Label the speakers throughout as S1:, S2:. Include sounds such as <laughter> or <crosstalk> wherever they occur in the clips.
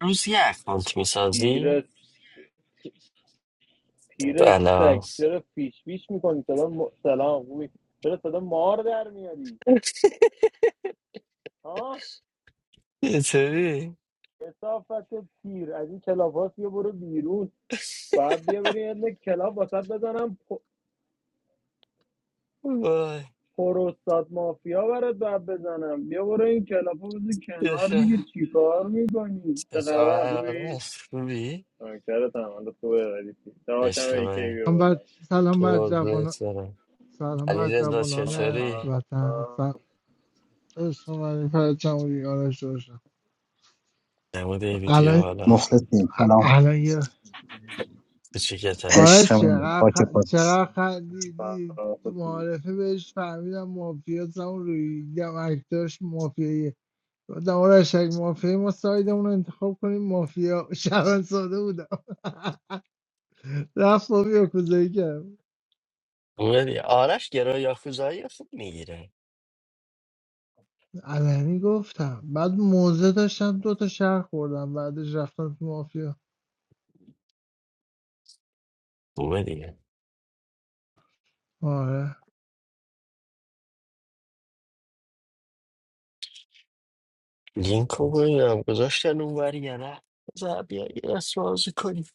S1: روز یه اکانت
S2: پیر
S1: میسازی؟
S2: پیر سگ
S1: بلا
S2: چرا فیش فیش میکنی سلام سلام خوبی چرا صدا مار در میاری ها
S1: چطوری؟
S2: کسافت پیر از این کلاب هاست بیا برو بیرون بعد بیا بریم یه دونه کلاب واسط بزنم
S1: وای
S2: پروستات مافیا برات بعد بزنم بیا برو این کلاب ها بزن کنار دیگه
S1: چشم
S2: چیکار میکنی چه
S1: چشم
S2: خبر خوبی
S1: هرارش خوبی؟
S2: چرا تمام خوبه ولی داشتم
S1: عشق
S2: ایکی
S1: منی
S2: بیا
S3: سلام بر
S2: بالا
S3: سلام بر جوان
S1: قربونت برم
S3: سلام بر
S1: علی رزا
S2: سلام.
S3: جوانان
S1: چطوری؟
S3: وطن سلام شما پر جمهوری آرش روشن
S1: نمود این ویدیو
S3: الان
S1: حالا
S4: Muhsin, salaam.
S3: الان یه
S1: کوچیکت هست
S4: إيش
S3: آرش چقدر خ-
S4: رأيكم؟
S3: چقدر خندیدی تو
S2: سلام.
S3: معارفه بهش فهمیدم مافیا زمان روی دیدم اکتاش مافیاییه گفتم آرش اگه مافیایی ما سایدمون رو انتخاب کنیم مافیا شبن ساده بودم <laughs> رفت با یاکوزایی کرد
S1: خوبه دیگه آرش گرا یاکوزایی رو خوب میگیره
S3: علنی گفتم بعد موزه داشتم دوتا شهر خوردم بعدش رفتم تو مافیا
S1: خوبه دیگه
S3: آره
S1: لینک رو ببینم گذاشتن اونوری یا نه بذار بیا یه دست بازی کنیم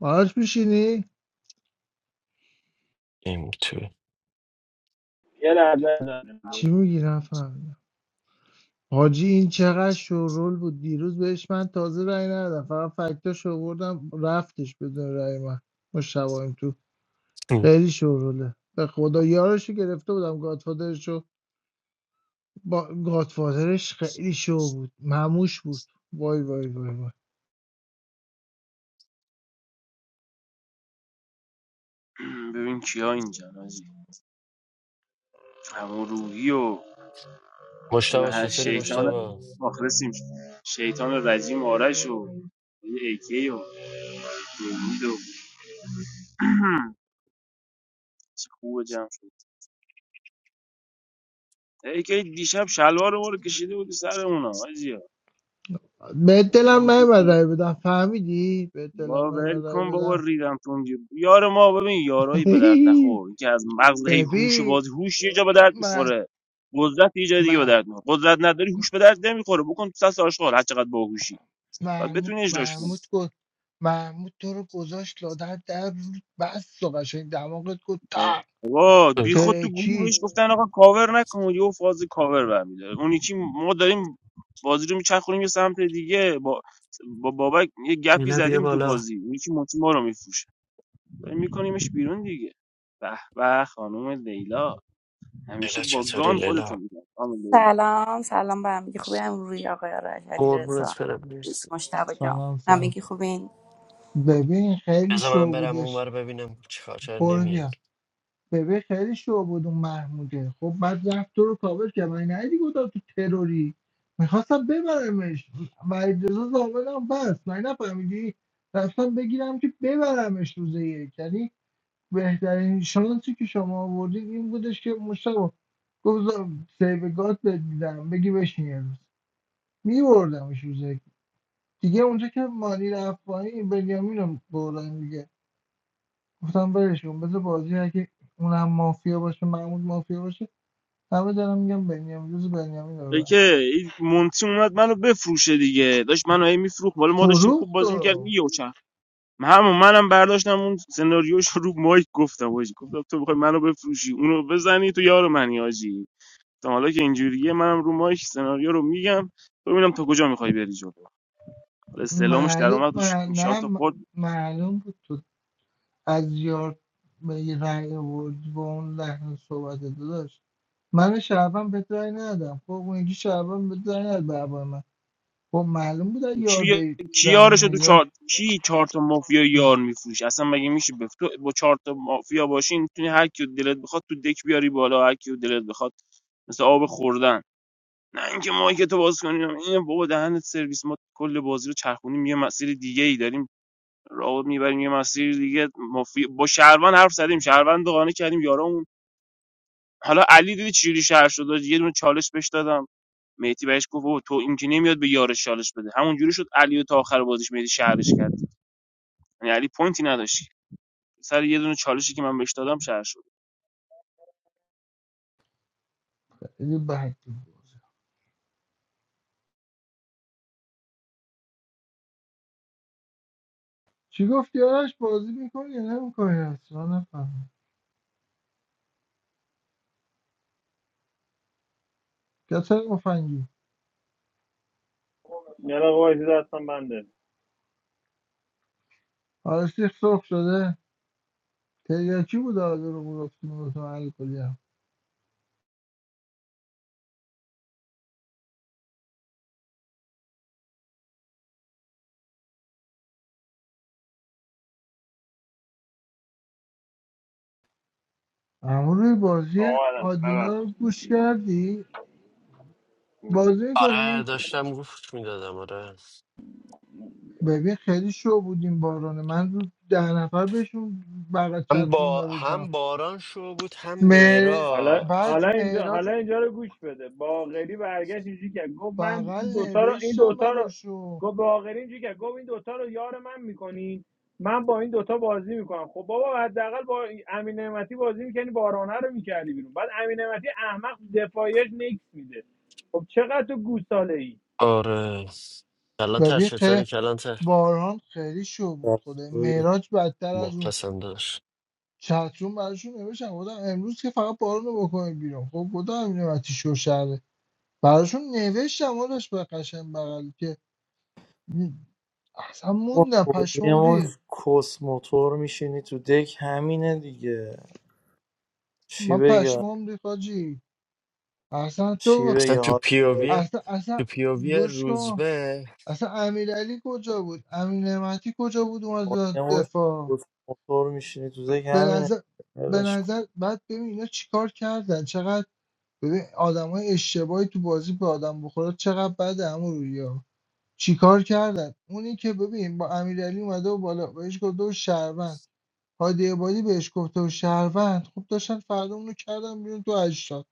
S3: باهاش میشینی؟
S1: این تو
S2: یه لحظه
S3: چی میگی نفهمیدم حاجی این چقدر شورول بود دیروز بهش من تازه رأی ندادم فقط فکتاش آوردم رفتش بدون رأی من ما شبایم تو خیلی شوروله به خدا یارشو گرفته بودم گادفادرشو با گادفادرش خیلی شو بود مموش بود وای وای وای وای
S5: <clears throat> ببین کیا اینجا نازی همون روحی و
S1: مشتبه
S5: هر
S1: چطوری
S5: شیطان
S1: مشتبه؟
S5: مخلصیم شیطان رجیم آرش و ایکی و دیوید و چه خوب جمع شد ایکی دیشب شلوار ما رو کشیده بودی سر اونا آجیا
S3: به دلم نیومد رأی بدم فهمیدی؟ به
S5: با
S3: دلم
S5: ول
S3: نیومد رأی
S5: کن بابا
S3: بدم
S5: ریدم تونگی یار ما ببین یارایی به درد نخور
S3: <laughs>
S5: این که از مغز هی هوش و
S3: ببین
S5: باز هوش یه جا به درد میخوره قدرت یه جای دیگه به
S3: من
S5: درد میخوره قدرت نداری هوش به درد نمیخوره بکن تو سس آشغال هر چقدر باهوشی باید
S3: محمود
S5: بتونی اجراش کنی
S3: محمود گفت محمود تو رو گذاشت لادر در رود، بس و قشنگ دماغت گفت تا
S5: آقا بی خود تو گروه
S3: ترکی
S5: بهش گفتن آقا کاور نکن یهو فاز کاور برمیداره اون یکی ما داریم بازی رو میچرخونیم یه سمت دیگه با با بابک یه گپی
S1: لیلا بیا
S5: زدیم تو
S1: بالا
S5: بازی اون یکی مطمئن ما رو میفروشه داریم میکنیمش بیرون دیگه به به خانم لیلا همیشه
S1: لیلا
S5: با
S1: چطوری
S5: گان خودتون
S1: لیلا
S5: میگم خانم لیلا
S6: سلام سلام به همگی خوبی هم روی آقای آرش علی رضا
S1: قربونت برم مرسی
S6: مشتبه جان
S3: سلام سلام
S6: همگی خوبین
S3: ببین خیلی
S1: بذار من
S3: شو
S1: برم
S3: بودش
S1: اونور ببینم چیکار چرا
S3: برو
S1: نمیاد
S3: بیا ببین خیلی شو بود اون محموده خب بعد رفت تو رو کابل که من ندیدی گفتم تو تروری میخواستم ببرمش و اجازه زامنم بس من نفهمیدی رفتم بگیرم که ببرمش روز یک یعنی بهترین شانسی که شما آوردید این بودش که مشتاق گفتم سیو گات بهت میدم بگی بشین یه روز میبردمش روز یک. دیگه اونجا که مانی رفت پایین بنیامین رو بردن دیگه گفتم برش کن بذار بازی هر که اونم مافیا باشه محمود مافیا باشه همه دارم میگم بنیامین روز بنیامین رو
S5: ای
S3: ببر.
S5: که این مونتی اومد منو بفروشه دیگه داشت منو هی میفروخت ولی ما داشتیم خوب
S3: فروخت
S5: بازی میکردیم
S3: رو
S5: همون منم برداشتم اون سناریوش رو مایک گفتم حاجی گفتم تو بخوای منو بفروشی اونو بزنی تو یار منی حاجی تا حالا که اینجوریه منم رو مایک سناریو رو میگم ببینم تا کجا میخوای بری جلو حالا استعلامش در
S3: معلوم
S5: اومد و ش-
S3: مع-
S5: شات
S3: نه م-
S5: خورد
S3: معلوم بود تو از یار به یه رأی آورد با اون لحن صحبت داداش من شعبان به رای ندادم خب اون یکی شعبان به رای نداد به من خب معلوم بود اگه
S5: کی
S3: یاردی
S5: کی
S3: رای
S5: یارشو تو چهار
S3: میداش
S5: کی چهار تا مافیا یار میفروشه اصلا مگه میشه بف... تو با چهار تا مافیا باشی میتونی هر کیو دلت بخواد تو دک بیاری بالا هر کیو دلت بخواد مثل آب خوردن نه اینکه مایک تو باز کنیم این بابا دهنت سرویس ما کل بازی رو چرخونیم یه مسیر دیگه ای داریم راه میبریم یه مسیر دیگه مفی... با شهروند حرف زدیم شهروند رو قانع کردیم یارامون حالا علی دیدی چجوری شهر شد یه دونه چالش بهش دادم مهدی بهش گفت بابا تو این که نمیاد به یارش چالش بده همونجوری شد علی و تا آخر بازیش مهدی شهرش کرد یعنی علی پوینتی نداشت سر یه دونه چالشی که من بهش دادم شهر شد
S3: خیلی بد بود چی گفت یارش بازی میکنی یا نمیکنی اصلا نفهمم کسر مفنگی
S2: یه دقیقه وایسی دستم بنده
S3: حالا سیخ سرخ شده تریاکی بود آده رو گرفتیم و تو الکلی هم اما روی بازی
S2: آقا
S3: آدینا
S2: ببخش
S3: رو گوش کردی بازی
S1: آره
S3: میکنی
S1: داشتم گفت میدادم آره
S3: ببین خیلی شو بودیم بارانه من رو ده نفر بهشون بغل
S1: هم
S3: چتروم
S1: با
S3: نوشتم
S1: هم باران شو بود هم
S3: مه-
S2: حالا
S1: میراد
S3: بعد
S2: حالا اینجا
S3: معراج
S2: حالا اینجا رو گوش بده باقری برگشت اینجوری کرد گفت من
S3: بغل
S2: این دوتا رو این
S3: نوشتم
S2: دوتا رو
S3: براشون
S2: گفت باقری اینجوری کرد گفت این دوتا رو یار من میکنین من با این دوتا بازی میکنم خب بابا حداقل با امین نعمتی بازی میکنی بارانه رو میکردی بیرون بعد امین نعمتی احمق تو دفاعیش نکس میده خب چقدر تو گوساله ای
S1: آره کلانتر
S3: ببین
S1: چطوری
S3: که
S1: کلانتر
S3: باران خیلی شو بود خوده
S7: آره.
S3: معراج بدتر از اون
S1: مخلصم داشت
S3: چترون براشون نوشتم گفتم امروز که فقط بارون رو بکنیم بیرون خب گفتم امین وقتی شو شده براشون نوشتم آدش به قشن بغل که اصلا
S7: ما
S3: موندم پشمام
S7: کلیمون
S3: ریخت
S7: کس موتور میشینی تو دک همینه دیگه چی
S3: من
S7: بگم
S3: پشمام ریخت حاجی اصلا
S7: چی
S3: تو
S1: اصلا
S7: بگم
S1: تو
S7: حالا
S1: پیووی
S3: اصلا اصلا
S1: تو پیووی
S3: گوش کن
S1: روزبه
S3: اصلا امیرعلی کجا بود امین نعمتی کجا بود اومد
S7: کلیمون
S3: دفاع
S7: کس موتور میشینی تو دک
S3: به
S7: همینه
S3: نظر به
S7: ولش کن
S3: نظر بعد ببین اینا چیکار کردن چقدر ببین آدمای اشتباهی تو بازی به آدم بخوره چقدر بد عمو رویا چیکار کردن اونی که ببین با امیرعلی اومده و بالا بهش گفته و شهروند هادی عبادی بهش گفته و شهروند خب داشتن فردا اونو کردن بیرون تو اجداد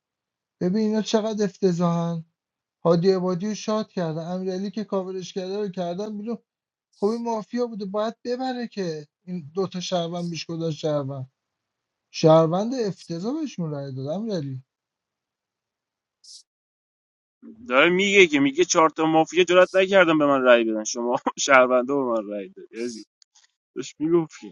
S3: ببین اینا چقدر افتضاحن هادی عبادی رو شاد کردن امیرعلی که کاورش کرده رو کردن بیرون خب این مافیا بوده باید ببره که این دوتا شهروند بیش گذاشت شهروند شهروند افتضاح بهشون رای دادم یعنی
S5: داره میگه که میگه چهار تا مافیا جرات نکردم به من رأی بدن شما <laughs> شهروندا به من رأی دادید داشت میگفت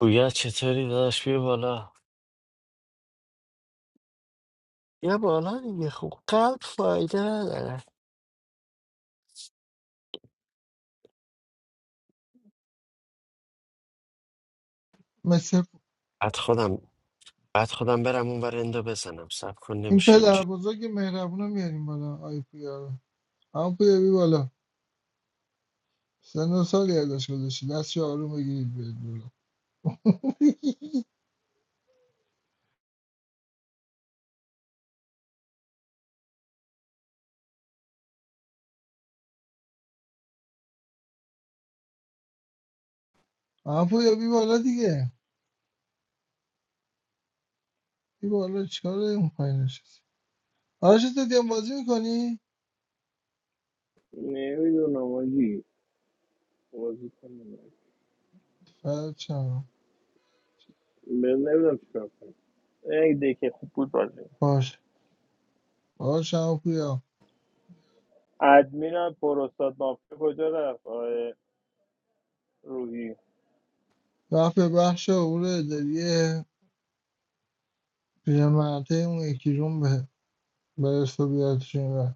S1: گویا چطوری داشت بیا بالا بیا بالا دیگه خوب قلب فایده نداره
S3: مثل
S1: بعد خودم بعد خودم برم اون ور اندو بزنم سب کن
S3: این
S1: نمیشه
S3: پدر
S1: اینجوری
S3: بزرگ مهربون رو میاریم بالا آی پویا رو همون پویا بی بالا سن و سال یادش گذاشتی دست آروم بگیرید بیاد بالا همون پویا بی بالا دیگه بی بالا چیکار داری اون پایین نشستی آرش هم بازی میکنی؟
S2: نمیدونم آجی بازی کنم
S3: بچم
S2: نمیدونم چیکار کنم ای دکه خوب بود بازی
S3: باش باش همون پویا
S2: ادمین پروستات مافیا کجا رفت آقای روحی
S3: وقت به بخش عبور اداریه پیرمرده اون یکی روم به برس و بیادشون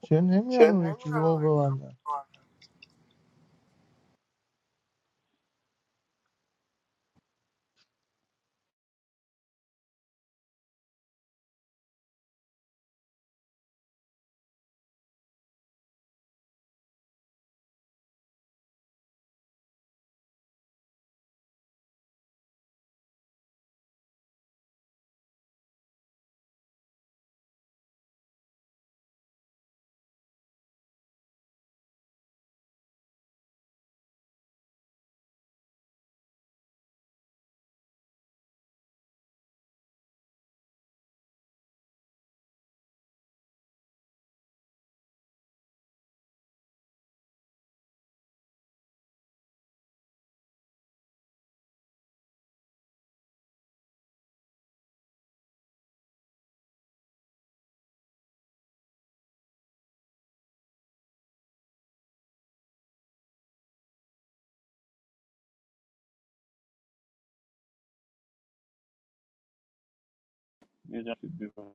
S3: چه نمیان
S7: چه
S3: اون یکی
S7: نمی‌دونم.
S3: روم ببندن
S2: یه جا چیز بیرون.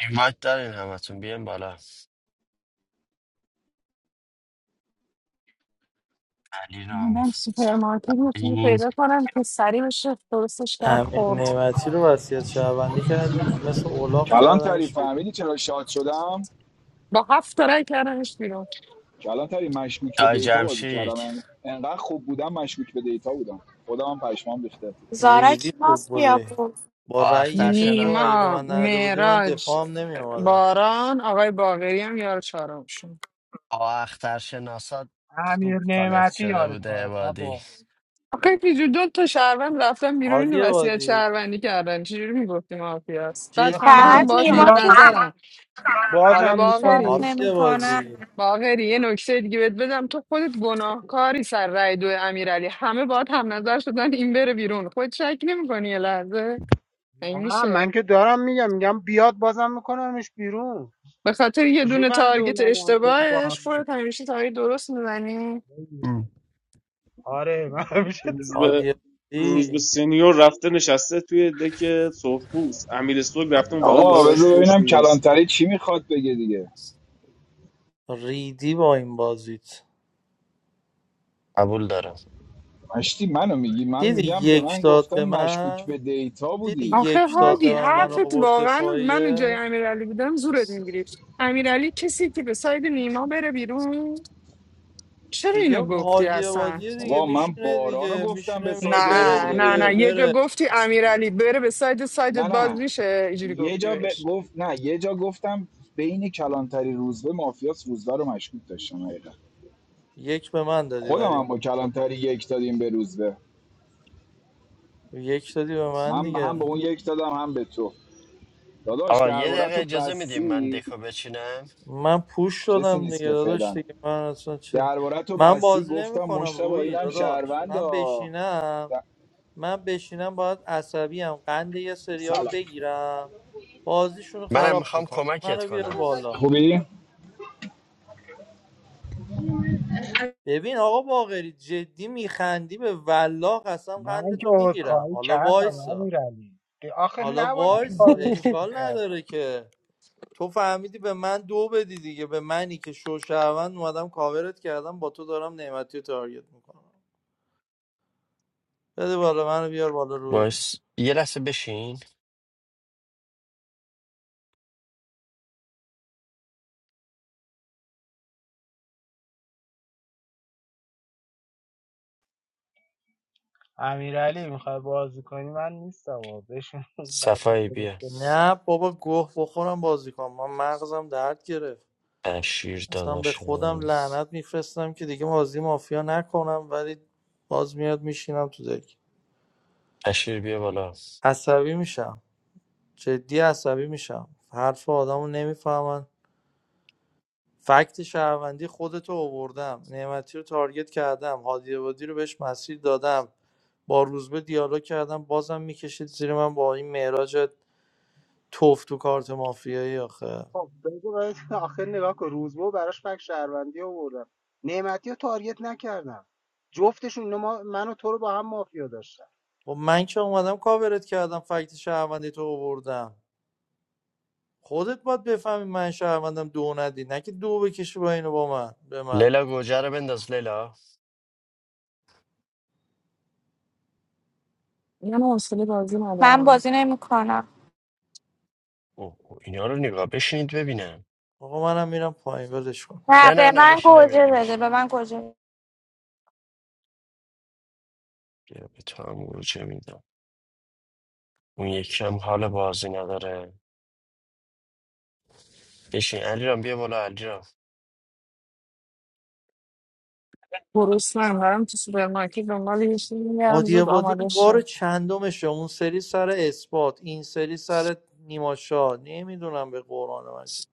S1: این وقت دارین همتون بیان بالا علی رام
S8: من سوپرمارکت یه چیزی
S1: این
S8: پیدا کنم که سریع بشه درستش کرد
S7: امین
S8: خورد
S7: نعمتی رو وصیت شهروندی کردیم مثل اولاغ
S9: کلانتری
S7: کردنش بیرون.
S9: فهمیدی چرا شاد شدم
S8: با هفت تا رای کردنش بیرون
S9: کلانتری مشکوک به
S1: دای
S9: دیتا بازی
S1: جمشید
S9: کردم انقدر خوب بودم مشکوک به دیتا بودم خودم هم پشمام ریخته
S10: زارا
S7: ریدی
S10: کی
S7: خوب
S10: مافیا
S7: بودی
S10: بود
S7: با رأی
S1: آختر
S7: یک تو
S1: شنا
S7: اگه به
S8: نیما
S7: من نرده بودی من
S8: معراج
S7: دفاع هم نمی اومدم
S8: باران آقای باقری هم یار چهارمشون
S1: آختر شناسات
S11: امیر
S1: خوب کانکت
S11: نعمتی
S1: شده
S11: یار تو
S1: بوده
S11: رو نه
S1: عبادی
S11: با
S8: آخه پیجو دو تا شهروند رفتن بیرون اینو
S7: هادی
S8: وسیعت
S7: بادی
S8: شهروندی کردن چجوری میگفتی مافیاست بعد
S11: به
S8: همه هم
S7: جدی
S11: خدا
S10: فقط
S8: باز
S10: نیما
S8: هم
S11: بیاد
S10: که
S7: جدی
S8: نظرم حالا
S11: بازم
S10: شات
S8: باقری
S11: میکنمش
S7: هادی بادی
S10: نمیکنم
S8: باقری یه نکته دیگه بهت بدم تو خودت گناهکاری سر رای دو امیرعلی همه باید هم نظر شدن این بره بیرون خود شک نمیکنی یه لحظه این
S11: نه
S8: میشه
S11: من که دارم میگم میگم بیاد بازم میکنمش بیرون
S8: به خاطر یه
S11: چجوری
S8: دونه
S11: فهمیده اون
S8: تارگت
S11: من و امیر با هم
S8: اشتباهش خودت
S11: مافیا؟
S8: همیشه تارگت درست میزنی
S1: ام.
S11: آره من همیشه
S5: روز به روز به
S7: آدیالدی
S5: سینیور رفته نشسته توی دک سرخپوست امیر اسلوک رفته اون بغل برای
S9: آقا
S5: براش
S9: بذار
S5: فوش
S9: ببینم
S5: میریزه
S9: کلانتری چی میخواد بگه دیگه
S7: ریدی با این بازیت
S1: قبول دارم
S9: مشتی منو میگی من
S7: دیدی
S9: میگم به
S7: یک
S9: من
S7: داد
S9: گفتن
S7: به
S9: مشکوک به
S7: من
S9: دیتا
S7: دیدی
S9: بودی
S8: آخه
S7: یک
S9: انقدر
S7: داد به
S8: هادی
S9: خوب
S7: من من
S9: بودم
S8: حرفت
S7: آورد
S8: واقعا من جای
S7: دفاعیه
S8: امیرعلی بودم زورت میگیری امیرعلی کسی که به ساید نیما بره بیرون چرا اینو
S7: دیگه
S8: گفتی
S7: هادی
S8: اصلا
S7: بادی دیگه
S9: بابا من
S7: میشینه
S9: بارانو
S7: دیگه
S9: گفتم به
S7: میشینه
S8: نه
S7: میگه
S9: ساید
S7: بره
S9: نیما بره
S8: نه
S7: دیگه
S8: نه
S9: بیرون
S8: یه جا
S7: بره
S8: گفتی امیرعلی بره به سایت سایتت
S9: نه
S8: باز
S9: نه
S8: میشه اینجوری
S9: یه
S8: گفتی
S9: جا به-
S8: بهش
S9: گفت نه یه جا گفتم بین کلانتری روزبه مافیاس روزبه رو مشکوک داشتم حقیقتا.
S7: یک به من دادی
S9: خودم
S7: ولی
S9: هم
S7: من
S9: با
S7: آورد
S9: کلانتری
S7: دفاع.
S9: یک دادیم به روزبه
S7: یک دادی به من
S9: من هم
S7: دیگه
S9: به اون یک دادم هم به تو داداش
S1: آقا یه
S9: درباره
S1: دقیقه
S9: تو
S1: اجازه میدیم من
S9: بسی
S1: دکو بچینم
S7: من پوش
S9: کسی
S7: شدم
S9: نیست
S7: دیگه
S9: که
S7: داداش
S9: فعلا
S7: دیگه من اصلا چه
S9: درباره تو
S7: من
S9: بسی
S7: بازی
S9: گفتم
S7: نمیکنم
S9: مشتبه
S7: روی
S9: اینم
S7: داداش
S9: شهروند
S7: من
S9: ها.
S7: بشینم
S9: د-
S7: من بشینم باید عصبیم قند یه سریا رو
S9: سلام
S7: بگیرم بازیشون رو
S1: منم
S7: خراب
S1: میخوام
S7: میکنم
S1: کمکت
S7: منو بیار
S1: کنم
S7: بالا
S9: خوبی؟
S7: ببین آقا باقری جدی میخندی به والله قسم
S11: من که
S7: قندتو میگیرم
S11: عذرخواهی
S7: حالا
S11: کردم
S7: وایسا
S11: امیرعلی آخه
S7: حالا
S11: نباید
S7: وایسا
S11: کاورش
S1: <laughs>
S7: اشکال
S11: میکردی
S7: نداره که تو فهمیدی به من دو بدی دیگه به منی که شوشهروند اومدم کاورت کردم با تو دارم نعمتی رو تارگت میکنم بده بالا منو بیار بالا روی
S1: باش یه لحظه بشین
S11: امیرعلی میخوای بازی کنی من نیستم و بشین قرار
S1: صفایی بیا
S11: گرفته
S7: نه بابا گوه بخورم بازی کنم من مغزم درد گرفت
S1: اشیر
S7: اصلا به
S1: داداشم
S7: خودم لعنت میفرستم که دیگه بازی مافیا نکنم ولی باز میاد میشینم تو دک
S1: اشیر بیا بالا
S7: عصبی میشم جدی عصبی میشم حرف آدمو نمیفهمن فکت شهروندی خودتو آوردم نعمتی رو تارگت کردم هادی عبادی رو بهش مسیر دادم با روزبه دیالوگ کردم بازم میکشید زیر من با این معراج توف تو کارت مافیایی آخه
S11: خب بگو باید آخر نگاه کن روزبه براش فک شهروندی آوردم نعمتی رو تارگت نکردم جفتشون اینا ما من و تو رو با هم مافیا داشتن
S7: خب من که اومدم کاورت کردم فکت شهروندی تو آوردم خودت باید بفهمی من شهروندم دو ندی نه که دو بکشی با اینو با من به من
S1: لیلا گوجه رو بنداز لیلا
S8: من حوصله بازی
S10: من
S8: ندارم
S10: بازی نمیکنم
S1: اوه اینا رو نگاه بشینید ببینم
S7: آقا منم میرم پایین ولش کن
S10: نه
S1: نه نه
S10: به
S1: نه
S10: من
S1: بشین
S10: گوجه
S1: امیرعلی
S10: بده به
S1: بشین
S10: من گوجه بده.
S1: بیا به تو هم گوجه میدم اون یکی هم حال بازی نداره بشین علیرام بیا بالا علیرام
S8: گرسنه‌ام دارم تو سوپرمارکت دنبال یه چیزی میگردم
S7: هادی
S8: زود
S7: عبادی
S8: آماده
S7: این بار
S8: شه
S7: چندمشه اون سری سر اثبات این سری سر نیماشا نمیدونم به قرآن مجید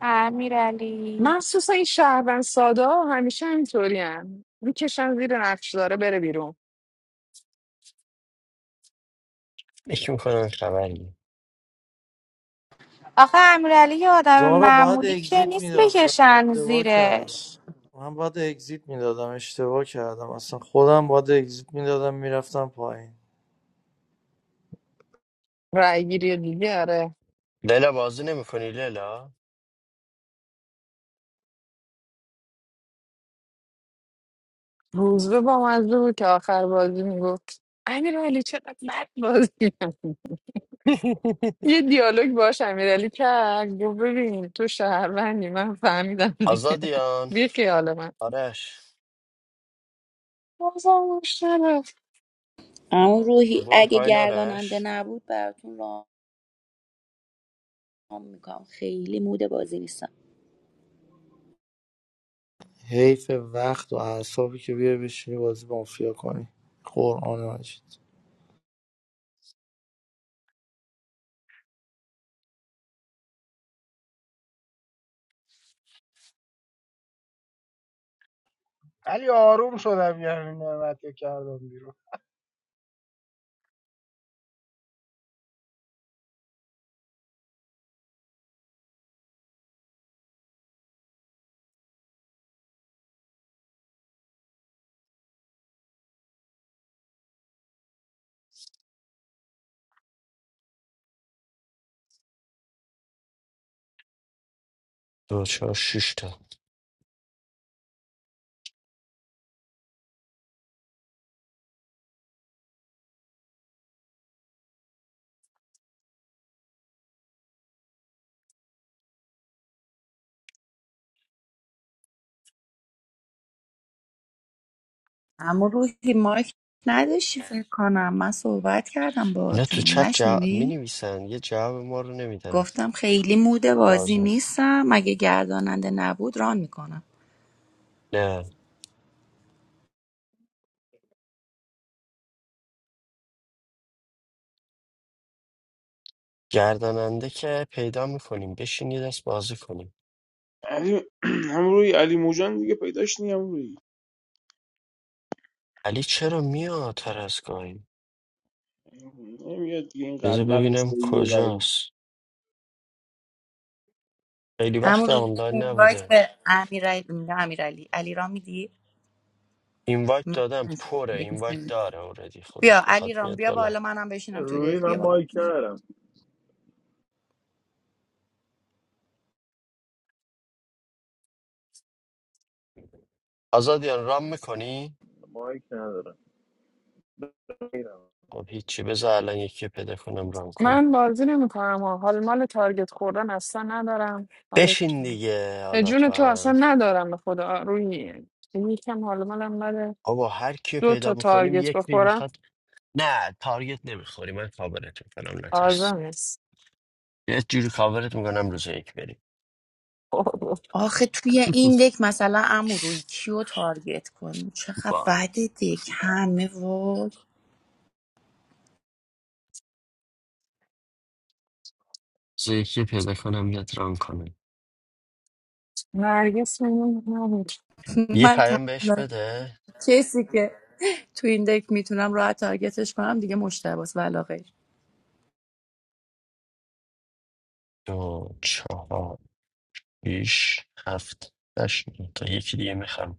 S10: امیرعلی
S8: مخصوصا این شهروند سادا همیشه اینطوری هم میکشن زیر نقش داره بره بیرون
S1: فکر میکنم خبری
S10: آخه امیرعلی یه آدم
S7: زارا باید
S10: معمولی که
S7: اگزیت
S10: نیست
S7: میدادم
S10: بکشن
S7: اشتباه کردم
S10: زیرش
S7: من باید اگزیت میدادم اشتباه کردم اصلا خودم باید اگزیت میدادم میرفتم پایین
S8: رای گیری دیگه آره
S1: لیلا بازی نمیکنی لیلا
S8: روزبه با مزه بود که آخر بازی میگفت امیر علی چقدر بد بازی کردی.
S1: <laughs>
S8: یه دیالوگ باش امیر علی کرد گفت ببین تو شهروندی من فهمیدم دیگه
S1: آزادیان
S8: بی خیال من
S1: آرش
S8: بازم گوش نرفت.
S6: اون روحی
S1: برو
S6: اگه
S1: پایین
S6: گرداننده
S1: آرش
S6: نبود براتون رام میکنم خیلی موده بازی نیستم
S7: حیف وقت و اعصابی که بیا بشینی بازی مافیا کنی قرآن مجید
S11: ولی آروم شدم یعنی نعمتی رو کردم بیرون
S1: دو چهار شش تا
S6: اما روحی مایک نداشتی فکر کنم من صحبت کردم
S1: اینا تو
S6: باهاتون
S1: چت جواب می
S6: نشنیدی
S1: نویسن یه جواب ما رو نمیدن
S6: گفتم خیلی موده بازی
S1: بازی
S6: نیستم اگه گرداننده نبود ران میکنم
S1: نه گرداننده که پیدا میکنیم بشین یه دست بازی کنیم
S5: علی <clears throat> هم روی علی موجان دیگه پیداش نیم روی
S1: علی چرا میاد ترسگاهی
S5: نمیاد دیگه این
S1: بذار
S5: قلمل بهش
S1: ببینم
S5: بگیره
S1: کجاست خیلی
S6: اما
S1: وقت
S6: روحی
S1: آنلاین
S6: اینوایت
S1: نبوده
S6: به امیرعلی میگم امیرعلی علی را میدی
S1: اینوایت
S6: من
S1: دادم پره اینوایت
S6: نشدم
S1: داره اوردی خودش
S6: بیا
S1: بخواد
S6: علیرام
S1: میاد
S6: بیا بالا
S1: بالا
S6: منم بشینم تو
S2: روحی
S6: دک
S2: من
S6: بیا بالا
S2: مایک ندارم
S1: آزادیان رام میکنی؟
S2: مایک ندارم
S1: خب هیچی بذار الان یکی پیدا کنم رام کنم
S8: من بازی نمیکنم حال مال تارگت خوردن اصلا ندارم حالا
S1: بشین دیگه
S8: به
S1: حالا تو
S8: جون تو اصلا
S1: هم
S8: ندارم به خدا روی یکم حال مالم بده
S1: بابا هر کیو
S8: دو
S1: پیدا
S8: تا
S1: میکنیم
S8: تارگت
S1: یکی
S8: بخورم
S1: میخواد نه تارگت نمیخوری من کاورت میکنم نترس
S8: آزم است
S1: یه جوری کاورت میکنم روز یک بریم
S6: آخه توی این
S1: <laughs>
S6: دک مثلا امو روی کیو تارگت کنی چقدر
S1: با
S6: بد دک همه وای
S1: روز یکی پیدا کنم یاد رام کنم
S8: <laughs> نرگس میمون
S6: <laughs>
S1: یه
S6: من
S1: پیام بهش
S6: تنها
S1: بده
S6: کسی که تو این دک میتونم راحت تارگتش کنم دیگه مشتباس ولا غیر
S1: دو چهار بیش هفت هشت نه تا یکی دیگه میخرم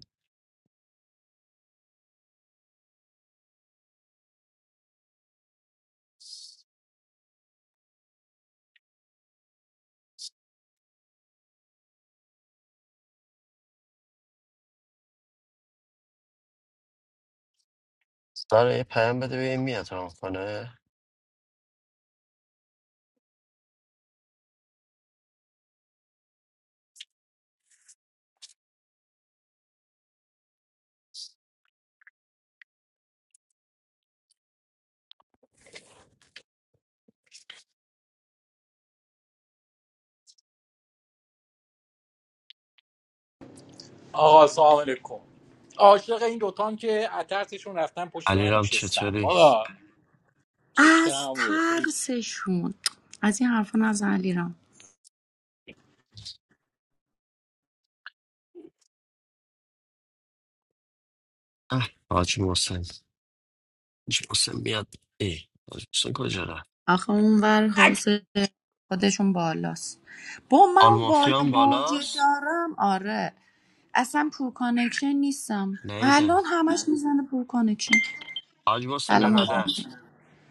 S1: سارا یه پیام بده ببین میاد رام کنه
S12: آقا سلام علیکم عاشق این دوتام که اترتشون رفتن پشت من
S1: علیرام
S12: نشستم
S1: چطوری
S12: بابا
S6: از
S12: چکرم روی خوبی
S6: ترسشون از این حرفا نزن علیرام
S1: اه حاج محسن حاج محسن میاد ای حاج محسن کجا رفت
S6: آخه اون ور
S12: اک!
S6: حوصله خودشون بالاست با من
S1: آل
S6: اون
S1: مافیا هم
S6: بالا گوجه
S1: بالاست
S6: دارم آره اصلا پور کانکشن نیستم
S1: نیدم
S6: الان همش میزنه پور کانکشن
S1: حاج محسن
S6: سلام حسین
S1: ارادت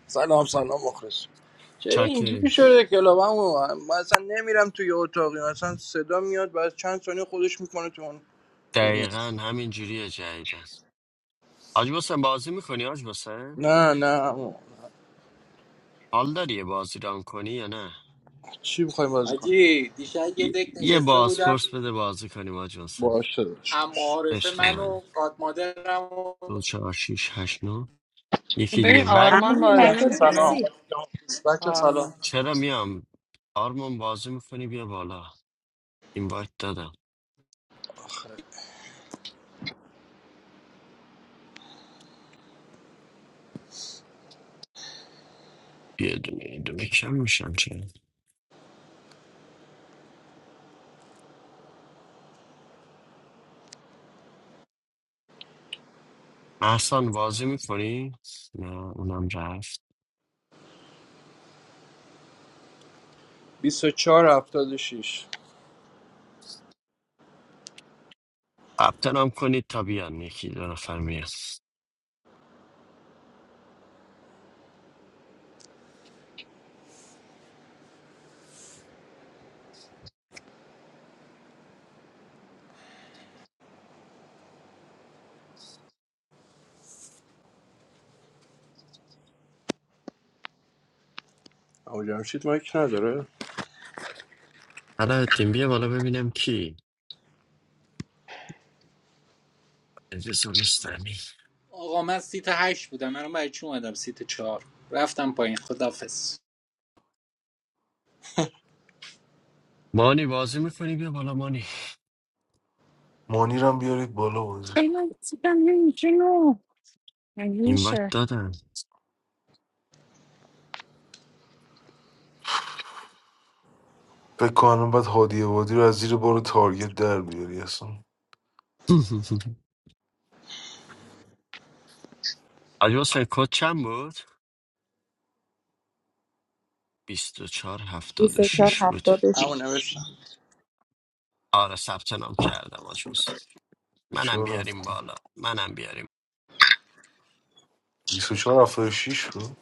S13: سلام سلام مخلص چرا اینجوری
S1: چاکریم
S13: شده کلابمو من اصلا نمیرم توی اتاقی مثلا صدا میاد بعد چند ثانیه خودش میکنه تو اون روم
S1: دقیقا همین جوریه جدیدن حاج محسن بازی میکنی حاج محسن
S13: نه نه عمو.
S1: حال داری یه بازی ران کنی یا نه
S13: چی میخوای بازی کنی
S12: حاجی دیشب یه دک
S1: ی- یه
S12: نشسته بودم
S1: بازپرس بده بازی کنیم حاج محسن
S13: باشه داداش
S12: اما عارفه
S1: عشق
S12: من
S1: منی
S12: و قادمادرم و
S1: دو چهار شیش هشت نو یکی دیگه
S8: ببین
S1: و
S8: آرمان
S6: معمولی
S8: بازی
S13: باش
S6: مگه
S8: نمیکنه
S13: سلام
S6: نیستی
S13: بچه
S8: آرمان
S13: سلام
S1: چرا میام آرمان بازی میکنی بیا بالا این وایت دادم یه دونه یه دونه کم میشم چرا محسان بازی میکنی؟ نه اونم رفت
S13: 24 76
S1: ثبت نام کنید تا بیان یکی دو نفر میاد
S13: عمو جمشید مایک نداره
S1: حالا تیم بیا بالا ببینم کی عزیز و رستمی
S12: آقا من سیت هشت بودم منو برای چی اومدم سیت چهار رفتم پایین خدافز
S1: مانی بازی میکنی بیا بالا مانی
S14: مانیرم بیارید بالا بازی
S8: ای من سیتم یکی نو مگه
S1: این
S8: میشه
S1: وایت دادم <laughs>
S14: فکر کنم بعد هادی وادی رو از زیر بار تارگت در بیاری اصلا
S1: حاجی حسین کد چند بود؟
S6: بیست و
S1: 2476 بود
S13: عمو
S6: 76
S13: نوشتم
S1: آره ثبت نام کردم آجوز منم
S14: 24
S1: بیاریم
S14: هفته
S1: بالا منم بیاریم
S14: 24 76 بود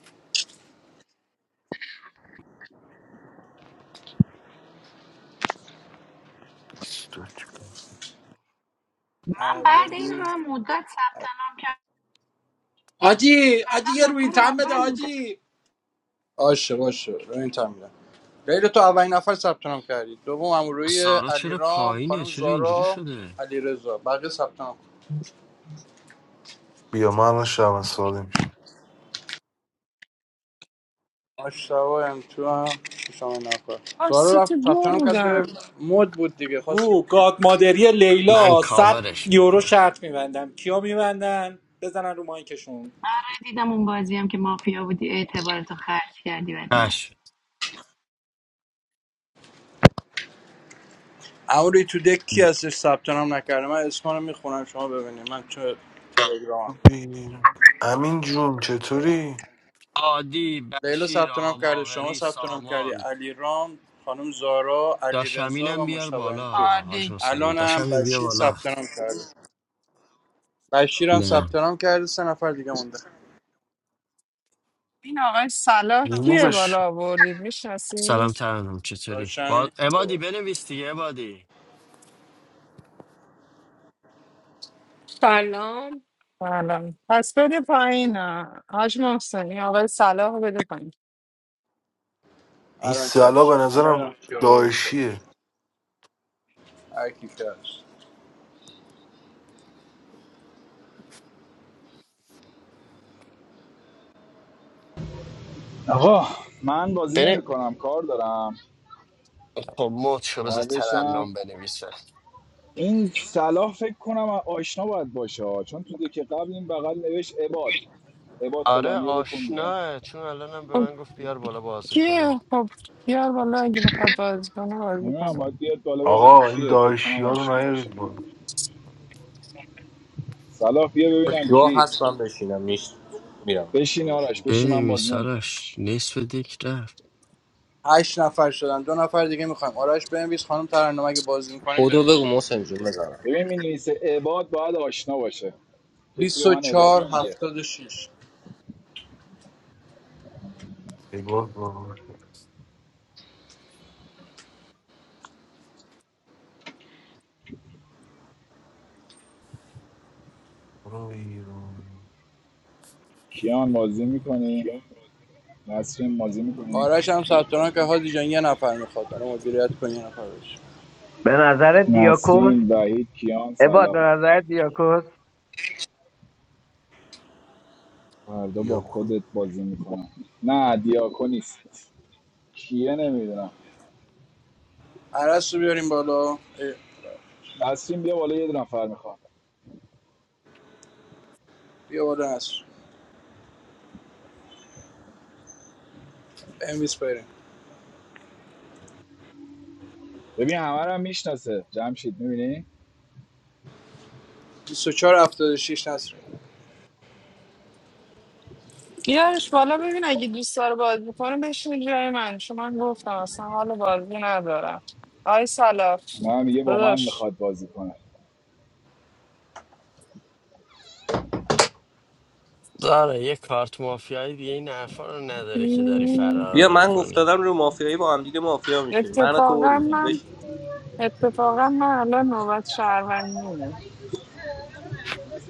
S14: بیست و چهار.
S6: من
S13: عمو
S6: بعد این
S13: روی
S6: هم مدت سلام
S12: آجی آجی یه
S6: کردم
S12: روی این
S6: نفر
S12: تن بده
S6: اول بوده
S12: آجی
S13: آشه باشه رو این تمیدم. غیر تو اولین نفر ثبت نام کردید دوم امروی
S1: سارا چرا
S13: علیرام
S1: پایینه
S13: خانم
S1: چرا اینجوری
S13: زارا
S1: شده
S13: علیرضا بقیه ثبت نام
S14: بیا من الان شب ساده میشه
S13: مشتاق ام تو هم شما نفر
S8: آه
S13: زارا
S8: سیت
S13: رفت
S8: دو
S13: ثبت نام کرد بره
S8: بودم
S13: مد بود دیگه خواست
S12: رو قادمادری
S1: من
S12: لیلا 100
S1: کاورش
S12: یورو
S1: میکنم
S12: شرط میبندم کیا میبندن بزنن رو مایکشون
S6: دیدم اون بازی هم که مافیا بودی اعتبارتو خرج کردی برای من
S1: اش
S13: امروی تو دک کی هستش ثبت نام نکرده من اسما رو میخونم شما ببینید من چه تلگرام
S14: امین جون چطوری
S1: عادی
S13: لیلا
S1: بشیر
S13: ثبت نام
S1: آقا
S13: کرده شما
S1: باقری
S13: ثبت نام کردی
S1: سامان
S13: علیرام خانم زارا علیرضا و
S1: داشمینم بیار
S13: مشتاق ام تو
S1: بالا حاج
S8: عادی
S1: حسین
S13: الانم
S1: داشمین بیا
S13: بشیر
S1: بالا
S13: ثبت نام کرده بشیر هم ثبت
S1: نه
S13: نام کرده سه نفر دیگه مونده
S8: این آقای صلاح کیه
S14: ریمووش
S8: بالا آوردید میشناسی
S1: سلام ترنم چطوری
S13: داشت همین
S1: با...
S13: بیا
S1: عبادی
S13: بالا
S1: بنویس دیگه عبادی
S15: Assalam.
S8: سلام پس بده پایین آه. حاج محسن این آقای صلاح رو بده پایین
S14: این
S13: الان
S14: سلا به
S13: چشم من
S14: نظرم
S13: نمیدونم کی آورد شد
S14: داعشیه
S13: هر کی که هست
S9: آقا من بازی
S1: بنو...
S9: نمی کنم کار دارم
S1: خب موت شو بذار
S9: بعدشم
S1: ترنم بنویسه
S9: این صلاح فکر کنم آشنا باید باشه ها. چون تو که قبل این بغل نوشت عباد عباد
S1: آره
S9: فلانیه بکن بیرون
S1: آشناه چون الانم به
S8: خب
S1: من گفت بیار بالا بازی کنه
S8: کیه خب بیار بالا اگه بخواد بازی کنه بازی
S9: نمیدونم
S8: کنه
S9: باید بیاد بالا ببینیم
S14: آقا این
S9: کیه فکر
S14: داعشی
S9: کنم
S14: ها رو
S9: آشنا باشه
S14: نیارید بالا
S9: صلاح بیا ببینم
S16: جا
S9: کی
S16: هست من بشینم نیست میرم مشکل
S9: بشین
S16: مشکل
S9: آرش بشین من بازی
S1: بنویس
S9: نمیکنم
S1: آرش نصف دیک رفت
S13: هشت نفر شدن دو نفر دیگه میخوایم آرش بنویس خانم ترنم اگه بازی میکنیم
S16: خودو
S13: بنویس
S16: بگو محسن جون بزنم
S9: ببین می عباد باید آشنا باشه کسی به من عباد
S13: 24
S9: نمیگه
S13: 76
S14: ای باز بابا برو بیرون
S9: کیان بازی میکنی نسرین بازی میکنی
S13: آرش هم ثبت نام که هادی جان یه نفر میخواد الان مدیریت کن یه نفر بشه
S17: به نظر دیاکوس
S9: نسرین وحید کیان
S17: عباد
S9: صلاح
S17: به نظر دیاکوس
S9: فردا با
S14: دیاکو
S9: خودت بازی میکنم نه دیاکو نیست کیه نمیدونم
S13: عرس رو بیاریم بالا اه،
S9: نسرین بیا بالا یه دو نفر میخوام
S13: بیا بالا نصر بنویس بریم
S9: ببین همه رو هم میشناسه جمشید میبینی
S13: 24 76 نصری
S8: بیارش بالا ببین اگه دوست داره بازی کنه بشین جای من چون من گفتم اصلا حال بازی ندارم آقای صلاح
S9: من میگه با من
S8: داداش
S9: میخواد بازی کنه
S1: داره یه کارت مافیایی دیگه این حرفا رو نداره که داری
S8: مم،
S16: بیا
S1: فرار
S16: من
S1: میکنی
S16: افتادم رو مافیایی با هم دیگه مافیا میشین من و تو و
S8: اتفاقا
S16: روحی
S8: من
S16: بشین
S8: اتفاقا من الان نوبت شهروندیمه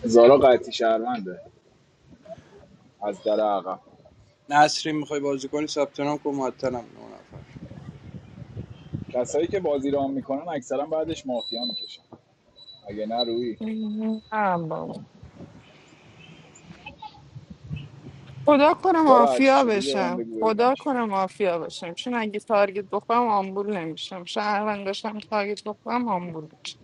S9: زارا قطعی شهرونده از در عقب
S13: نصری میخوای بازی کنی ثبت نام کن معطلم نه نفر
S9: کسایی که بازی رام میکنن اکثرا بعدش مافیا میکشن اگه نه روی
S8: مم، نه بابا. خدا کنه
S9: زارا هرچی
S8: مافیا
S9: شدی بیا به من
S8: بشم
S9: بگو ببینم
S8: خدا
S9: چی
S8: کنه مافیا بشم چون اگه تارگت بخورم آمبول نمیشم شهروند داشتم تارگت بخورم آمبول میشم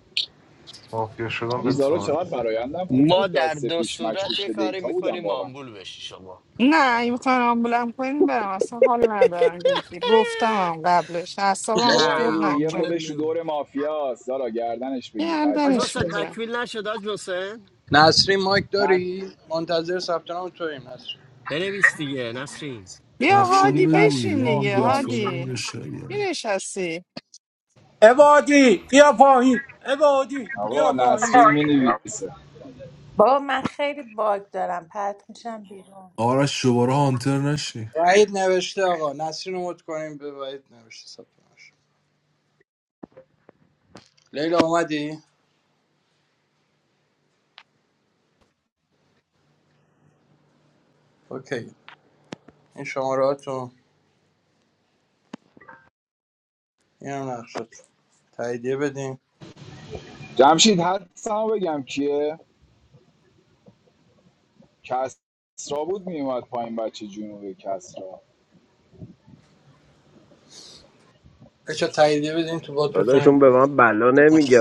S14: مافیا شدم
S9: علی
S14: به
S9: زارا
S14: تاریخ
S9: چقدر برایندم خوب
S1: ما
S9: بود
S1: در
S9: دست
S1: دو
S9: پیش
S1: صورت
S9: مشکوک
S1: یه
S9: به
S1: کاری
S9: دیتا بودم
S1: میکنیم
S9: واقعا
S1: آمبول بشی شما
S8: نه اگه میخوان آمبولم کنین برم اصلا حال ندارم جدی گفتم
S1: <laughs>
S8: هم قبلش اعصابم
S9: بابا این
S1: نه
S8: خورد
S9: روحیه
S1: آمبولت
S8: نکنین
S9: خودش رو
S1: نمی
S9: دور مافیاست زارا گردنش بگیر قطعی
S1: حاج
S8: گردنش
S1: محسن
S9: مافیاست روحی
S8: میگیرم
S1: تکمیل نشد حاج محسن
S13: نصری مایک
S9: قط...
S13: داری منتظر ثبت نام توییم نصری
S1: بنویس دیگه نسرین
S8: بیا
S14: نقشه رو
S9: روحی
S8: هادی
S14: بده دیگه
S9: قطعی
S8: بشین
S14: بریم
S8: دیگه
S9: مافیا
S14: گادفادر
S9: میشه
S14: بریم یه
S8: هادی می
S14: شاگرد
S8: نشستی
S12: عبادی بیا پایین عبادی بیا
S9: آقا
S12: پایین
S9: نسرین مینویسه
S18: بابا من خیلی باگ دارم پرت میشم بیرون
S14: آرش دوباره هانتر نشی
S13: وحید نوشته آقا نسرین رو مد کنیم به وحید نوشته ثبت نامش. لیلا اومدی؟ اوکی این شماراتو این هم نقشت تاییدیه بدیم
S9: جمشید حدسمو بگم کیه کسرا بود میومد پایین بچه جنوبی کسرا
S13: بچه تاییدیه بدیم تو بات
S17: داداشون
S13: بتونیم
S17: به من بلا نمیگه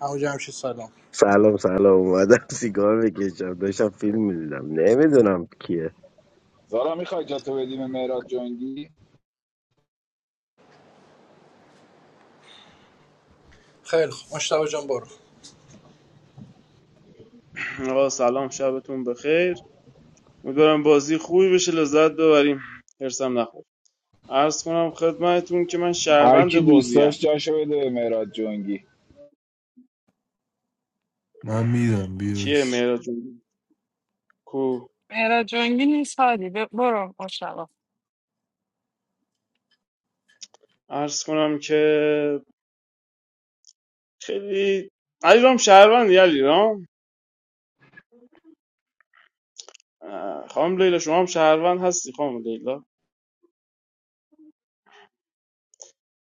S13: همو جمشی سلام
S17: سلام سلام اومدم سیگار بکشم داشتم فیلم میدیدم نمیدونم
S9: زارا میخوای جاتو بدیم مهراد جنگی
S13: خیلی خوب مشتبه جان برو
S5: آقا سلام شبتون بخیر امیدوارم بازی خوبی بشه لذت ببریم هرسم نخور عرض کنم خدمتتون که من
S9: هر
S5: شهروند
S9: کی دوست
S5: بازیم
S9: داشت جاشو بده به مراد جنگی
S14: من میدم
S5: کیه
S14: بیوش
S5: مهراد جون کو
S8: مهراد جنگی نیست هادی ب- برو مشتبا
S5: عرض کنم که خیلی علی رام شهروندی علی رام اه، خانم لیلا شما هم شهروند هستی خانم لیلا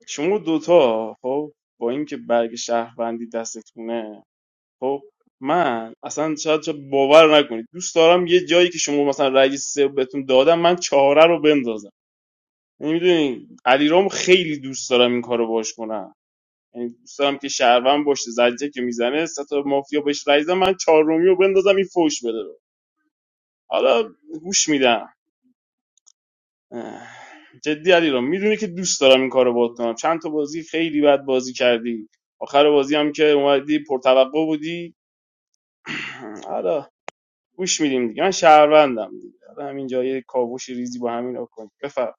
S5: شما دوتا خب با اینکه برگ شهروندی دستتونه خب من اصلا شاید شاید باور نکنید دوست دارم یه جایی که شما مثلا رأی سه بهتون دادم من چهاره رو بندازم یعنی میدونی علیرام خیلی دوست دارم این کارو باش کنم یعنی دوست دارم که شهروند باشه زجه که میزنه سه تا مافیا بهش رأی بدن، من چهارمی رو بندازم این فوش بده حالا گوش میدم اه، جدی علیرام میدونی که دوست دارم این کارو باهات کنم چند تا بازی خیلی بد بازی کردی آخر بازی هم که اومدی پرتوقع بودی <clears throat> حالا گوش میدیم دیگه من شهروندم دیگه حالا همینجا یه کاوش ریزی با همین بکن بفر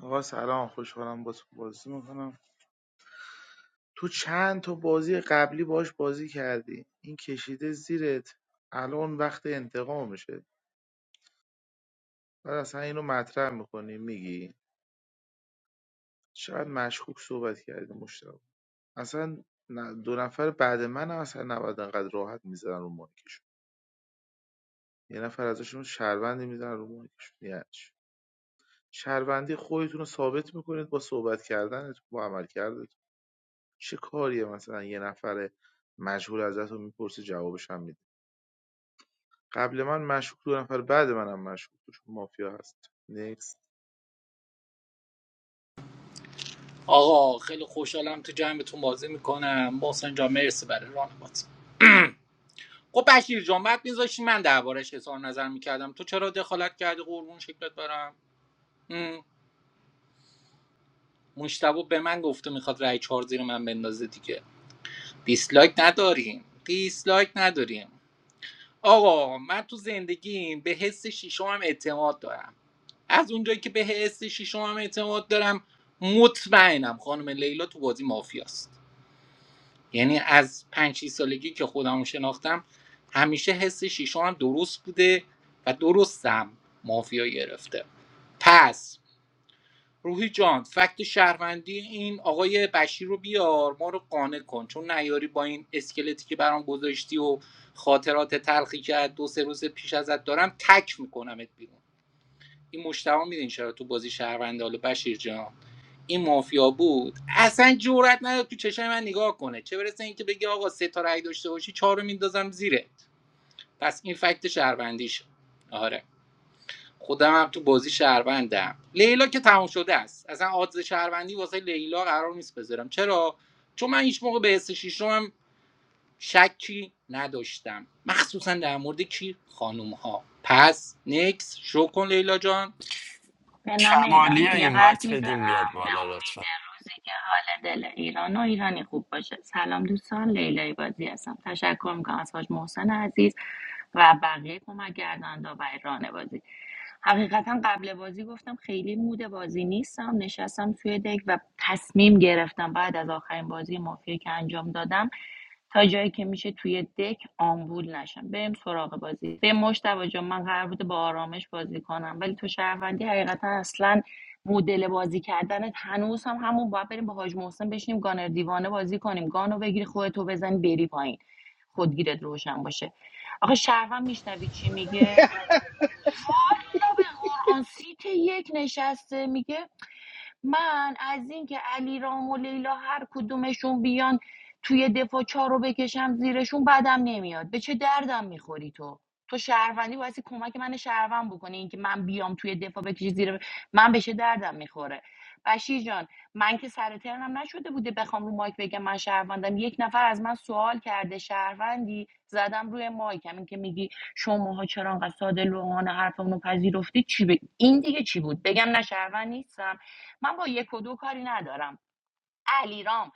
S19: آقا سلام خوشحالم با تو بازی میکنم تو چند تا بازی قبلی باش بازی کردی این کشیده زیرت الان وقت انتقامشه بعد اصلا اینو مطرح میکنی میگی شاید مشکوک صحبت کرده مشتاق اصلا نه- دو نفر بعد من هم اصلا نباید انقدر راحت میزنن رو مایکشون یه نفر ازشون شهروندی میزنن رو مایکشون یعنی چی؟ شهروندی خودتون رو ثابت میکنید با صحبت کردنتون با عمل چه کاریه مثلا یه نفر مجهول ازتون میپرسه جوابش هم میده قبل من مشکوک دو نفر بعد منم مشکوک دو چون مافیا هست نیکس
S12: آقا خیلی خوشحالم تو جمعتون بازی میکنم محسن جان مرسی برای راهنمایی خب بشیر جان بعد میذاشتی من دربارش اظهار نظر میکردم تو چرا دخالت کردی قربون شکلت برم هم. مشتبه به من گفته میخواد رای چهار زیر من بندازه دیگه دیسلایک نداریم دیسلایک نداریم آقا من تو زندگیم به حس شیشم هم اعتماد دارم از اونجایی که به حس شیشم هم اعتماد دارم مطمئنم خانم لیلا تو بازی مافیاست یعنی از پنج شیش سالگی که خودم شناختم همیشه حس شیشم هم درست بوده و درستم مافیا گرفته پس روحی جان فکت شهروندی این آقای بشیر رو بیار ما رو قانع کن چون نیاری با این اسکلتی که برام گذاشتی و خاطرات تلخی که از دو سه روز پیش ازت دارم تک میکنمت بیرون این مشتبه میدین چرا تو بازی شهرونده حالا بشیر جان این مافیا بود اصلا جرئت نداد تو چشم من نگاه کنه چه برسه اینکه بگه آقا سه تا رأی داشته باشی چهار رو میندازم زیرت پس این فکت شهروندیشه آره خودم هم تو بازی شهروندم لیلا که تمام شده است اصلا آدز شهروندی واسه لیلا قرار نیست بذارم چرا چون من هیچ موقع به حس شیشم هم شکی نداشتم مخصوصا در مورد کی خانم ها پس نکس شو کن لیلا جان
S6: به نام
S1: کمالی
S6: ایران
S1: ها
S6: یه
S1: این
S6: قلب
S1: وقت بدیم
S6: میذارم
S1: بیاد
S6: به
S1: بالا
S6: امید
S1: لطفا
S6: روزی که حال دل ایران و ایرانی خوب باشه سلام دوستان لیلای بازی هستم تشکر میکنم از حاج محسن عزیز و بقیه کمک گردنده و ایران بازی حقیقتا قبل بازی گفتم خیلی مود بازی نیستم نشستم توی دک و تصمیم گرفتم بعد از آخرین بازی مافیا که انجام دادم تا جایی که میشه توی دک آمبول نشم بریم سراغ بازی به مشتبه جان من قرار بوده با آرامش بازی کنم ولی تو شهروندی حقیقتا اصلا مدل بازی کردنت هنوز هم همون باید بریم با حاج محسن بشینیم گانر دیوانه بازی کنیم گانو بگیری خودتو بزنی بری پایین خودگیرت روشن باشه آخه شهروند میشنوی چی میگه والا به قرآن سیت یک نشسته میگه من از اینکه علی رام و لیلا هر کدومشون بیان توی دفاع چهار رو بکشم زیرشون بدم نمیاد به چه دردم میخوری تو تو شهروندی واسه کمک من شهروند بکنی اینکه من بیام توی دفاع بکشی زیر من به چه دردم میخوره بشیر جان من که سر ترنم نشده بوده بخوام رو مایک بگم من شهروندم یک نفر از من سوال کرده شهروندی زدم روی مایکم این که میگی شماها چرا انقدر ساده لوحانه حرفمو پذیرفتید چی ب؟ این دیگه چی بود بگم نه شهروند نیستم من با یک و دو کاری ندارم علیرام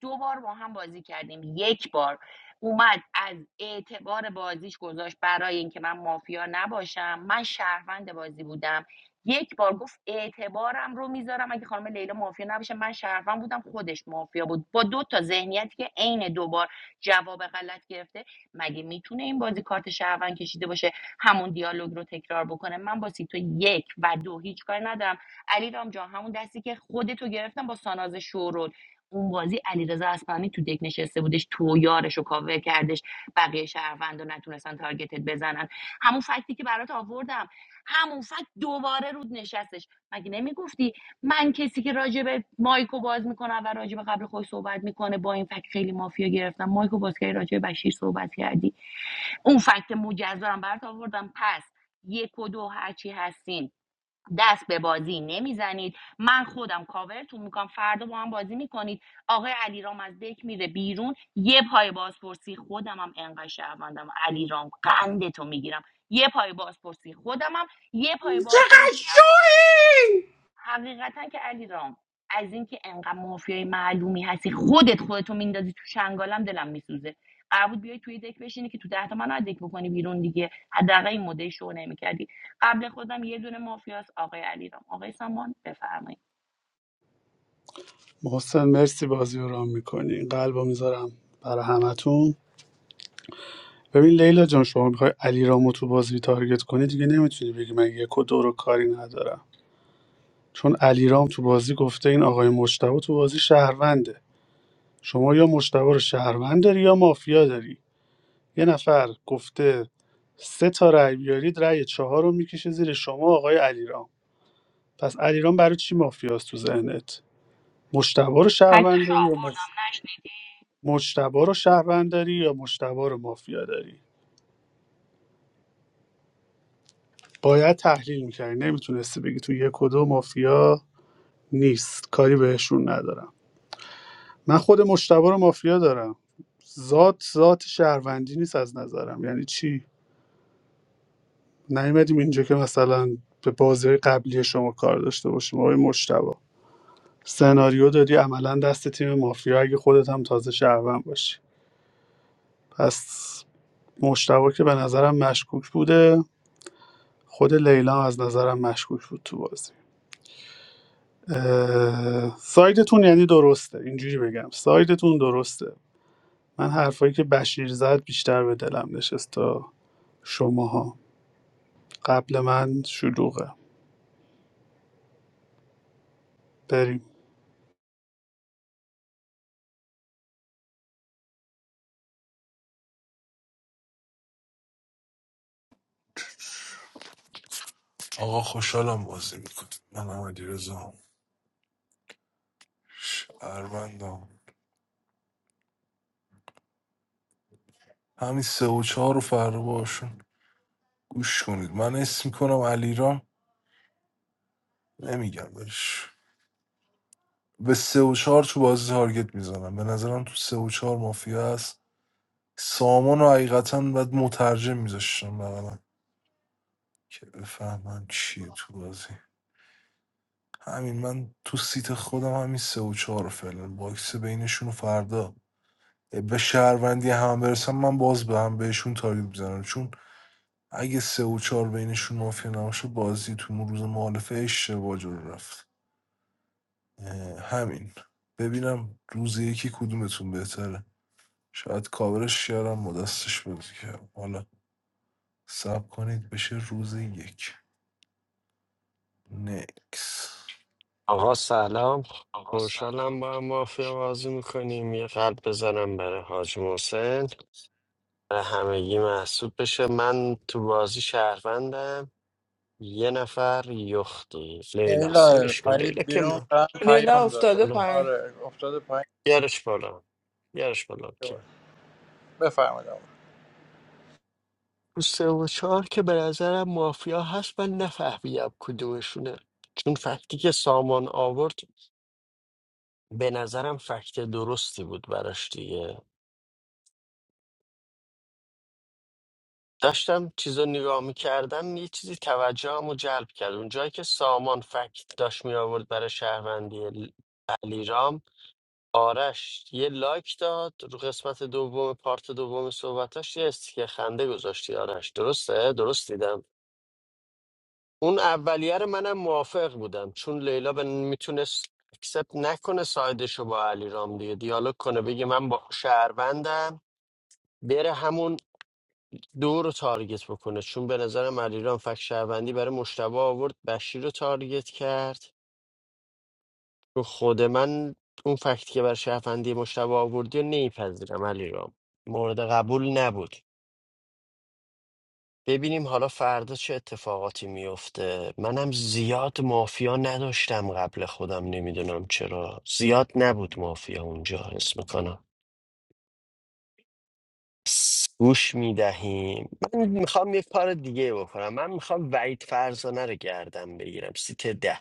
S6: دو بار با هم بازی کردیم یک بار اومد از اعتبار بازیش گذاشت برای اینکه من مافیا نباشم من شهروند بازی بودم یک بار گفت اعتبارم رو میذارم اگه خانم لیلا مافیا نباشه من شهروند بودم خودش مافیا بود با دو تا ذهنیتی که عین دوبار جواب غلط گرفته مگه میتونه این بازی کارت شهروند کشیده باشه همون دیالوگ رو تکرار بکنه من با سیتو یک و دو هیچ کاری ندارم علی رام جان همون دستی که خودتو گرفتم با ساناز شورول اون بازی علیرضا اصفهانی تو دک نشسته بودش تو و یارش رو کاور کردش بقیه شهروندا نتونستن تارگتت بزنن همون فکتی که برات آوردم همون فکت دوباره رود نشستش مگه نمیگفتی من کسی که راجع به مایکو باز میکنه و راجع قبل خود صحبت میکنه با این فکت خیلی مافیا گرفتم مایکو باز کردی راجع به بشیر صحبت کردی اون فکت مجزا هم برات آوردم پس یک و دو هرچی هستین دست به بازی نمیزنید من خودم کاورتون میکنم فردا با هم بازی میکنید آقای علیرام از دک میره بیرون یه پای بازپرسی خودم هم انقدر شهروندم علیرام قندتو میگیرم یه پای بازپرسی خودم هم، یه پای
S12: چقدر
S6: بازپرسی هم اون
S12: شوی
S6: حقیقتا که علیرام از اینکه انقدر مافیای معلومی هستی خودت خودتو میندازی تو چنگالم دلم میسوزه قرار بود بیای توی دک بشینی که تو ده تا منو دک بکنی بیرون دیگه حداقل این مدعی شو نمیکردی قبل خودم یه دونه مافیاس آقای علیرام آقای سامان بفرمایید
S20: محسن مرسی بازی رو رام میکنی قلبو میذارم برای همتون ببین لیلا جان شما میخوای علیرامو تو بازی تارگت کنی دیگه نمیتونی بگی من یک و دو رو کاری ندارم چون علیرام تو بازی گفته این آقای مشتبه تو بازی شهرونده شما یا مشتبه رو شهروند داری یا مافیا داری یه نفر گفته سه تا رأی بیارید رأی چهار رو میکشه زیر شما آقای علیرام پس علیرام برای چی مافیاست تو ذهنت مشتبه رو شهروند
S6: فکتاشو
S20: داری یا مافیا
S6: آوردم نشنیدی
S20: مجتبا رو شهروند داری یا مجتبا رو مافیا داری باید تحلیل میکردی نمیتونستی بگی تو یک و دو مافیا نیست کاری بهشون ندارم من خود مجتبا رو مافیا دارم ذات ذات شهروندی نیست از نظرم یعنی چی نیومدیم اینجا که مثلا به بازی قبلی شما کار داشته باشیم آقای مجتبا سناریو دادی عملا دست تیم مافیا اگه خودت هم تازه شهروند باشی پس مجتبا که به نظرم مشکوک بوده خود لیلا از نظرم مشکوک بود تو بازی اه، سایدتون یعنی درسته اینجوری بگم سایدتون درسته من حرفایی که بشیر زد بیشتر به دلم نشست تا شماها قبل من شلوغه بریم
S14: آقا خوشحالم بازی میکنم من هم علی رزام شهروندم همین سه و چهار رو فردا باشون گوش کنید من اسم میکنم علیرام نمیگم برش به سه و چهار تو بازی تارگت میزنم به نظرم تو سه و چهار مافیا هست سامان رو حقیقتا باید مترجم میذاشتم بقیلا که بفهمم چیه تو بازی همین من تو سیت خودم همین سه و چهار رو فعلا باکس بینشون رو فردا به شهروندی هم برسم من باز به هم بهشون تارگت بزنم چون اگه سه و چهار بینشون مافیا نباشه بازی تو اون روز معالفه اشتباه جلو رفت همین ببینم روز یکی کدومتون بهتره شاید کاورش کردم با دستش بازی کردم حالا سب کنید بشه روز یک نکس
S1: آقا سلام خوشحالم با هم مافیا بازی میکنیم یه قلب بزنم برای حاج محسن برای همگی محسوب بشه من تو بازی شهروندم یه نفر یخته لیلاست
S13: لیلا
S1: ولش کن لیلا
S13: پرید
S1: که
S13: بیرون
S1: م-
S13: من
S8: لیلا
S13: پیام داد
S8: افتاده
S1: بالا
S8: پایین
S13: آره افتاده پایین
S1: یارش بالا یارش بالا که
S13: بفرمایید آقا.
S1: تو سه و چهار که به نظرم مافیا هست من نفهمیدم کدومشونه چون فکتی که سامان آورد به نظرم فکت درستی بود براش دیگه داشتم چیزا نگاه میکردم یه چیزی توجهم رو جلب کرد اونجایی که سامان فکت داشت می آورد برای شهروندی ل- علیرام آرش یه لایک داد رو قسمت دوم پارت دوم صحبتاش یه استیکر خنده گذاشتی آرش درسته درست دیدم اون اولیه رو منم موافق بودم چون لیلا به میتونست اکسپت نکنه سایدشو با علی رام دیگه دیالوگ کنه بگه من با شهروندم بره همون دو رو تارگت بکنه چون به نظرم علی رام فک شهروندی برای مشتبه آورد بشیر رو تارگت کرد تو خود من اون فکت که بر شهروندی مشتبه آوردی رو نیپذیرم علیرام مورد قبول نبود ببینیم حالا فردا چه اتفاقاتی میفته منم زیاد مافیا نداشتم قبل خودم نمیدونم چرا زیاد نبود مافیا اونجا حس میکنم گوش میدهیم من میخوام یه کار دیگه بکنم من میخوام وعید فرزانه رو گردم بگیرم سیت ده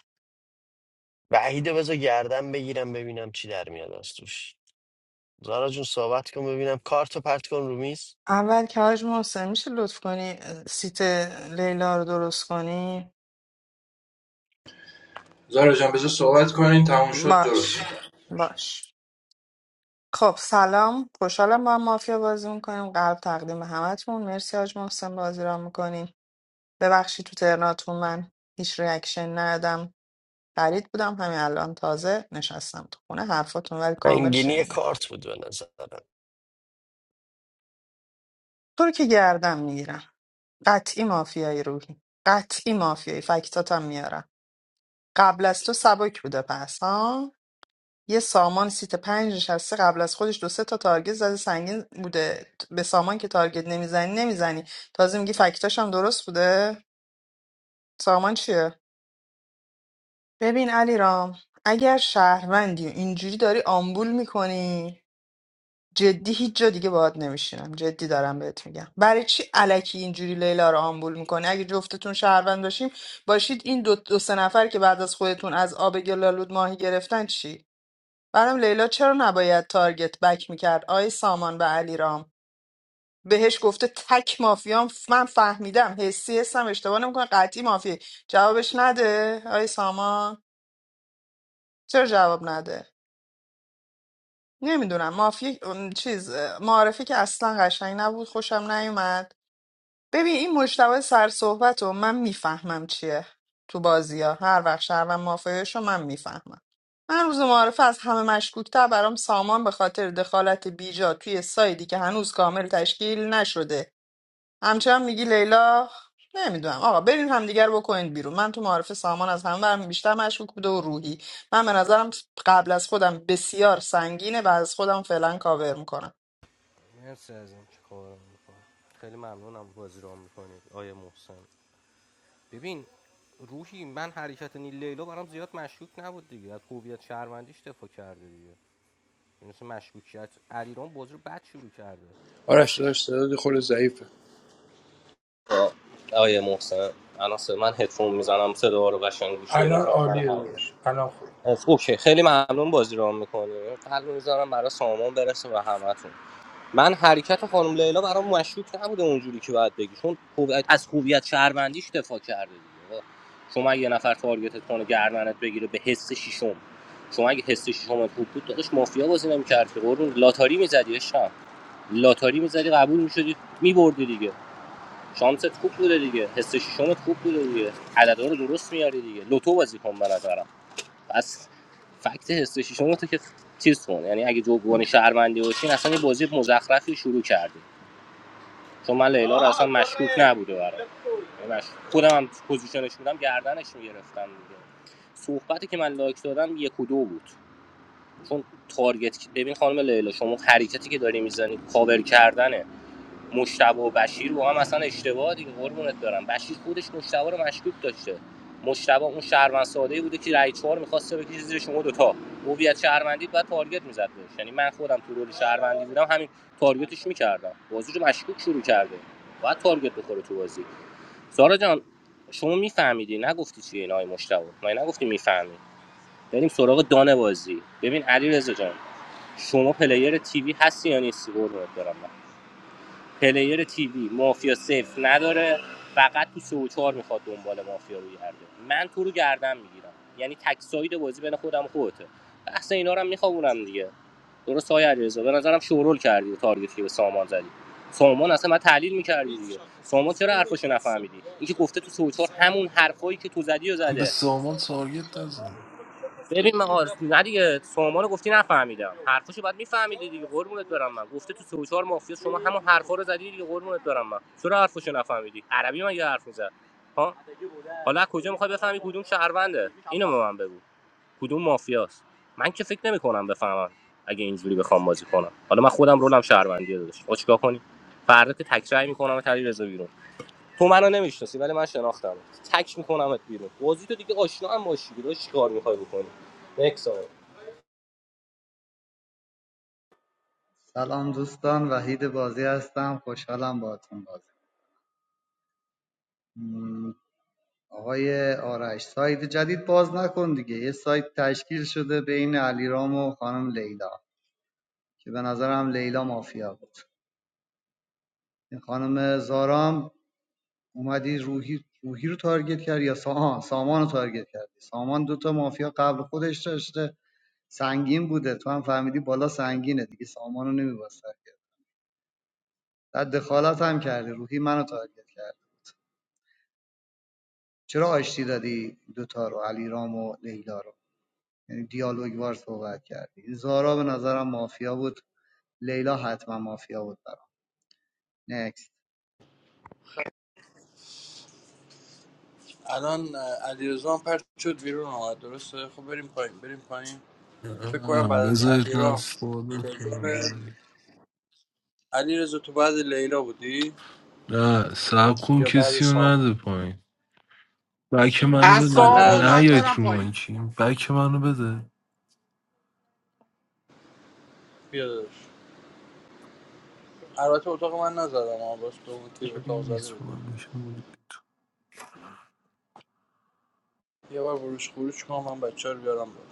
S1: وحید رو بذار گردم بگیرم ببینم چی در میاد از توش زارا جون صحبت کن ببینم کارت رو پرت کن رو میز
S8: اول که حاج محسن میشه لطف کنی سیت لیلا رو درست کنی
S13: زارا جان بذار صحبت کنین تموم شد درست
S8: باش باش خب سلام خوشحالم با هم مافیا بازی میکنیم قلب تقدیم همتون مرسی حاج محسن بازی را میکنیم ببخشید تو ترناتون من هیچ ریاکشن ندادم غریب بودم همین الان تازه نشستم تو خونه حرفاتون ولی کامل
S1: انگینی
S8: شنیدم
S1: کارت بود به نظرم
S8: تو رو که گردم میگیرم قطعی مافیایی روحی قطعی مافیایی فکتاتم میارم قبل از تو سبک بوده پس ها یه سامان سیت پنج نشسته قبل از خودش دو سه تا تارگت زده سنگین بوده به سامان که تارگت نمیزنی نمیزنی تازه میگی فکتاش هم درست بوده سامان چیه ببین علی رام اگر شهروندی و اینجوری داری آمبول میکنی جدی هیچ جا دیگه باهات نمیشینم جدی دارم بهت میگم برای چی الکی اینجوری لیلا رو آمبول میکنی اگه جفتتون شهروند باشیم باشید این دو, دو سه نفر که بعد از خودتون از آب گلالود ماهی گرفتن چی برام لیلا چرا نباید تارگت بک میکرد آی سامان و علیرام بهش گفته تک مافیام من فهمیدم حسی هستم اشتباه نمیکنه قطعی مافیه. جوابش نده آی سامان چرا جواب نده نمیدونم مافی چیز معرفی که اصلا قشنگ نبود خوشم نیومد ببین این مجتبی سرصحبت رو من میفهمم چیه تو بازی ها هر وقت شهروند مافیاش رو من میفهمم من روز معارفه از همه مشکوکتر برام سامان به خاطر دخالت بیجا توی سایدی که هنوز کامل تشکیل نشده همچنان میگی لیلا نمیدونم آقا برین همدیگر بکنید بیرون من تو معارفه سامان از همه برام بیشتر مشکوک بوده و روحی من به نظرم قبل از خودم بسیار سنگینه و از خودم فعلا کاور میکنم
S16: مرسی از این که کارم میکنی خیلی ممنونم بازی رو میکنید آیه محسن ببین روحی من حرکت نیل لیلا برام زیاد مشکوک نبود دیگه از هویت شهروندیش دفاع کرده دیگه مثل مشکوکیت علیرام بازی رو بد شروع کرده
S13: آرش
S16: حسش
S13: داشت صدات خود ضعیفه
S16: آه، آیه محسن الان صدا- من هدفون میزنم صدا رو قشنگ گوش
S13: الان
S16: بدم سر
S13: عالیه
S16: همونه.
S13: درست الان خوب
S16: از اوکی خیلی ممنون بازی رو میکنی قلب میذارم برای سامان برسه و همتون من حرکت خانم لیلا برام مشکوک نبوده اونجوری که باید بگی چون خوب- از خوبیت شهروندیش دفاع کرده دیگه شما اگه یه نفر تارگتت کنه گردنت بگیره به حس شیشم شما اگه حس شیشم خوب بود داداش مافیا بازی نمی‌کردی که قربون لاتاری میزدی عشقم لاتاری می‌زدی قبول می‌شدی می‌بردی دیگه شانست خوب بوده دیگه حس شیشمت خوب بوده دیگه عددا رو درست میاری دیگه لوتو بازی کن به نظرم پس فکت حسش شما تو که چیز کن یعنی اگه جبران شهروندی باشین اصلا یه بازی مزخرفی شروع کردیم چون من لیلا رو اصلا مشکوک نبوده برام یعنی مش- خودم هم پوزیشنش بودم گردنش میگرفتم دیگه صحبتی که من لایک دادم یک و دو بود چون تارگت ببین خانم لیلا شما حرکتی که داری میزنی کاور کردنه مشتبه و بشیر با هم اصلا اشتباه دیگه قربونت برم بشیر خودش مشتبه رو مشکوک داشته مشتبه اون شهروند ساده بوده که رای چهار میخواسته بکشه زیر شما دوتا هویت شهروندی بعد تارگت میزد بهش یعنی من خودم تو رول شهروندی بودم همین تارگتش میکردم بازی رو مشکوک شروع کرده باید تارگت بخوره تو بازی سارا جان شما میفهمیدی نگفتی چیه اینای مشتبه ما نگفتی میفهمی بریم سراغ دانه بازی ببین علی جان شما پلیر تیوی هستی یا نیستی قربونت برم پلیر تیوی مافیا سیف نداره فقط تو سه و چهار میخواد دنبال مافیا روی هر دو. من تو رو گردن میگیرم یعنی تک ساید بازی بین خودم و خودته بحث اینا رو هم میخوابونم دیگه درست های علیرضا به نظرم شورول کردی و تارگتی که به سامان زدی سامان اصلا من تحلیل میکردی دیگه سامان چرا حرفشو نفهمیدی اینکه گفته تو سه و چهار همون حرفایی که تو زدی و
S14: من به
S16: زده
S14: سامان تارگت نزدم
S16: ببین من نه دیگه سامان رو گفتی نفهمیدم حرفشو باید میفهمیدی دیگه قربونت برم من گفته تو سه و چهار مافیا شما همون حرفا رو زدی دیگه قربونت برم من چرا حرفشو نفهمیدی عربی من یه حرف میزد ها حالا از کجا میخوای بفهمی کدوم شهرونده اینو به من بگو کدوم مافیاست من که فکر نمیکنم بفهمم اگه اینجوری بخوام بازی کنم حالا من خودم رولم شهروندی داشت خب چیکار کنی فردا که تکرای میکنم تری رضا بیرون تو منو نمیشناسی ولی من شناختم تک میکنمت بیرون بازی تو دیگه آشنا هم باشی چیکار میخوای بکنی نکسا
S21: سلام دوستان وحید بازی هستم خوشحالم باهاتون بازی م، آقای آرش سایت جدید باز نکن دیگه یه سایت تشکیل شده بین علیرام و خانم لیلا که به نظرم لیلا مافیا بود این خانم زارام اومدی روحی روحی رو تارگت کرد یا سا... آه، سامان رو تارگت کردی سامان دوتا مافیا قبل خودش داشته سنگین بوده تو هم فهمیدی بالا سنگینه دیگه سامان رو نمیباز تارگت در دخالت هم کردی روحی منو تارگت کرد چرا آشتی دادی دوتا رو علیرام و لیلا رو یعنی دیالوگ وار صحبت کردی زارا به نظرم مافیا بود لیلا حتما مافیا بود برام نکست
S13: الان علیرضا پرت شد بیرون آمد درسته خب بریم پایین بریم پایین فکر کنم بعد
S14: نه،
S13: از
S14: بذارید من
S13: علیرام
S14: فالو کنم بریم.
S13: علی رضا تو بعد لیلا بودی
S14: نه سب کن
S13: یا بعد
S14: کسی رو
S13: سام
S14: نده پایین بک منو
S12: از
S13: من
S14: بده
S12: ساما
S13: ندادم
S14: نه
S12: اومد
S14: یایت
S12: برم
S13: پایین
S14: رو
S12: پایین
S14: مایکی بک منو بده
S13: بیا داداش البته اتاق من نزدم آن باز تو اون تیر اتاق زده بده یه بار بروش خروش کنم من بچه رو بیارم بالا.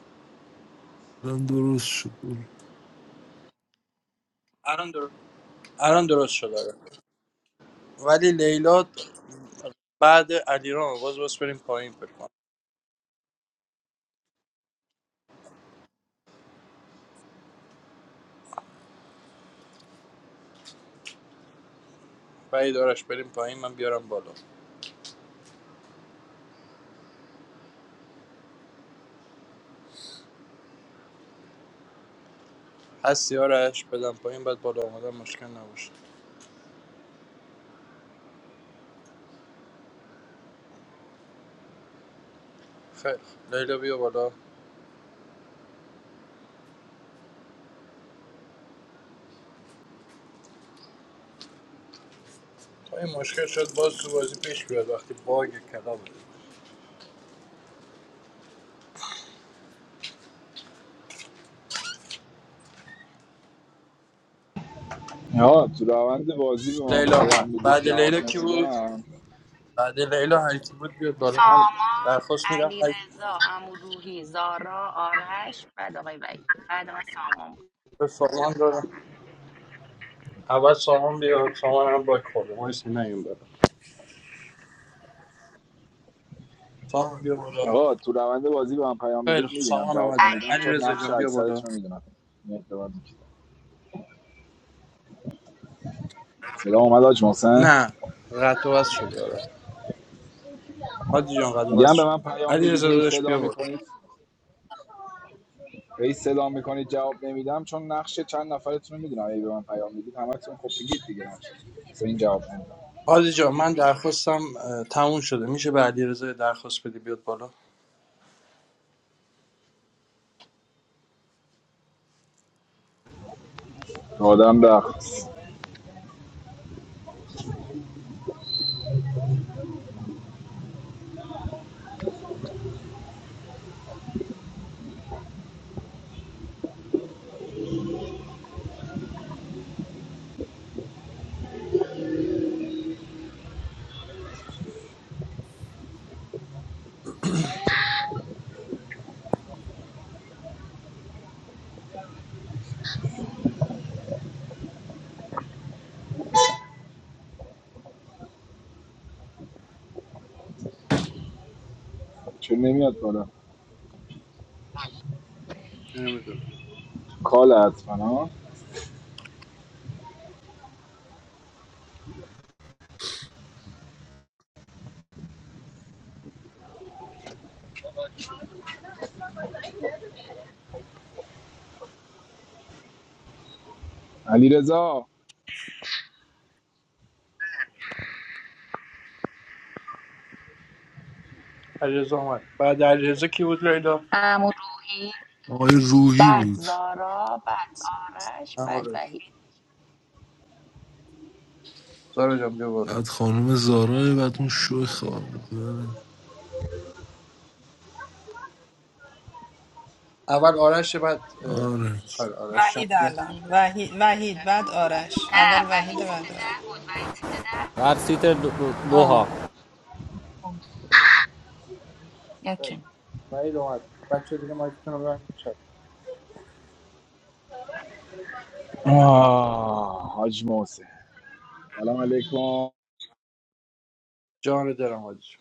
S14: من درست شد الان درست.
S13: الان درست شد آره. ولی لیلا بعد علیرام باز باز بریم پایین فکر کنم بعد آرش بریم پایین من بیارم بالا هستی آرش بدم پایین بعد بالا آمدن مشکل نباشه خیلی لیلا بیا بالا تا این مشکل شد باز تو بازی پیش بیاد وقتی باگ کلام
S9: آقا تو روند بازی به من
S13: لیلا
S9: پیام
S13: آمد
S9: میدید
S13: بعد
S9: جواب
S13: لیلا کی بود
S9: نمیدم
S13: بعد لیلا هر کی بود بیاد بالا من
S6: سامان
S13: درخواست میدم هر کی
S6: علیرضا عمو روحی زارا آرش بعد آقای وحید بعد من سامان بود
S13: به سامان دارم اول سامان بیا سامان هم باگ خورده ما اسم نیم بالا سامان بیا بالا
S9: آقا تو روند بازی به من پیام
S13: خیلی
S9: میدید
S13: خوب
S9: میبینم
S13: سامان
S9: جواب
S13: آمده
S9: نمیدم
S13: علی
S9: چون
S13: رضا
S9: نقش
S13: جان بیا بالا
S9: اکثرتون رو میدونم این اعتبار می‌کنم. صدا اومد حاج محسن
S13: نه قطع و وصل شده آره حاجی جان قطع و وصل
S9: میگم به
S13: شده
S9: من پیام
S13: علی
S9: میدید
S13: رضا
S9: هی
S13: داداش
S9: صدا
S13: بیا بالا
S9: میکنید هی صدا میکنید جواب نمیدم چون نقش چند نفرتون رو میدونم هی به من پیام میدید همتون خب بگید دیگه نقش پس این جواب نمیدم
S13: حاجی جان من درخواستم اه، تموم شده میشه به علی رضا درخواست بدی بیاد بالا
S9: آدم رقص چون نمیاد بالا
S13: نمیدونم
S9: کال حتما علیرضا.
S13: علیرضا اومد بعد علیرضا کی بود لیلا
S6: عمو روحی
S14: آقای روحی
S13: عمو
S6: بعد
S14: بود
S6: زارا بعد آرش
S13: عمو
S6: بعد
S13: روی
S6: وحید
S13: زارا جان بیا بالا
S14: بعد خانم زارا بعد اون شو خواه
S13: اول آرش بعد اه،
S14: آره
S13: آره آرش جان بیا.
S6: سیت ده بود وحید سیت
S16: هر سیت دو, دو ها
S13: خیلی. وحید اومد بچه دیگه مایکتون رو ببندید شد
S9: آه حاج محسن سلام علیکم
S13: جان دلم حاجی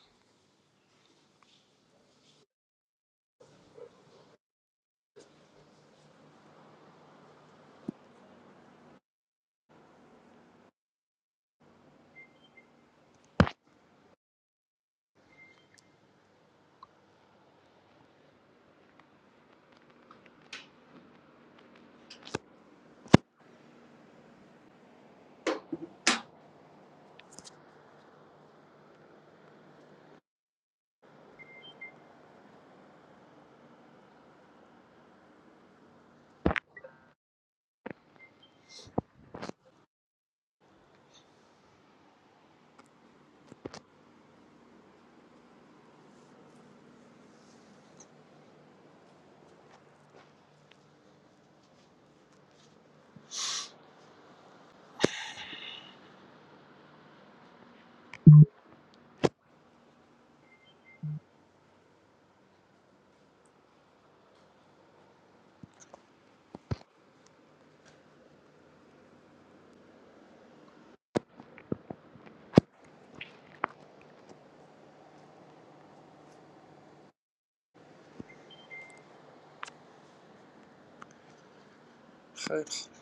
S13: خیلی خوب.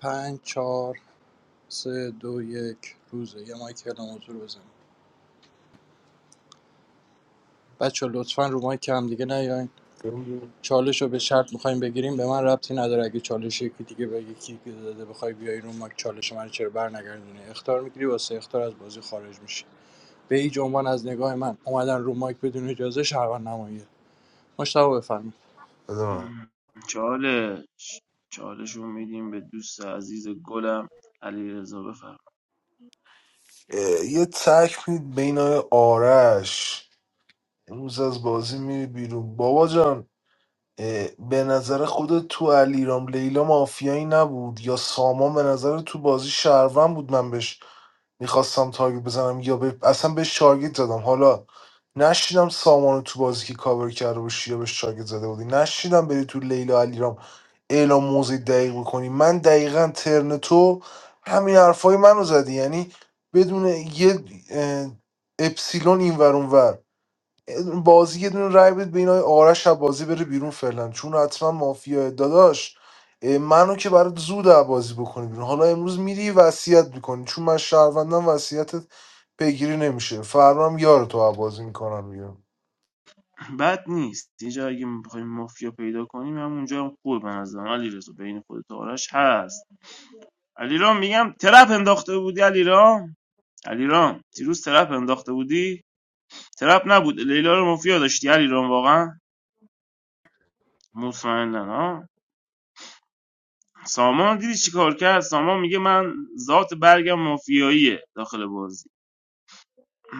S13: پنج چهار سه دو یک روزه یه مایک کلام حضور بزنیم بچه لطفا رو مایک هم دیگه نیاین
S14: بده من.
S13: چالش رو به شرط میخوایم بگیریم به من ربطی نداره اگه چالش یکی دیگه بگی کی که داده بخوای بیای رو مایک چالش من چرا بر نگردونی اختار میگیری واسه اختار از بازی خارج میشی. به هیچ عنوان از نگاه من اومدن رو مایک بدون اجازه شهروند نماییه مشتاق بفرمایید
S14: اه،
S5: چالش چالش رو میدیم به دوست عزیز گلم علی رضا بفرم
S14: یه تک میدید بین آقای آرش امروز از بازی میری بیرون بابا جان اه، به نظر خودت تو علیرام لیلا مافیایی نبود یا سامان به نظر تو بازی شهروند بود من بهش میخواستم تارگت بزنم یا به... اصلا بهش تارگت زدم حالا نشیدم سامان رو تو بازی که کاور کرده باشی یا بهش تارگت زده بودی نشیدم بری تو لیلا علیرام اعلام موضع دقیق بکنی من دقیقا ترن تو همین حرفای منو زدی یعنی بدون یه اه، اپسیلون این ور اون ور. بازی یه دونه رای بده به این آقای آرش از بازی بره بیرون فعلا چون حتما مافیا داداش اه، منو که برات زود از بازی بکنی بیرون حالا امروز میری وصیت میکنی چون من شهروندم وصیتت پیگیری نمیشه فردا هم یار تو از بازی میکنم بیرون
S5: بد نیست یه جا اگه بخوایم مافیا پیدا کنیم هم اونجا هم خوب به نظرم علی رضا بین خودت و آرش هست علی میگم ترپ انداخته بودی علی علیرام دیروز ترپ انداخته بودی ترپ نبود لیلا رو مافیا داشتی علیرام واقعا مطمئنا ها سامان دیدی چی کار کرد سامان میگه من ذات برگم مافیاییه داخل بازی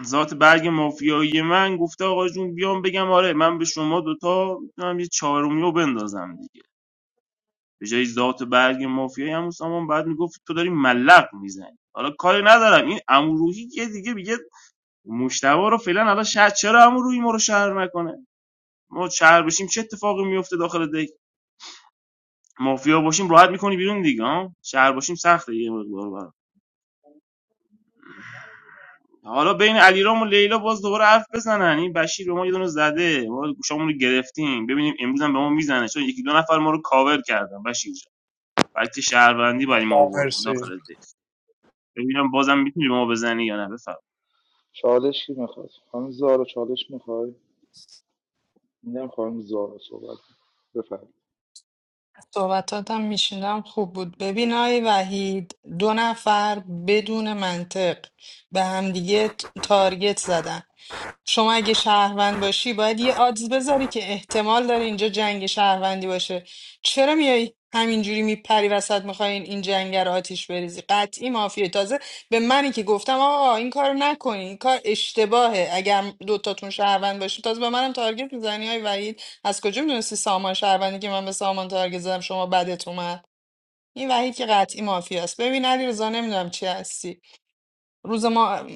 S5: ذات برگ مافیایی من گفته آقا جون بیام بگم آره من به شما دوتا میتونم یه چهارمیو بندازم دیگه به جای ذات برگ مافیایی همون سامان بعد میگفت تو داری ملق میزنی حالا کاری ندارم این امروحی یه دیگه میگه مشتبه رو فعلا حالا شاید چرا امروحی ما رو شهر نکنه ما شهر باشیم چه اتفاقی میفته داخل دک مافیا باشیم راحت میکنی بیرون دیگه ها شهر باشیم سخته یه مقدار برا. حالا بین علیرام و لیلا باز دوباره حرف بزنن این بشیر به ما یه دونه زده ما گوشامون رو گرفتیم ببینیم امروز هم به ما میزنه چون یکی دو نفر ما رو کاور کردن بشیر جان فکت شهروندی برای ما
S13: مشتاق
S5: آورد
S13: مرسی
S5: داخل دک ببینم بازم میتونی به ما بزنی یا نه بفهم
S19: چالش کی میخواد خانم زارا چالش میخوای میدم خانم زارا صحبت بفرمایید
S8: صحبتاتم میشنم خوب بود ببین آی وحید دو نفر بدون منطق به همدیگه ت- تارگت زدن شما اگه شهروند باشی باید یه آدز بذاری که احتمال داره اینجا جنگ شهروندی باشه چرا میای همینجوری میپری وسط میخواین این جنگ رو آتیش بریزی قطعی مافیه تازه به منی که گفتم آقا این کار رو نکنی این کار اشتباهه اگر دوتاتون شهروند باشی تازه به منم تارگت میزنی های وحید از کجا میدونستی سامان شهروندی که من به سامان تارگت زدم شما بدت اومد این وحید که قطعی مافیاست ببین علیرضا رضا نمیدونم چی هستی روز ما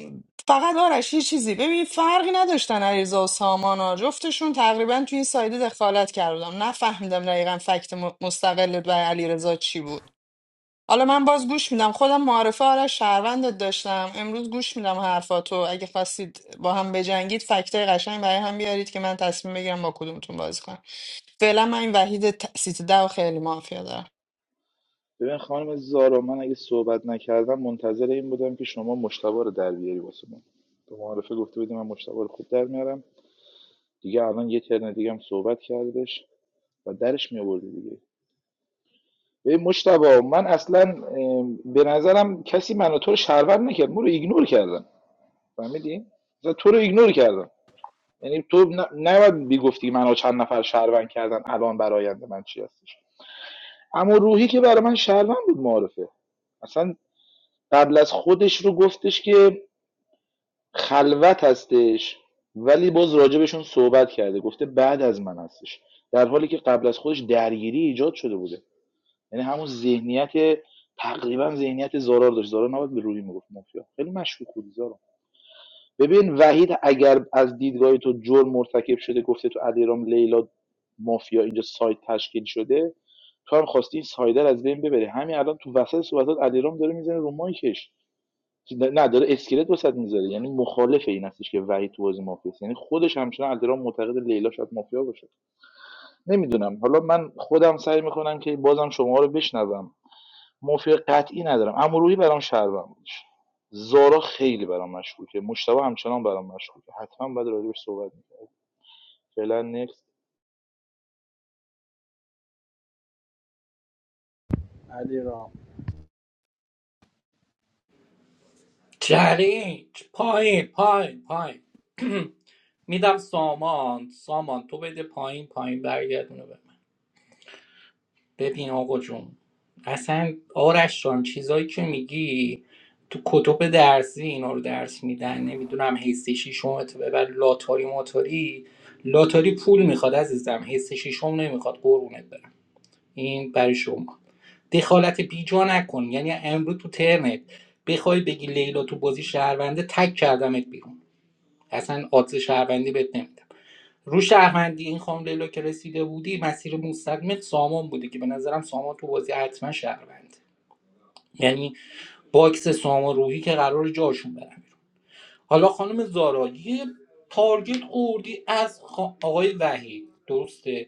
S8: فقط آرش یه چیزی ببین فرقی نداشتن علیرضا و سامان ها جفتشون تقریبا تو این سایده دخالت کردم نفهمیدم دقیقا فکت م- مستقل برای علیرضا چی بود حالا من باز گوش میدم خودم معرفه آرش شهروندت داشتم امروز گوش میدم حرفاتو اگه خواستید با هم بجنگید فکتای قشنگ برای هم بیارید که من تصمیم بگیرم با کدومتون بازی کنم فعلا من این وحید ت- سیت ده و خیلی مافیا دارم
S19: ببین خانم زارا من اگه صحبت نکردم منتظر این بودم که شما مشتبه رو در بیاری واسه من تو معارفه گفته بودی من مشتبه رو خوب در میارم دیگه الان یه ترن دیگه هم صحبت کردش و درش میآوردی دیگه به مشتبه من اصلا به نظرم کسی منو تو رو شهروند نکرد من رو ایگنور کردم فهمیدی تو رو ایگنور کردم یعنی تو ن- نباید بیگفتی منو چند نفر شهروند کردن الان براینده من چی هستش اما روحی که برای من شهروند بود معرفه اصلا قبل از خودش رو گفتش که خلوت هستش ولی باز راجبشون صحبت کرده گفته بعد از من هستش در حالی که قبل از خودش درگیری ایجاد شده بوده یعنی همون ذهنیت تقریبا ذهنیت زارار داشت زارار نباید به روحی میگفت مافیا خیلی مشکوک بود زارا ببین وحید اگر از دیدگاه تو جرم مرتکب شده گفته تو ادیرام لیلا مافیا اینجا سایت تشکیل شده تو هم خواستی این سایده از بین ببری همین الان تو وسط صحبتات ادیرام داره میزنه رو مایکش نه داره اسکلت وسط میذاره یعنی مخالف این هستش که وحید تو بازی مافیا است یعنی خودش همچنان ادیرام معتقد لیلا شاید مافیا باشه نمیدونم حالا من خودم سعی میکنم که بازم شما رو بشنوم مافیا قطعی ندارم امروحی برام شهروند بودش زارا خیلی برام مشکوکه مشتبه همچنان برام مشکوکه حتما بعد راجبش صحبت می‌کنم فعلا نکست
S13: علی
S12: چلنج پایین پایین پایین <clears throat> میدم سامان سامان تو بده پایین پایین برگردونه به ببین آقا جون اصلا آرش جان چیزایی که میگی تو کتب درسی اینا رو درس میدن نمیدونم حیث شیشم تو ببر لاتاری موتاری لاتاری پول میخواد عزیزم حیث شیشم نمیخواد قربونت برم این برای شما دخالت بیجا نکن یعنی امروز تو ترنت بخوای بگی لیلا تو بازی شهرونده تک کردمت بیرون اصلا آدز شهروندی بهت نمیدم رو شهروندی این خانم لیلا که رسیده بودی مسیر مستقیم سامان بوده که به نظرم سامان تو بازی حتما شهروند یعنی باکس سامان روحی که قرار جاشون برن حالا خانم زارا یه تارگت اوردی از خا- آقای وحید درسته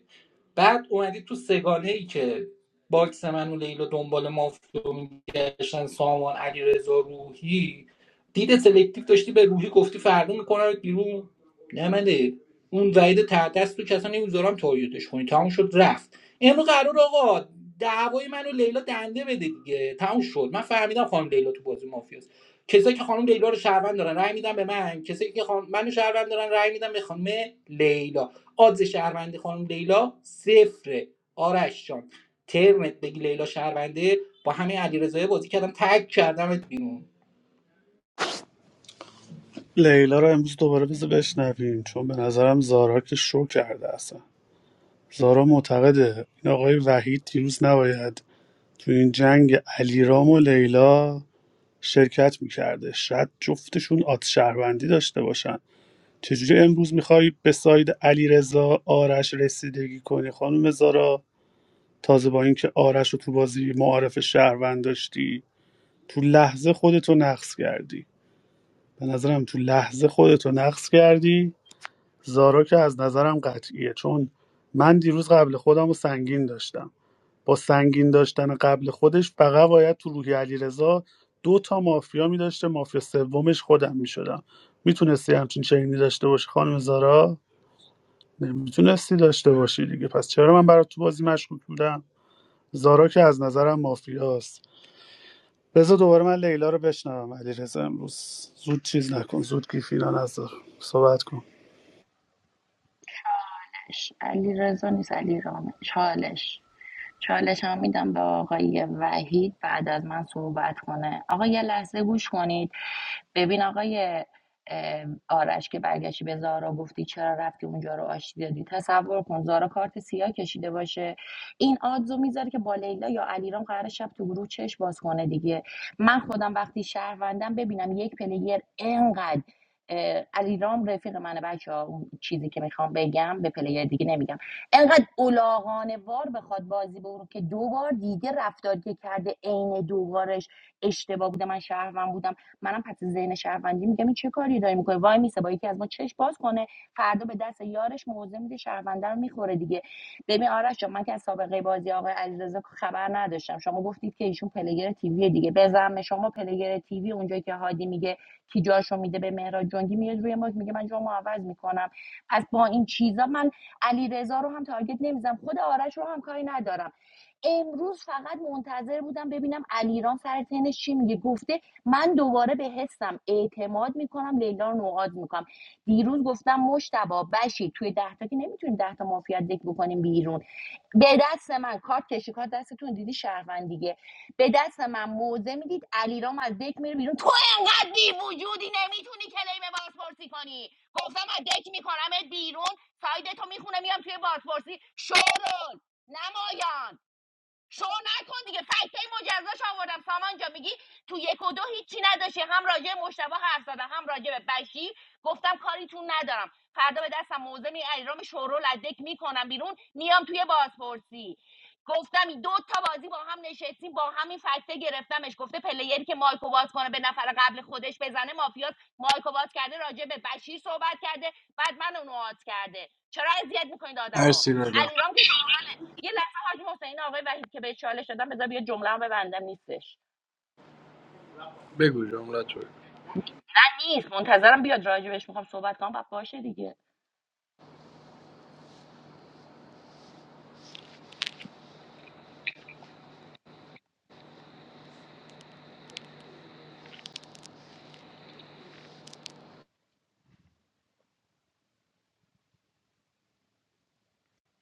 S12: بعد اومدی تو سگانه ای که باکس من و لیلا دنبال مافیا میگشتن سامان علیرضا روحی دید سلکتیو داشتی به روحی گفتی فردا میکنم بیرون نمنده اون وعید تردست تو کسا نمیذارم تاییدش کنی تموم شد رفت امروز قرار آقا دعوای من و لیلا دنده بده دیگه تموم شد من فهمیدم خانم لیلا تو بازی مافیاست کسایی که خانم لیلا رو شهروند دارن رأی میدن به من کسایی که خانم منو شهروند دارن رأی میدن به خانم لیلا آدز شهروندی خانم لیلا صفره آرش جان ترمت بگی لیلا شهرونده با همه علیرضایی بازی کردم تگ کردمت بیرون
S20: لیلا رو امروز دوباره بذار بشنویم چون به نظرم زارا که شو کرده اصلا زارا معتقده این آقای وحید دیروز نباید تو این جنگ علیرام و لیلا شرکت میکرده شاید جفتشون آت شهروندی داشته باشن چجوری امروز میخوای به ساید علیرضا آرش رسیدگی کنی خانم زارا تازه با اینکه آرش رو تو بازی معارف شهروند داشتی تو لحظه خودتو نقص کردی به نظرم تو لحظه خودتو نقص کردی زارا که از نظرم قطعیه چون من دیروز قبل خودم رو سنگین داشتم با سنگین داشتن قبل خودش فقط باید تو روحی علیرضا دو تا مافیا میداشته مافیا سومش خودم میشدم میتونستی همچین چنینی داشته باشی خانم زارا میتونستی داشته باشی دیگه پس چرا من برات تو بازی مشکوک بودم زارا که از نظرم مافیاست بذار دوباره من لیلا رو بشنوم علیرضا امروز زود چیز نکن زود گیفیران نظر صحبت کن
S6: دهش علی رضا نیست علی رامه چالش چالش هم میدم به آقای وحید بعد از من صحبت کنه آقا یه لحظه گوش کنید ببین آقای اه، آرش که برگشتی به زارا گفتی چرا رفتی اونجا رو آشتی دادی تصور کن زارا کارت سیاه کشیده باشه این آدزو میذاره که با لیلا یا علیرام قرار شب تو گروه چش باز کنه دیگه من خودم وقتی شهروندم ببینم یک پلیر انقدر علیرام رفیق منه بچه ها اون چیزی که میخوام بگم به پلیر دیگه نمیگم انقدر اولاغانه وار بخواد بازی بگو که دو بار دیگه رفتاری که کرده عین دوبارش اشتباه بوده من شهروند بودم منم پس ذهن شهروندی میگم این چه کاری داری میکنه وای میسه با یکی از ما چش باز کنه فردا به دست یارش موضع میده شهرونده رو میخوره دیگه ببین آرش جان، من که از سابقه بازی آقای علیرضا خبر نداشتم شما گفتید که ایشون پلیر تیوی دیگه بزن شما پلیر تیوی اونجا که هادی میگه کی جاشو میده به مهراد جنگی میاد روی ماک میگه من جامو عوض میکنم پس با این چیزا من علیرضا رو هم تارگت نمیزنم خود آرش رو هم کاری ندارم امروز فقط منتظر بودم ببینم علیرام سر تنش چی میگه گفته من دوباره به حسم اعتماد میکنم لیلا رو نوعاد میکنم دیروز گفتم مشتبه بشی توی ده تا که نمیتونیم ده تا مافیا دک بکنیم بیرون به دست من کارت کشی کارت دستتون دیدی شهروند دیگه به دست من موزه میدید علیرام از دک میره بیرون تو انقدر بی وجودی نمیتونی کلیم بازپرسی کنی گفتم از دک میکنمت بیرون سایدتو میخونه میام توی بازپرسی شورون نمایان شو نکن دیگه فکته مجزاش آوردم سامان جا میگی تو یک و دو هیچی نداشتی هم راجع به مشتبه حرف زدم هم راجع به بشیر گفتم کاریتون ندارم فردا به دستم موزه می ایرام شورو لدک میکنم بیرون میام توی بازپرسی گفتم این دو تا بازی با هم نشستیم با همین فکته گرفتمش گفته پلیری که مایکو باز کنه به نفر قبل خودش بزنه مافیاس مایکو باز کرده راجع به بشیر صحبت کرده بعد من اونو آت کرده چرا اذیت میکنید آدمو
S13: مرسی رضا
S6: علیرام که شورول یه لحظه حاج حسین آقای وحید که به چالش دادم بذار بیا جمله هم ببندم نیستش
S13: بگو جمله تو
S6: من نیست منتظرم بیاد راجبش میخوام صحبت کنم بعد باشه دیگه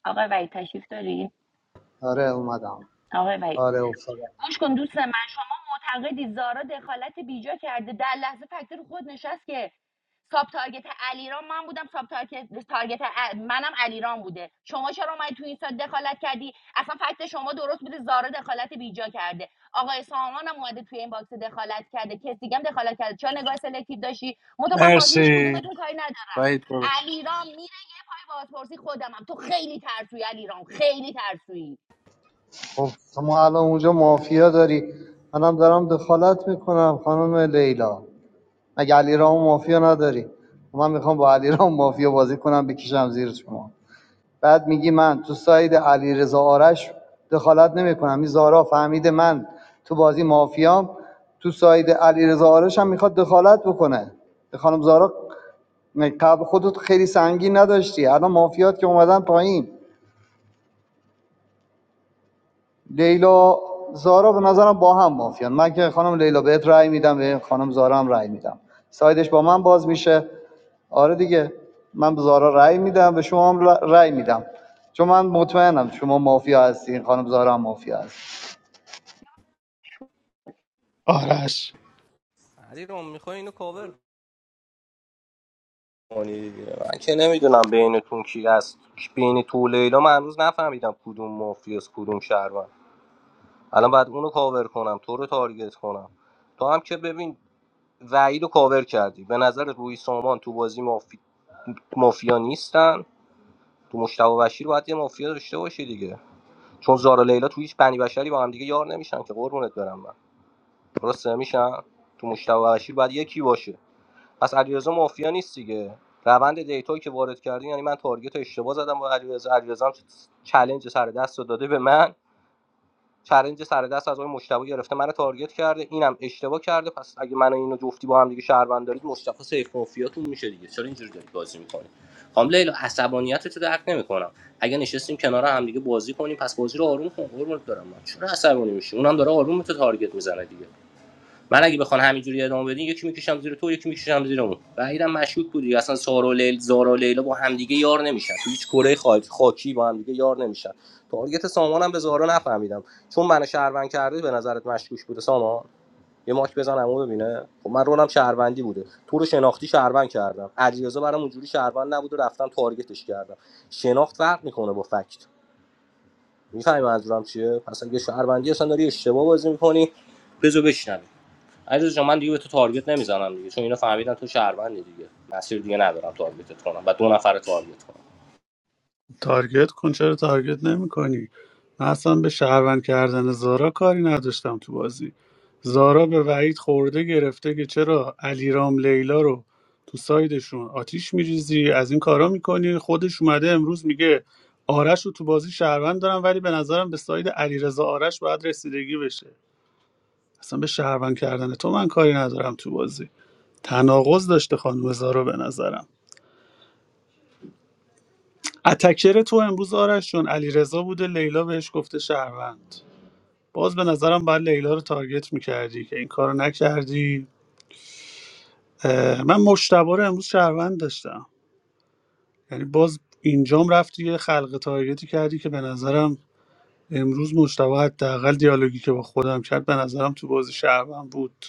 S6: آقای وحید تشریف دارین
S21: آره اومدم
S6: آقای وحید
S21: آره افتادم
S6: گوش کن دوست من شما معتقدی زارا دخالت بیجا کرده در لحظه فکت رو خود نشست که ساب تارگت علیرام من بودم ساب تارگت, تارگت ا- منم علیرام بوده شما چرا اومدی تو این سایت دخالت کردی اصلا فکت شما درست بوده زارا دخالت بیجا کرده آقای سامان هم اومده توی این باکس دخالت کرده کسی دیگه هم دخالت کرده چرا نگاه سلکتیو داشتی منتها من با هیچ
S13: مرسی
S6: کدومتون کاری ندارم
S13: وحید برو
S6: علیرام میره یه پای بازپرسی خودمم تو خیلی ترسوی علیرام خیلی ترسوی.
S21: خب شما الان اونجا مافیا داری منم دارم دخالت میکنم خانم لیلا مگه علیرام مافیا نداری من میخوام با علیرام مافیا بازی کنم بکشم زیر شما بعد میگی من تو ساید علیرضا آرش دخالت نمیکنم این زارا فهمیده من تو بازی مافیام تو ساید علیرضا آرش هم میخواد دخالت بکنه خانم زارا قبل خودت خیلی سنگین نداشتی الان مافیات که اومدن پایین لیلا زارا به نظرم با هم مافیان من که خانم لیلا بهت رأی میدم به خانم زارا هم رأی میدم سایدش با من باز میشه آره دیگه من به زارا رأی میدم به شما هم ر- رأی میدم چون من مطمئنم شما مافیا هستین خانم زارا هم مافیا هست
S20: آرش
S16: علیرام میخوای اینو کاور کنی دیگه من که نمیدونم بینتون کی هست بین تو و لیلا من هنوز نفهمیدم کدوم مافیاس کدوم شهروند الان بعد اونو کاور کنم تو رو تارگت کنم تو هم که ببین وعید رو کاور کردی به نظر روی سامان تو بازی مافی... مافیا نیستن تو مشتبه و بشیر باید یه مافیا داشته باشی دیگه چون زارا و لیلا تو هیچ بنی بشری با هم دیگه یار نمیشن که قربونت برم من درسته میشن تو مشتبه و بشیر باید یکی باشه پس علیرضا مافیا نیست دیگه روند دیتا که وارد کردین، یعنی من تارگت رو اشتباه زدم با علیرضا علیرضا هم چلنج سر دست رو داده به من چلنج سر دست از آقای مشتبه گرفته منو تارگت کرده اینم اشتباه کرده پس اگه من و اینو جفتی با هم دیگه شهروند دارید مشتبه سیف مافیاتون میشه دیگه چرا اینجوری دارید بازی میکنید خام لیلا عصبانیت تو درک نمیکنم اگه نشستیم کنار هم دیگه بازی کنیم پس بازی رو آروم کن قربونت برم من چرا عصبانی میشی اونم داره آروم تو تارگت میزنه دیگه من اگه بخوام همینجوری ادامه بدین یکی میکشم زیر تو یکی میکشم زیر اون و اینم مشکوک بودی. اصلا سارا و لیل زارا و لیلا با همدیگه یار نمیشن تو هیچ کره خاکی با همدیگه یار نمیشن تارگت سامانم به زارا نفهمیدم چون من شهروند کرده به نظرت مشکوک بوده سامان یه ماک بزنم اون ببینه خب من رولم شهروندی بوده تو رو شناختی شهروند کردم علیرضا برام اونجوری شهروند نبود و رفتم تارگتش کردم شناخت فرق میکنه با فکت میفهمی منظورم چیه پس اگه شهروندی اصلا داری اشتباه بازی میکنی بزو بشنوی عزیز جان من دیگه به تو تارگت نمیزنم دیگه چون اینا فهمیدن تو شهروندی دیگه مسیر دیگه ندارم تارگتت کنم و دو نفر تارگت کنم
S20: تارگت کن چرا تارگت نمیکنی من اصلا به شهروند کردن زارا کاری نداشتم تو بازی زارا به وحید خورده گرفته که چرا علیرام لیلا رو تو سایدشون آتیش میریزی از این کارا میکنی خودش اومده امروز میگه آرش رو تو بازی شهروند دارم ولی به نظرم به ساید علیرضا آرش باید رسیدگی بشه اصلا به شهروند کردن تو من کاری ندارم تو بازی تناقض داشته خانم زارا به نظرم اتکر تو امروز آرش چون علیرضا بوده لیلا بهش گفته شهروند باز به نظرم باید لیلا رو تارگت میکردی که این کارو نکردی اه، من مشتبه رو امروز شهروند داشتم یعنی باز اینجام رفتی یه خلق تارگتی کردی که به نظرم امروز مشتبه حداقل دیالوگی که با خودم کرد به نظرم تو بازی شهروند بود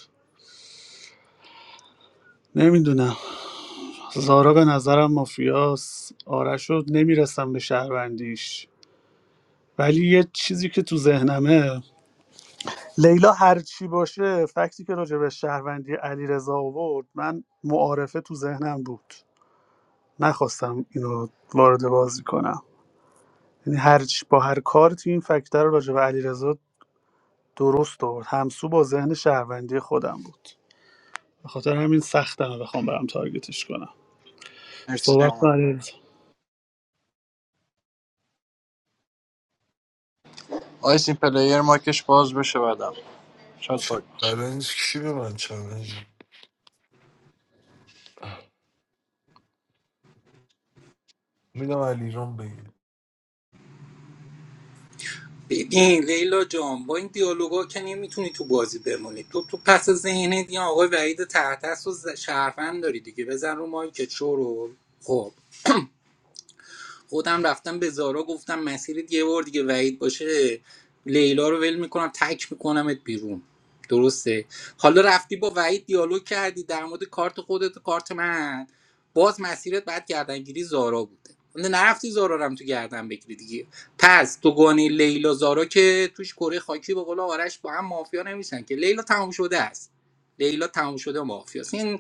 S20: نمیدونم زارا به نظرم مافیاس آرش رو نمیرسم به شهروندیش ولی یه چیزی که تو ذهنمه لیلا هر چی باشه فکتی که راجع به شهروندی علیرضا آورد من معارفه تو ذهنم بود نخواستم اینو وارد بازی کنم یعنی هر چی با هر کارتی این فکت رو راجع به علیرضا درست آورد همسو با ذهن شهروندی خودم بود به خاطر همین سختم بخوام برم تارگتش کنم
S13: مرسی
S20: صحبت کن
S13: سامان
S20: علیرضا
S13: آیس این پلیر ماکش باز بشه بعدم شاد باگ باشه.
S14: چلنج کی به من چلنج میدم علیرام بگیر
S12: ببین لیلا جان با این دیالوگا که نمیتونی تو بازی بمونی تو تو پس ذهنت یه آقای وحید تحت و ز- شهروند داری دیگه بزن رو مایک چورو خب خودم رفتم به زارا گفتم مسیرت یه بار دیگه وعید باشه لیلا رو ول میکنم تک میکنمت بیرون درسته حالا رفتی با وعید دیالوگ کردی در مورد کارت خودت و کارت من باز مسیرت بعد گردنگیری زارا بوده نه نرفتی زارا رو هم تو گردن بگیری دیگه پس تو لیلا زارا که توش کره خاکی به قول آرش با هم مافیا نمیشن که لیلا تمام شده است لیلا تمام شده مافیاست این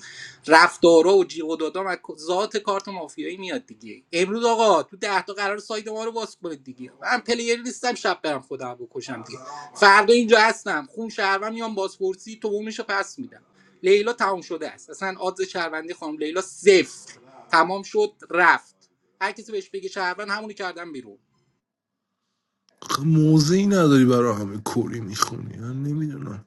S12: رفتارا و جیغ و دادام از ذات کارت مافیایی میاد دیگه امروز آقا تو ده تا قرار سایت ما رو باز کنید دیگه من پلیر نیستم شب برم خودم بکشم دیگه فردا اینجا هستم خون شهروند میام بازپرسی تو رو پس میدم لیلا تمام شده است اصلا آدز شهروندی خانم لیلا صفر تمام شد رفت هر کسی بهش بگه شهروند همونی کردم بیرون
S14: موزه ای نداری برای همه کوری میخونی من نمیدونم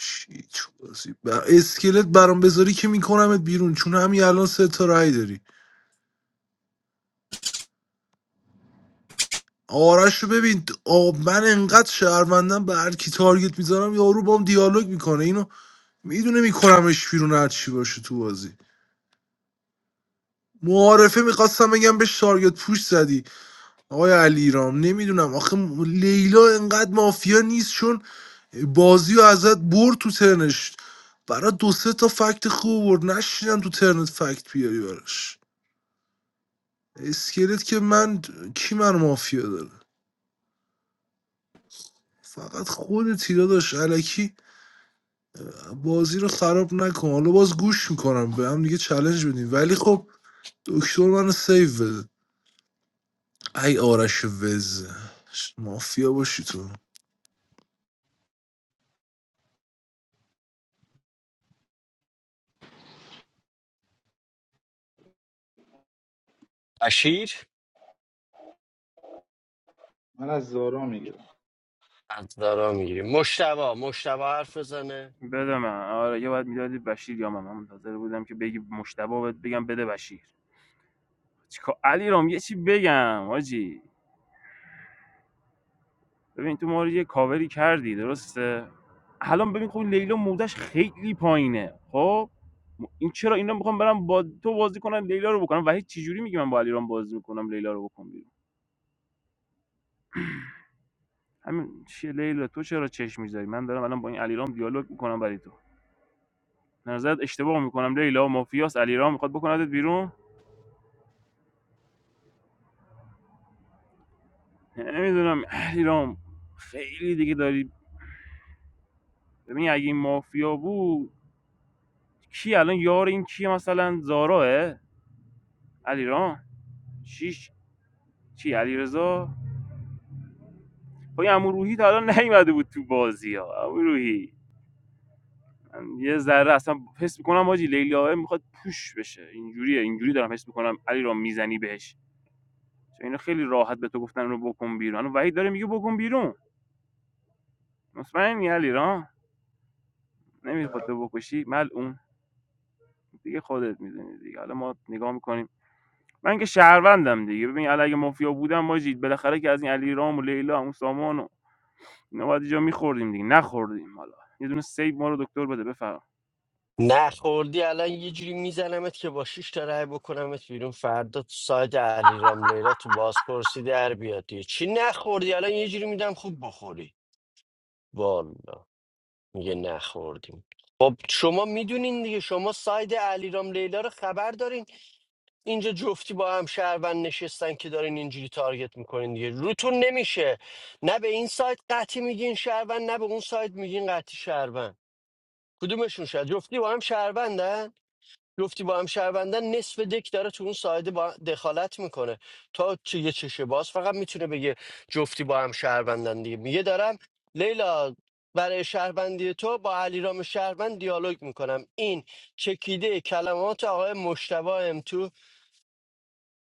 S14: چی چی بازی ب... اسکلت برام بذاری که میکنمت بیرون چون همین الان سه تا رای داری آرش رو ببین آب من انقدر شهروندم به هر کی تارگت میزنم یارو بام دیالوگ میکنه اینو میدونه میکنمش بیرون هر چی باشه تو بازی معارفه میخواستم بگم بهش تارگت پوش زدی آقای علیرام نمیدونم آخه لیلا انقدر مافیا نیست چون بازی رو ازت برد تو ترنش برای دو سه تا فکت خوب برد نشیدم تو ترنت فکت بیاری براش اسکلت که من کی من مافیا داره فقط خود تیرا داشت علکی بازی رو خراب نکن حالا باز گوش میکنم به هم دیگه چلنج بدیم ولی خب دکتر منو سیو بده ای آرش وز مافیا باشی تو
S1: اشیر
S19: من از زارا میگیرم
S1: از دارا میگیری مشتبا مشتبا حرف بزنه
S5: بده من آره یه بعد میدادی بشیر یا من من منتظر بودم که بگی مشتبه بهت بگم بده بشیر چیکار علیرام یه چی بگم حاجی ببین تو ما رو یه کاوری کردی درسته الان ببین خب لیلا مودش خیلی پایینه خب م- این چرا اینا میخوام برم با تو بازی کنم لیلا رو بکنم وحید چجوری میگه من با علیرام بازی میکنم لیلا رو بکن بیرون همین چیه لیلا تو چرا چشم میذاری من دارم الان با این علیرام دیالوگ میکنم برای تو به نظرت اشتباه میکنم لیلا مافیاس علیرام میخواد بکندت بیرون نمیدونم علیرام خیلی دیگه داری ببین اگه این مافیا بود کی الان یار این کیه مثلا زاراه علیرام چی چی علیرضا با این عمو روحی تا الان نیومده بود تو بازی ها عمو روحی یه ذره اصلا حس میکنم حاجی لیلی آقا میخواد پوش بشه اینجوریه اینجوری دارم حس میکنم علی را میزنی بهش چون اینا خیلی راحت به تو گفتن رو بکن بیرون وحید داره میگه بکن بیرون مطمئنی علی را نمیخواد تو بکشی ملعون دیگه خودت میدونی دیگه حالا ما نگاه میکنیم من که شهروندم دیگه ببین الان اگه مافیا بودم ماجید بالاخره که از این علی رام و لیلا و اون سامان و اینا باید یه جا میخوردیم دیگه نخوردیم حالا یه دونه سیب ما رو دکتر بده بفرمایید
S1: نخوردی الان یه جوری میزنمت که با شیش تا رای بکنمت بیرون فردا تو ساید علیرام لیلا تو بازپرسی در بیادی چی نخوردی الان یه جوری میدم خوب بخوری والا میگه نخوردیم خب شما میدونین دیگه شما ساید علیرام لیلا رو خبر دارین اینجا جفتی با هم شهروند نشستن که دارین اینجوری تارگت میکنین دیگه روتون نمیشه نه به این سایت قطعی میگین شهروند نه به اون سایت میگین قطعی شهروند کدومشون شد جفتی با هم شهروندن جفتی با هم شهروندن نصف دک داره تو اون سایده با دخالت میکنه تا چه یه چشه باز فقط میتونه بگه جفتی با هم شهروندن دیگه میگه دارم لیلا برای شهروندی تو با علیرام شهروند دیالوگ میکنم این چکیده کلمات آقای مشتبه ام تو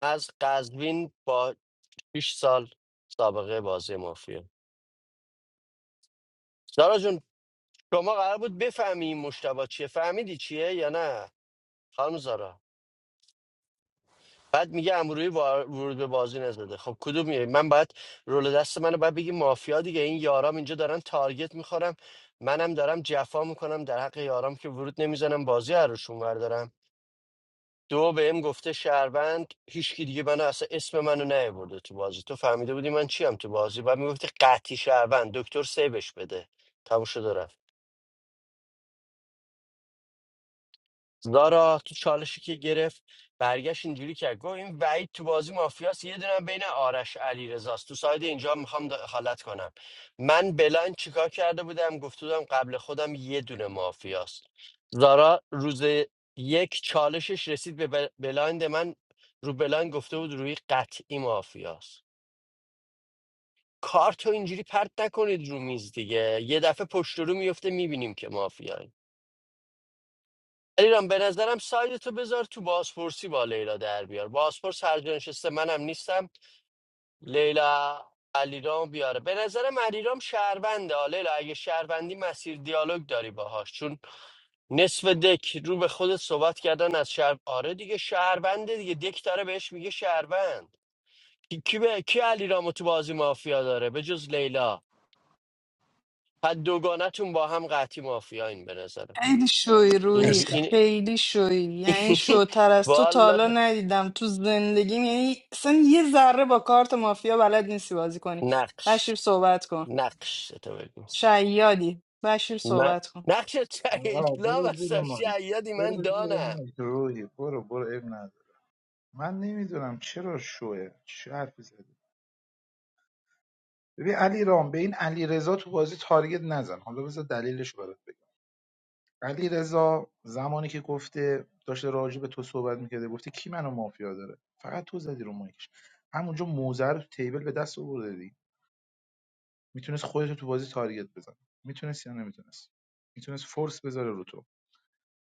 S1: از قزوین با 6 سال سابقه بازی مافیا زارا جون شما قرار بود بفهمی این مشتبه چیه فهمیدی چیه یا نه خانم زارا بعد میگه امروی ورود به بازی نزده خب کدوم میره من باید رول دست منو باید بگی مافیا دیگه این یارام اینجا دارن تارگت میخورم منم دارم جفا میکنم در حق یارام که ورود نمیزنم بازی عروشون بردارم دو بهم گفته شهروند هیچکی دیگه منو اصلا اسم منو نیاورده تو بازی تو فهمیده بودی من چیم تو بازی بعد میگفتی قطعی شهروند دکتر سیبش بده تموم شد و رفت. زارا تو چالشی که گرفت برگشت اینجوری کرد گفت این وعید تو بازی مافیاس یه دونه هم بین آرش علی رزاست تو ساید اینجا میخوام دخالت کنم من بلان چیکار کرده بودم گفته بودم قبل خودم یه دونه مافیاست زارا روز یک چالشش رسید به بل- بلایند من رو بلایند گفته بود روی قطعی مافیاست کارتو اینجوری پرت نکنید رو میز دیگه یه دفعه پشت رو میفته میبینیم که مافیایی علیرام به نظرم سایدتو بذار تو بازپرسی با لیلا در بیار بازپرس هر جا نشسته منم نیستم لیلا علیرام بیاره به نظرم علیرام شهرونده آ، لیلا اگه شهروندی مسیر دیالوگ داری باهاش چون نصف دک رو به خودت صحبت کردن از شهر آره دیگه شهرونده دیگه دک داره بهش میگه شهروند کی کی به کی علیرامو تو بازی مافیا داره به جز لیلا پس دوگانتون با هم قطعی مافیاین به نظرم
S8: خیلی شوی روحی
S1: اینجوری
S13: مرسی
S1: این
S8: خیلی شوی یعنی
S1: <laughs>
S8: شوتر از تو تا
S1: والا
S8: حالا ندیدم تو زندگیم یعنی اصلا یه ذره با کارت مافیا بلد نیستی بازی کنی
S1: نقش
S8: بشیر صحبت کن
S1: نقش تو بگو
S8: شیادی بشیر
S1: من
S8: صحبت کن
S1: نقش
S19: آقا
S1: لا
S19: برو زیر
S1: هستم
S19: مایک
S1: شیادی من
S19: برو زیر
S1: دانم
S19: مایک روحی برو برو اب نداره من نمیدونم چرا شوه چه حرفی زده ببین علی رام به این علی رضا تو بازی تارگت نزن حالا بذار دلیلش برات بگم علی رضا زمانی که گفته داشته راجع به تو صحبت میکرده گفته کی منو مافیا داره فقط تو زدی رو مایکش همونجا موزه رو تو تیبل به دست آورده دی میتونست خودتو تو بازی تارگت بزن میتونست یا نمیتونست میتونست فورس بذاره رو تو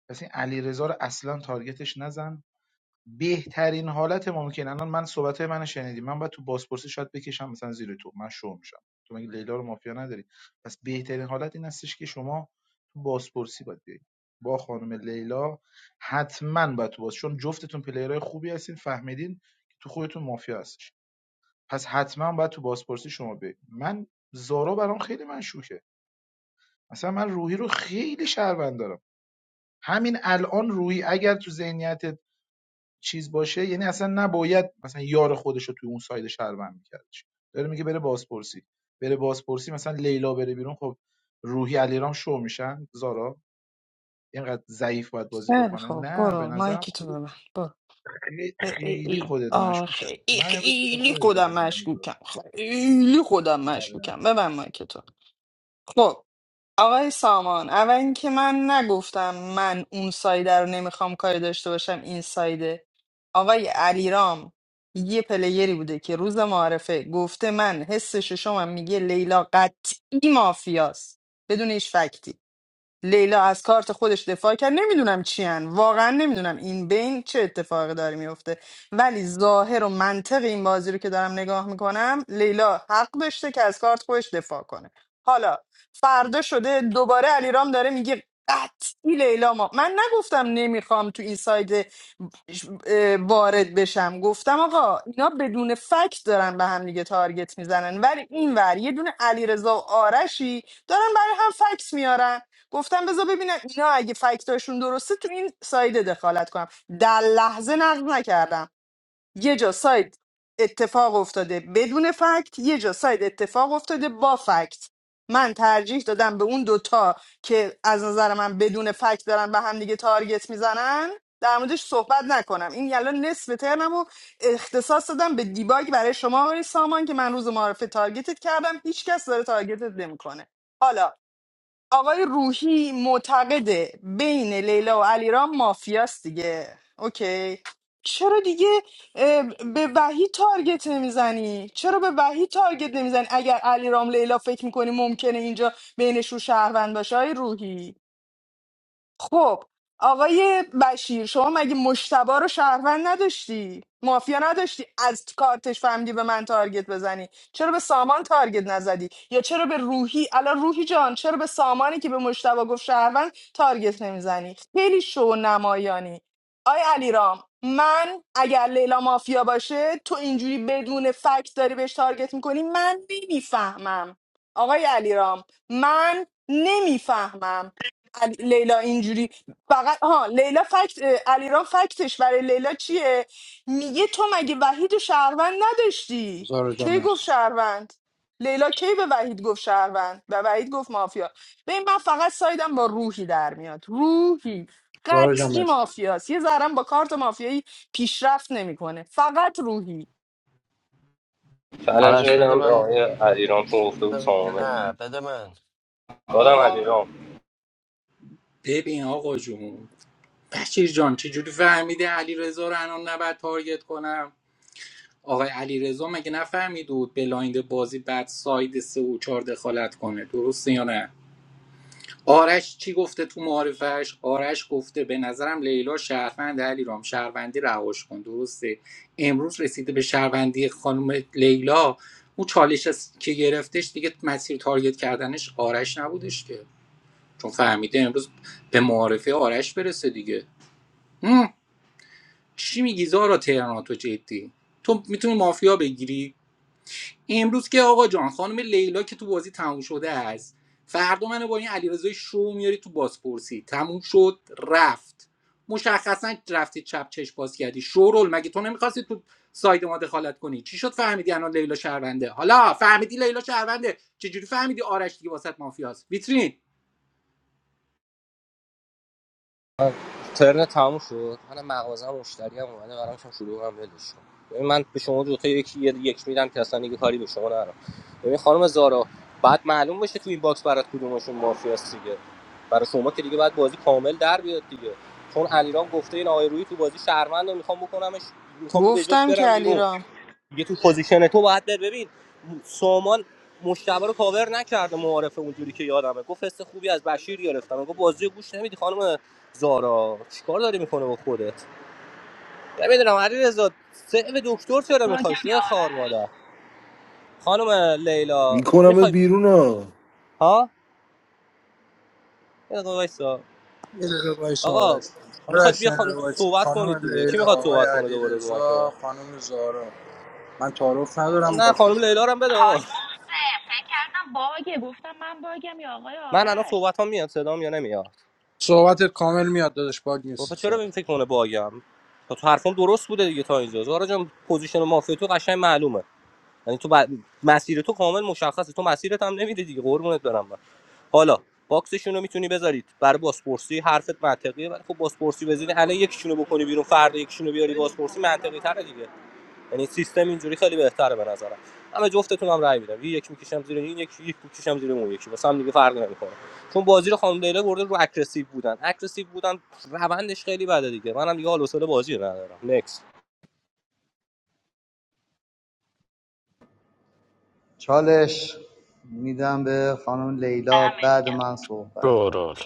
S19: پس این علی رضا رو اصلا تارگتش نزن بهترین حالت ممکن الان من صحبت های منو شنیدی من باید تو بازپرسی شاید بکشم مثلا زیر تو من شو میشم تو مگه لیلا رو مافیا نداری پس بهترین حالت این هستش که شما تو بازپرسی باید بیاید با خانم لیلا حتما باید تو باز چون جفتتون پلیرهای خوبی هستین فهمیدین که تو خودتون مافیا هستش پس حتما باید تو بازپرسی شما بیاید من زارا برام خیلی مشکوکه مثلا من روحی رو خیلی شهروند دارم همین الان روحی اگر تو ذهنیت چیز باشه یعنی اصلا نباید مثلا یار خودش رو توی اون ساید شهروند میکردش داره میگه بره بازپرسی بره بازپرسی مثلا لیلا بره بیرون خب روحی علیرام شو میشن زارا اینقدر ضعیف باید بازی
S8: خیلی
S19: بکنه
S8: خوب
S19: نه به
S8: برو
S19: نظرم
S8: مایکی تو
S19: خودت
S8: ببن برو
S19: خیلی خیلی
S8: خیلی
S19: خودت
S8: آه،
S19: مشکوک هست
S8: خیلی
S19: من امروز به
S8: خیلی
S19: خودت رای
S8: خودم
S19: میدم
S8: مشکوکم خیلی خودم
S19: آره
S8: مشکوکم ببن مایک تو خب آقای سامان اول اینکه من نگفتم من اون سایده رو نمیخوام کاری داشته باشم این سایده آقای علیرام یه پلیری بوده که روز معارفه گفته من حس ششمم میگه لیلا قطعی مافیاست بدون هیچ فکتی لیلا از کارت خودش دفاع کرد نمیدونم چی هن. واقعا نمیدونم این بین چه اتفاقی داره میفته ولی ظاهر و منطق این بازی رو که دارم نگاه میکنم لیلا حق داشته که از کارت خودش دفاع کنه حالا فردا شده دوباره علیرام داره میگه قطعی لیلا ما من نگفتم نمیخوام تو این ساید اه، وارد بشم گفتم آقا اینا بدون فکت دارن به هم دیگه تارگت میزنن ولی این ور یه دونه علیرضا و آرشی دارن برای هم فکس میارن گفتم بذار ببینم اینا اگه فکتاشون درسته تو این ساید دخالت کنم در لحظه نقد نکردم یه جا ساید اتفاق افتاده بدون فکت یه جا ساید اتفاق افتاده با فکت من ترجیح دادم به اون دوتا که از نظر من بدون فکت دارن به هم دیگه تارگت میزنن در موردش صحبت نکنم این یلا نصف ترنم رو اختصاص دادم به دیباگ برای شما آقای سامان که من روز معرفه تارگتت کردم هیچکس داره تارگتت نمیکنه حالا آقای روحی معتقده بین لیلا و علیرام مافیاست دیگه اوکی چرا دیگه اه، به وحی تارگت نمیزنی چرا به وحی تارگت نمیزنی اگر علیرام لیلا فکر میکنی ممکنه اینجا بینشون شهروند باشه های روحی خب آقای بشیر شما مگه مشتبه رو شهروند نداشتی مافیا نداشتی از کارتش فهمیدی به من تارگت بزنی چرا به سامان تارگت نزدی یا چرا به روحی الان روحی جان چرا به سامانی که به مشتبه گفت شهروند تارگت نمیزنی خیلی شو نمایانی آی علیرام من اگر لیلا مافیا باشه تو اینجوری بدون فکت داری بهش تارگت میکنی من نمیفهمم آقای علیرام من نمیفهمم علی- لیلا اینجوری فقط ها لیلا فکت اه، علیرام فکتش برای لیلا چیه میگه تو مگه وحید و شهروند نداشتی
S13: زارا جان
S8: کی گفت
S13: مرسی
S8: شهروند لیلا کی به وحید گفت شهروند به وحید گفت مافیا ببین من فقط سایدم با روحی در میاد روحی
S13: زارا جان
S8: قطعی
S13: مرسی
S8: مافیاست یه ذرم با کارت مافیایی پیشرفت نمیکنه فقط روحی
S16: چالش
S1: آرش بده
S16: میدم به
S1: من
S16: آقای علیرام چون گفته بود
S1: بده
S16: سامانه
S1: نه بده من
S16: دادم علیرام
S12: ببین آقا جون بشیر جان چجوری فهمیده علی رضا رو الان نباید تارگت کنم آقای علیرضا مگه نفهمید بود بلایند بازی بعد ساید سه و چهار دخالت کنه درسته یا نه آرش چی گفته تو معارفش آرش گفته به نظرم لیلا شهروند علیرام شهروندی رهاش کن درسته امروز رسیده به شهروندی خانم لیلا اون چالش از که گرفتش دیگه مسیر تارگت کردنش آرش نبودش که چون فهمیده امروز به معارفه آرش برسه دیگه هم، چی میگی زارا تهراناتو جدی تو میتونی مافیا بگیری امروز که آقا جان خانم لیلا که تو بازی تموم شده است فردا منو با این علیرضای شو میاری تو بازپرسی تموم شد رفت مشخصا رفتی چپ چش باز کردی شورول مگه تو نمیخواستی تو ساید ما دخالت کنی چی شد فهمیدی الان لیلا شهرونده حالا فهمیدی لیلا شهرونده چجوری فهمیدی آرش دیگه واسط مافیاست ویترین
S16: ترن تموم شد من مغازه مشتری هم اومده قرار شم شروع کنم ولش کن ببین من به شما دو تا یکی یه- یک میدم که اصلا دیگه کاری به شما ندارم ببین خانم زارا بعد معلوم بشه تو این باکس برات کدومشون مافیاست دیگه برای شما که دیگه باید بازی کامل در بیاد دیگه چون علیرام گفته این آقای روی تو بازی شهروند و میخوام بکنمش میخوام به جاش
S8: گفتم که
S16: برم بیرون
S8: علیرام
S16: دیگه تو پوزیشن تو باید بر ببین سامان مشتبه رو کاور نکرده معارفه اونجوری که یادمه گفت حس خوبی از بشیر گرفتم گفت بازی رو گوش نمیدی خانم زارا چیکار داری میکنه با خودت نمیدونم علی رضا سیو دکتر چرا میخوای شو خار مادر خانم لیلا
S14: میکنمت
S16: میخوای
S14: بیرون ها
S16: ها یه دقیقه وایسا.
S13: یه دقیقه وایس
S16: آقا
S13: آرش جان.
S16: میخواد
S13: آرش
S16: بیا
S13: یه
S16: خان...
S13: وایس
S16: صحبت
S13: خانم
S16: کنید دیگه کی
S13: لیلا
S16: میخواد
S13: آقای
S16: صحبت کنه دوباره رو مایک ما؟
S13: علیرضا خانم زارا من تعارف ندارم
S16: نه
S13: با تو
S16: خانم لیلا رو هم بده
S6: حاج
S16: آقا
S6: محسن فکر کردم باگه گفتم من باگم یا آقای
S16: من الان
S6: آرش
S16: صحبت میاد صدام یا نمیاد
S13: صحبتت کامل میاد دادش باگ
S16: خب
S13: نیست
S16: چرا به این
S13: صحبت
S16: فکر کنه باگم خب تو حرفم درست بوده دیگه تا اینجا زارا جان پوزیشن مافیا تو قشنگ معلومه یعنی تو ب... مسیر تو کامل مشخصه تو مسیرت هم نمیده دیگه قربونت برم من حالا باکسشون رو میتونی بذارید برای بازپرسی حرفت منطقیه ولی خب بازپرسی بزنی الان یکیشونو بکنی بیرون فردا یکیشونو بیاری بازپرسی منطقی تره دیگه یعنی سیستم اینجوری خیلی بهتره به نظرم اما جفتتون هم رأی میدم یک میکشم زیر این یک یک میکشم زیر اون یکی واسه هم دیگه فرقی نمیکنه چون بازی رو خانم لیلا برده رو اگریسیو بودن اگریسیو بودن روندش خیلی بده دیگه منم دیگه حال و حوصله بازی رو ندارم نکس
S21: چالش میدم به خانم لیلا بعد من صحبت کن
S1: شورول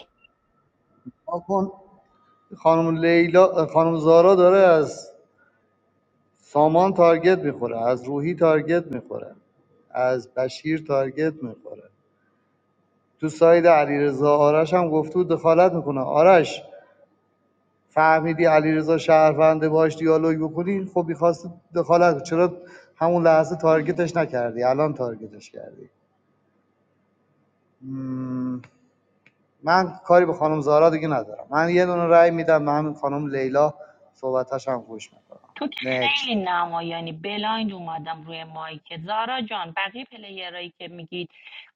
S21: آکن خانم لیلا خانم زارا داره از سامان تارگت میخوره از روحی تارگت میخوره از بشیر تارگت میخوره تو ساید علیرضا آرش هم گفته بود دخالت میکنه آرش فهمیدی علیرضا شهرونده باش دیالوگ بکنی خب میخواست دخالت کنی. چرا همون لحظه تارگتش نکردی الان تارگتش کردی من کاری به خانم زارا دیگه ندارم من یه دونه رأی میدم به همین خانم لیلا صحبتش هم گوش میکنم
S6: تو که خیلی
S21: نکست
S6: نمایانی بلایند اومدم روی مایک زارا جان بقیه پلیرایی که میگید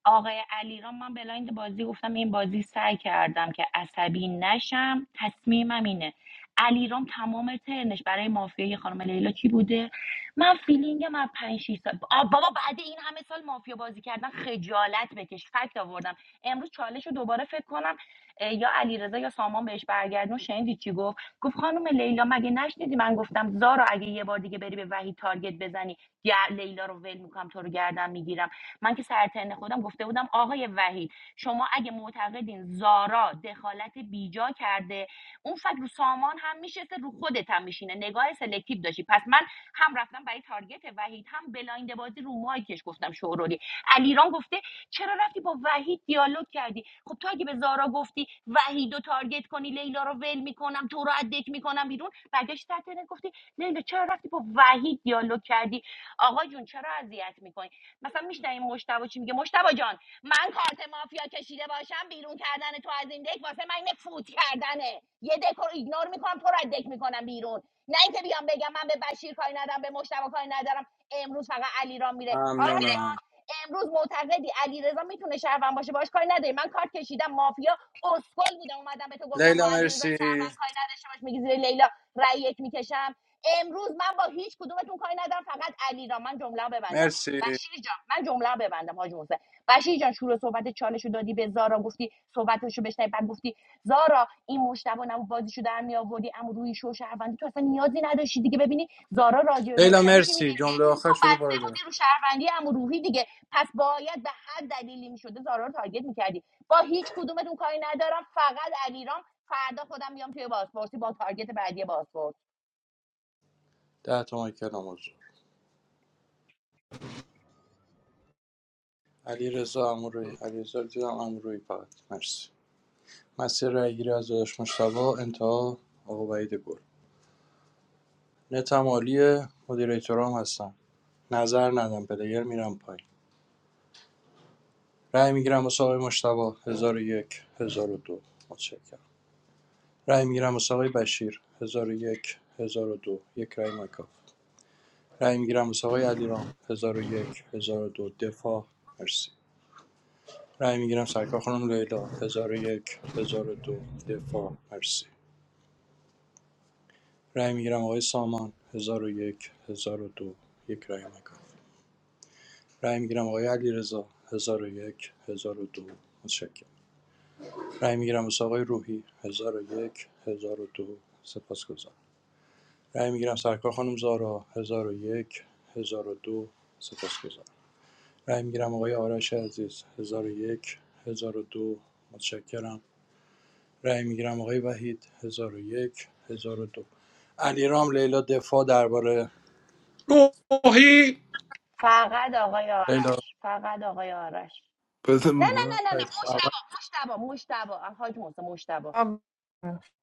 S6: آقای علیرام من بلایند بازی گفتم این بازی سعی کردم که عصبی نشم تصمیمم اینه علیرام تمام ترنش برای مافیای خانم لیلا کی بوده من فیلینگم از پنج 6 سال آ، بابا بعد این همه سال مافیا بازی کردن خجالت بکش فکت آوردم امروز چالش رو دوباره فکر کنم اه، یا علیرضا یا سامان بهش برگردون شنیدی چی گفت گفت خانم لیلا مگه نشنیدی من گفتم زارا اگه یه بار دیگه بری به وحید تارگت بزنی یا لیلا رو ول میکنم تو رو گردن میگیرم من که سر ترن خودم گفته بودم آقای وحید شما اگه معتقدین زارا دخالت بیجا کرده اون فکر رو سامان هم میشه رو خودت هم میشینه نگاه سلکتیو داشتی پس من هم رفتم برای تارگت وحید هم بلایند بازی رو مایکش گفتم شورولی علیرام گفته چرا رفتی با وحید دیالوگ کردی خب تو اگه به زارا گفتی وحید رو تارگت کنی لیلا رو ول میکنم تو رو ادک میکنم بیرون برگشت در ترنت گفتی لیلا چرا رفتی با وحید دیالوگ کردی آقا جون چرا اذیت میکنی مثلا میشنویم مشتبه چی میگه مشتبه جان من کارت مافیا کشیده باشم بیرون کردن تو از این دک واسه من اینه فوت کردنه یه دک رو ایگنور میکنم تو رو از دک میکنم بیرون نه اینکه بیام بگم من به بشیر کاری ندارم به مشتبه کاری ندارم امروز فقط علیرام میره آرش
S13: ممنونم
S6: جان امروز معتقدی علیرضا میتونه شهروند باشه باش کاری نداری من کارت کشیدم مافیا اسکل بودم اومدم به تو گفتم با
S13: لیلا
S6: علیرضا
S13: مرسی
S6: شهروند کاری نداشته باش میگی زیر لیلا رأی یک میکشم امروز من با هیچ کدومتون کاری ندارم فقط علیرام من جمله ببندم
S13: مرسی
S6: بشیر جان من جمله رو ببندم حاج محسن بشیر جان شروع صحبت چالش رو دادی به زارا گفتی صحبتش رو بشنوی بعد گفتی زارا این مشتبه نمو بازیشو در می آوردی اما روی شو شهروندی تو اصلا نیازی نداشتی دیگه ببینی زارا راجع به
S13: لیلا
S6: مشتبه چی میگه
S13: مرسی
S6: که
S13: جمله
S6: تو
S13: آخر شده
S6: بسته
S13: پاراگراف
S6: بودی رو شهروندی اما روحی دیگه پس باید به هر دلیلی میشده زارا رو تارگت میکردی با هیچ کدومتون کاری ندارم فقط علیرام فردا خودم میام توی بازپرسی با تارگت بعدی بازپرس
S13: ده تومن کلام حضور علی رضا امروی علی رضا دیدم امروی فقط مرسی مسیر رای از داداش مشتبه انتها آقا وحید گل نتم عالیه مدیریتور هم هستم نظر ندم پلیر میرم پایین رای میگیرم واسه آقای مشتبه هزار و یک هزار و دو متشکرم رای میگیرم واسه آقای بشیر هزار و یک هزار و دو یک رای مکان رای میگیرم واسه آقای علیرام 1001 1002 دفاع مرسی رای میگیرم سرکار خانم لیلا 1001 1002 دفاع مرسی رای میگیرم آقای سامان 1001 1002 یک هزار و دو، یک رای مکان رای میگیرم آقای علیرضا 1001 1002 متشکرم رای میگیرم واسه آقای روحی 1001 1002 سپاسگزارم رای میگیرم سرکار خانم زارا 1001 1002 سپاسگزارم رای میگیرم آقای آرش عزیز 1001 1002 متشکرم رای میگیرم آقای وحید 1001 1002 علیرام لیلا دفاع درباره
S12: روحی
S6: فقط آقای
S13: لیلا
S6: آرش فقط آقای آرش
S14: بده
S6: نه نه
S14: من
S6: نه نه نه
S13: خیلی خوب اول
S6: مشتبا مشتبا مشتبا حاج محسن مشتبا
S8: آه،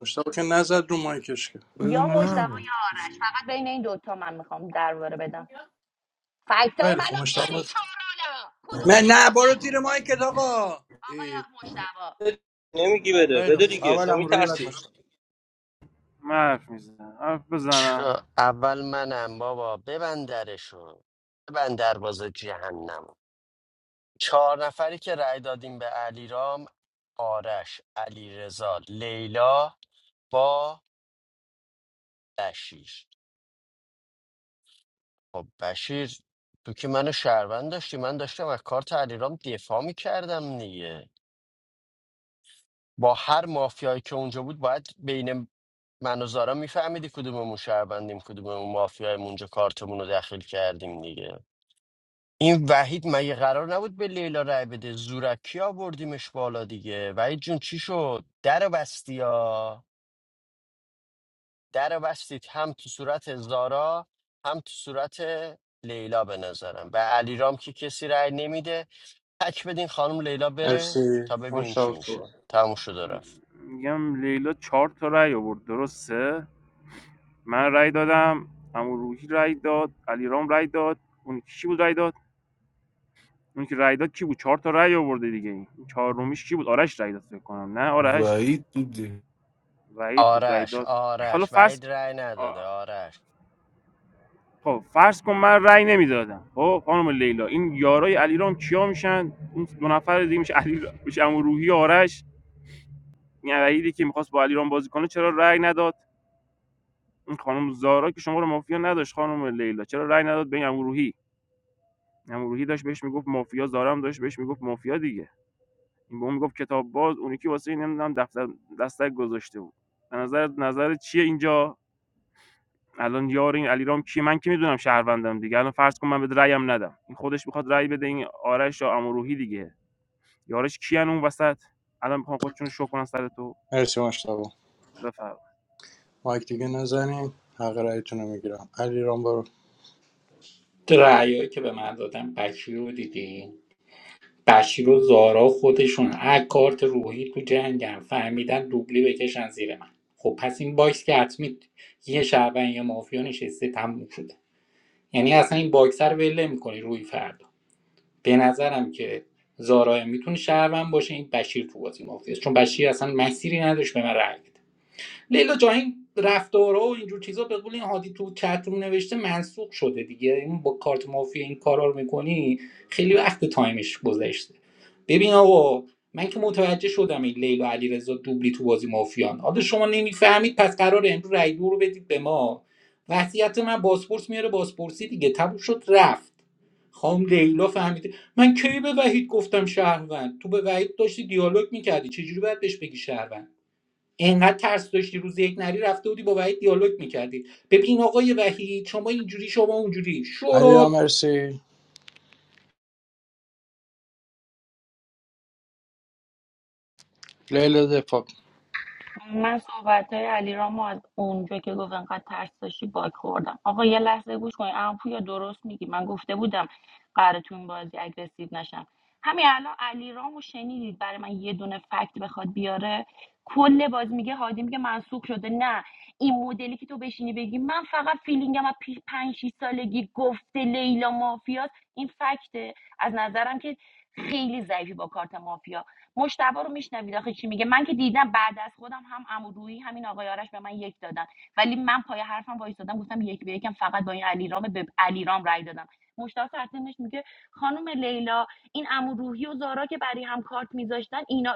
S13: مشتاق که نزد رو مایکش که
S14: بده
S6: یا مشتبا
S14: من
S6: یا آرش فقط بین این دوتا من میخوام درباره بدم فکتای
S13: خیلی
S6: منو
S13: خوب مشتاق
S6: میاری
S13: بود.
S6: شورولا
S13: من
S6: کدومتون
S13: نه برو
S6: میخواد
S13: زیر مایکت آقا ای،
S6: آقای مشتبا
S16: نمیگی بده
S13: خیلی
S16: بده
S13: خوب
S16: دیگه
S13: اول
S16: چه
S13: هم روی بعد
S16: میترسی
S13: مشتاق
S5: من حرف میزنم حرف بزنم
S1: چه- اول منم بابا ببند درشو ببند دروازه جهنم چهار نفری که رأی دادیم به علیرام آرش علیرضا لیلا با بشیر خب بشیر تو که منو شهروند داشتی من داشتم از کارت علیرام دفاع میکردم دیگه با هر مافیایی که اونجا بود باید بین من و زارا میفهمیدی کدوممون شهروندیم کدوممون مافیاییم اونجا کارتمون رو داخل کردیم دیگه این وحید مگه قرار نبود به لیلا رای بده زورکی آوردیمش بالا دیگه وحید جون چی شد در بستی ها در بستید هم تو صورت زارا هم تو صورت لیلا به نظرم به علیرام که کسی رای نمیده تک بدین خانم لیلا بره
S13: مرسی
S1: تا ببینیم چی
S13: مشتاق تو
S1: میشه تموم شد و رفت
S5: میگم لیلا چهار تا رأی آورد درسته من رأی دادم عمو روحی رأی داد علیرام رأی داد اون یکی کی بود رأی داد اون که رأی داد کی بود چهار تا رأی آورده دیگه این چهارمیش کی بود آرش رأی داد فکر کنم نه آرش
S14: وعید دیدی
S5: وحید بود رأی
S1: آرش
S5: داد حالا
S1: آرش
S5: فرض
S1: وعید رأی نداده
S5: آه،
S1: آرش
S5: خب فرض کن من رأی نمیدادم خب خانم لیلا این یارای علیرام کیا میشن اون دو نفر دیگه میشه علی میشه عمو روحی و آرش این وحیدی که میخواست با علیرام بازی کنه چرا رأی نداد این خانم زارا که شما رو مافیا نداشت خانم لیلا چرا رأی نداد به این عمو روحی این داشت بهش میگفت مافیا زارا هم داشت بهش میگفت مافیا دیگه این به اون میگفت کتاب باز اون یکی واسه این نمیدونم دفتر دستک گذاشته بود به نظر نظر چیه اینجا الان یار این علیرام کیه من که میدونم شهروندم دیگه الان فرض کن من به رأیم ندم این خودش میخواد رأی بده این آرش یا عمو روحی دیگه یارش کیان اون وسط الان میخوام خودشون رو شو کنن سر تو
S13: مرسی مشتاق
S5: بفرما
S13: مایک دیگه نزنین حق رایتون رو میگیرم علیرام برو
S12: درایی که به من دادم بکی رو دیدی بشیر و زارا خودشون هر کارت روحی تو جنگن فهمیدن دوبلی بکشن زیر من خب پس این باکس که حتمی یه شعبن یا مافیا نشسته تموم شده یعنی اصلا این باکس رو ول نمی‌کنی روی فردا به نظرم که زارا میتونه شهروند باشه این بشیر تو بازی مافیاست چون بشیر اصلا مسیری نداشت به من رأی بده. لیلا جا این رفتارها و اینجور چیزا به قول این هادی تو چتروم نوشته منسوخ شده دیگه این با کارت مافیا این کارا رو میکنی خیلی وقت تایمش گذشته ببین آقا من که متوجه شدم این لیلا علیرضا دوبلی تو بازی مافیان حالا شما نمیفهمید پس قرار امروز رای دو رو بدید به ما وضعیت من بازپرس میاره بازپرسی دیگه تبو شد رفت خام لیلا فهمید من کی به وحید گفتم شهروند تو به وحید داشتی دیالوگ میکردی چجوری باید بهش بگی شهروند انقدر ترس داشتی روز یک نری رفته بودی با وحید دیالوگ میکردی ببین آقای وحید شما اینجوری شما اونجوری
S13: علیرام
S12: شورا
S13: مرسی لیلا دفاع
S6: من صحبت های علی رامو از اونجا که گفت انقدر ترس داشتی باک خوردم آقا یه لحظه گوش کنی. ام یا درست میگی من گفته بودم قراره تو این بازی اگریسیو نشم همین الان علی رامو شنیدید برای من یه دونه فکت بخواد بیاره کل باز میگه هادی میگه منسوخ شده نه این مدلی که تو بشینی بگی من فقط فیلینگم از پیش پنج شیش سالگی گفته لیلا مافیاست این فکته از نظرم که خیلی ضعیفی با کارت مافیا مشتبه رو میشنوید آخه چی میگه من که دیدم بعد از خودم هم عمودویی همین آقای آرش به من یک دادن ولی من پای حرفم وایستادم گفتم یک به یکم فقط با این علیرام به علیرام رای دادم مشتاق سرتنش میگه خانم لیلا این اموروحی و زارا که برای هم کارت میذاشتن اینا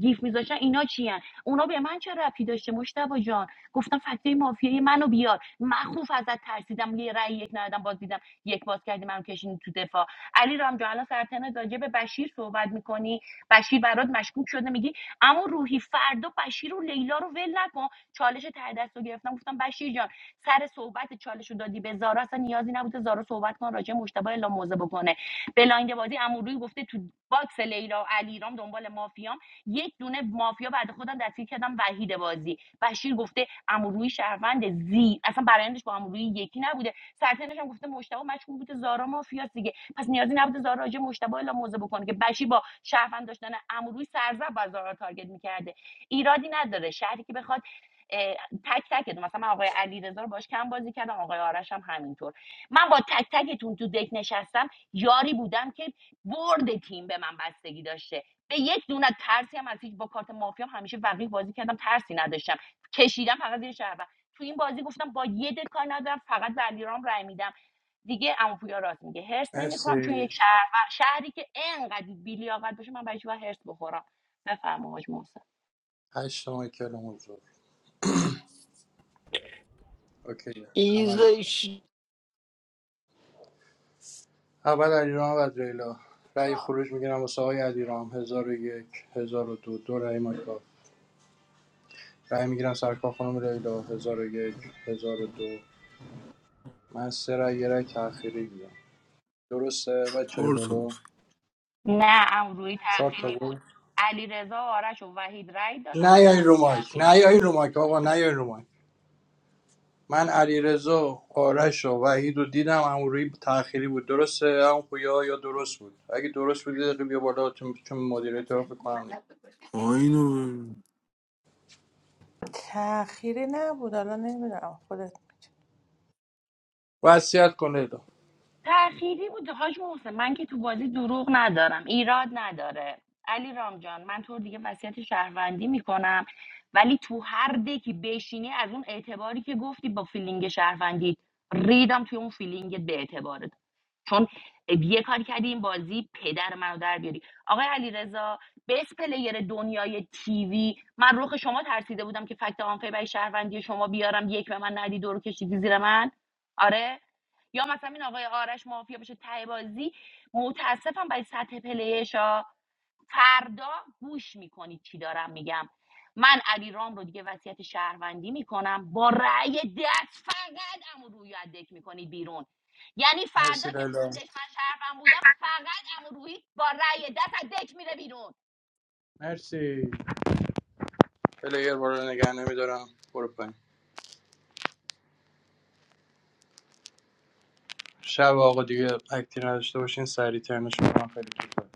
S6: گیف میذاشتن اینا چیان اونا به من چه ربطی داشته مشتبه جان گفتم فکتای مافیایی منو بیار مخوف ازت ترسیدم یه رأی یک ندادم باز دیدم یک باز کردی منو کشیدی تو دفاع علی رام جان الان سرتنت راجع به بشیر صحبت میکنی بشیر برات مشکوک شده میگی اما روحی فردا بشیر و لیلا رو ول نکن چالش ته دست رو گرفتم گفتم بشیر جان سر صحبت چالش رو دادی به زارا اصلا نیازی نبوده زارا صحبت کن راجع به مشتبه الا موزه بکنه بلایند بازی اموروی گفته تو باکس لیلا و علیرام دنبال مافیام یک دونه مافیا بعد خودم دستگیر کردم وحید بازی بشیر گفته اموروی شهروند زی اصلا برایندش با اموروی یکی نبوده سرتنش هم گفته مشتبه مشکوک بوده زارا مافیاست دیگه پس نیازی نبود زارا راجع به مجتبی اعلام بکنه که بشی با شهروند داشتن عموروی سرزب و زارا تارگت میکرده ایرادی نداره شهری که بخواد اه، تک تکتون مثلا من آقای علیرضا رو باش کم بازی کردم آقای آرش هم همینطور من با تک تکتون تو دک نشستم یاری بودم که برد تیم به من بستگی داشته به یک دونه ترسی هم از هیچ با کارت مافیا همیشه وقیح بازی کردم ترسی نداشتم کشیدم فقط زیر شهروند تو این بازی گفتم با یه دک ندارم فقط به علیرام رای میدم دیگه عمو پویا راست میگه هرس نمیخوام چون
S13: مرسی
S6: یک شهر شهری که انقدر بیلیاقت باشه من برای چی باید هرس بخورم بفرما حاج محسن
S13: هشت تومن کلوم حضور اوکی همه ریختم
S1: ایزش
S13: اول علیرام و ریلا رأی خروج میگیرم واسه آقای علیرام هزار و یک هزار و دو دو رأی مایکا رأی میگیرم سرکار خانم ریلا هزار و یک هزار و دو من سه رأی یه رأی تأخیری دیدم درسته بچه
S14: کار تو بود
S13: بالا
S6: نه عمو روحی تق...
S13: چهار تا بود
S6: علی آرش و وحید رای دادن
S13: نه یای
S6: روحی
S13: رو مایک
S6: تاخیر
S13: نه یای رو مایک آقا نه یای رو مایک من علیرضا آرش و وحید رو دیدم همون روی تأخیری بود درسته همون پویا یا درست بود اگه درست بود یه دقیقه بیا بالا چون چون مدیریتور فکر کنم دیگه
S14: آینو
S18: تأخیری نبود حالا نمیدونم خودت می‌دونی.
S13: وصیت کن لیلا
S6: تأخیری بود حاج محسن من که تو بازی دروغ ندارم ایراد نداره علی رام جان، من تو رو دیگه وصیت شهروندی میکنم ولی تو هر دکی بشینی از اون اعتباری که گفتی با فیلینگ شهروندی ریدم توی اون فیلینگت به اعتبارت چون یه کاری کردی این بازی پدر منو در بیاری آقای علیرضا بیس پلیر دنیای تیوی من رخ شما ترسیده بودم که فکت آنفه برای شهروندی شما بیارم یک به من ندی دور کشیدی زیر من آره یا مثلا این آقای آرش مافیا بشه ته بازی متاسفم برای سطح پلیشا فردا گوش میکنید چی دارم میگم من علی رام رو دیگه وصیت شهروندی میکنم با رأی دست فقط امو روی رو از دک میکنید بیرون یعنی فردا
S13: مرسی
S6: که
S13: لیلا
S6: خوندش من شهروند بودم فقط امو روی با رأی دست از دک میره بیرون
S13: مرسی پلیر بالا نگه نمیدارم برو پایین شب آقا دیگه اکتی نداشته باشین سری ترنش کنم خیلی طولانی.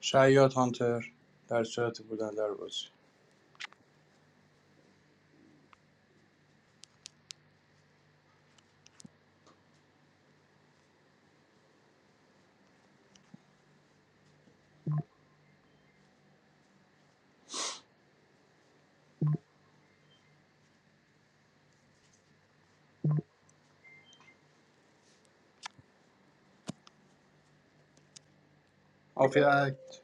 S13: شیاط هانتر در صورت بودن در بازی مافیا اکت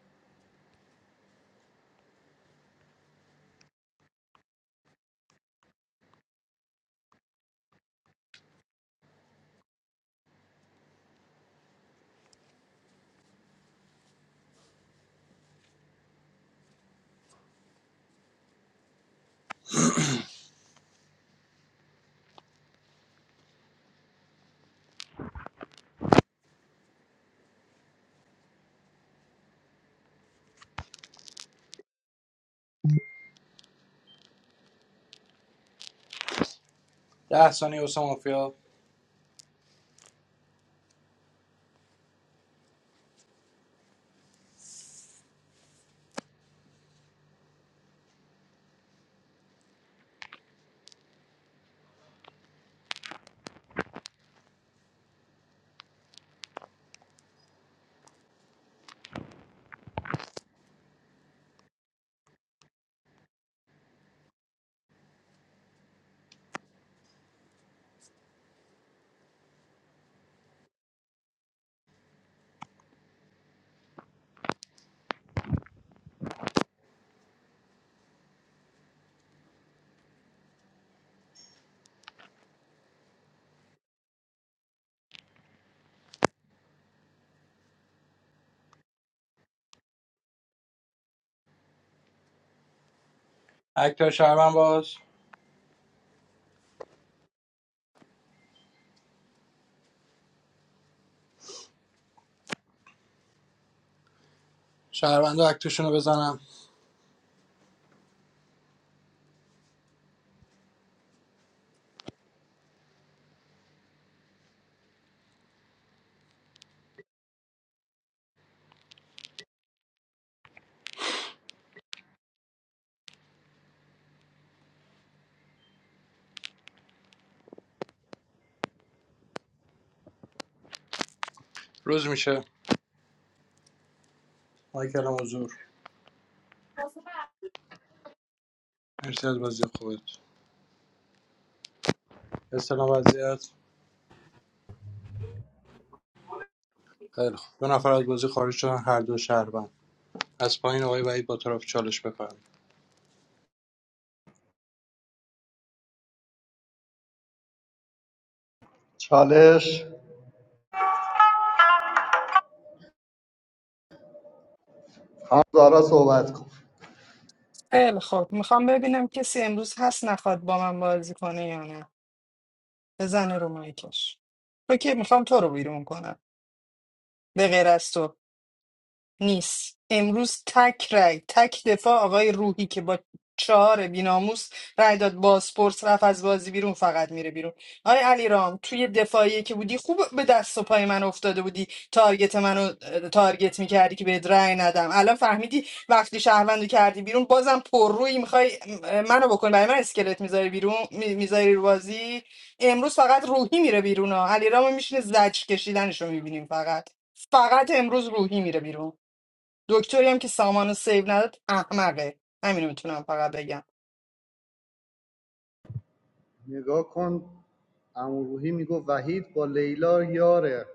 S13: ده ثانیه واسه مافیا اکتر شهروند باز شهروند اکتشون رو بزنم روز میشه مایکل حضور مرسی از بازی خودت استلام وضعیت خیلی خوب دو نفر از بازی خارج شدن هر دو شهروند از پایین آقای وحید با طرف چالش بفرم
S21: چالش خانم زارا صحبت کن
S8: خیلی خوب میخوام ببینم کسی امروز هست نخواد با من بازی کنه یا نه بزنه رو مایکش تو که میخوام تو رو بیرون کنم به غیر از تو نیست امروز تک رای تک دفاع آقای روحی که با چهار بیناموس رای داد بازپرس رفت از بازی بیرون فقط میره بیرون آقای علی رام توی دفاعی که بودی خوب به دست و پای من افتاده بودی تارگت منو اه، تارگت میکردی که بهت رای ندم الان فهمیدی وقتی شهروندو کردی بیرون بازم پر روی میخوای منو بکن برای من اسکلت میذاری بیرون میذاری رو بازی امروز فقط روحی میره بیرون ها علی رامو میشینه زج کشیدنشو میبینیم فقط فقط امروز روحی میره بیرون دکتری هم که سامانو سیو نداد احمقه همینو میتونم فقط بگم
S21: نگاه کن عمو میگو وحید با لیلا یاره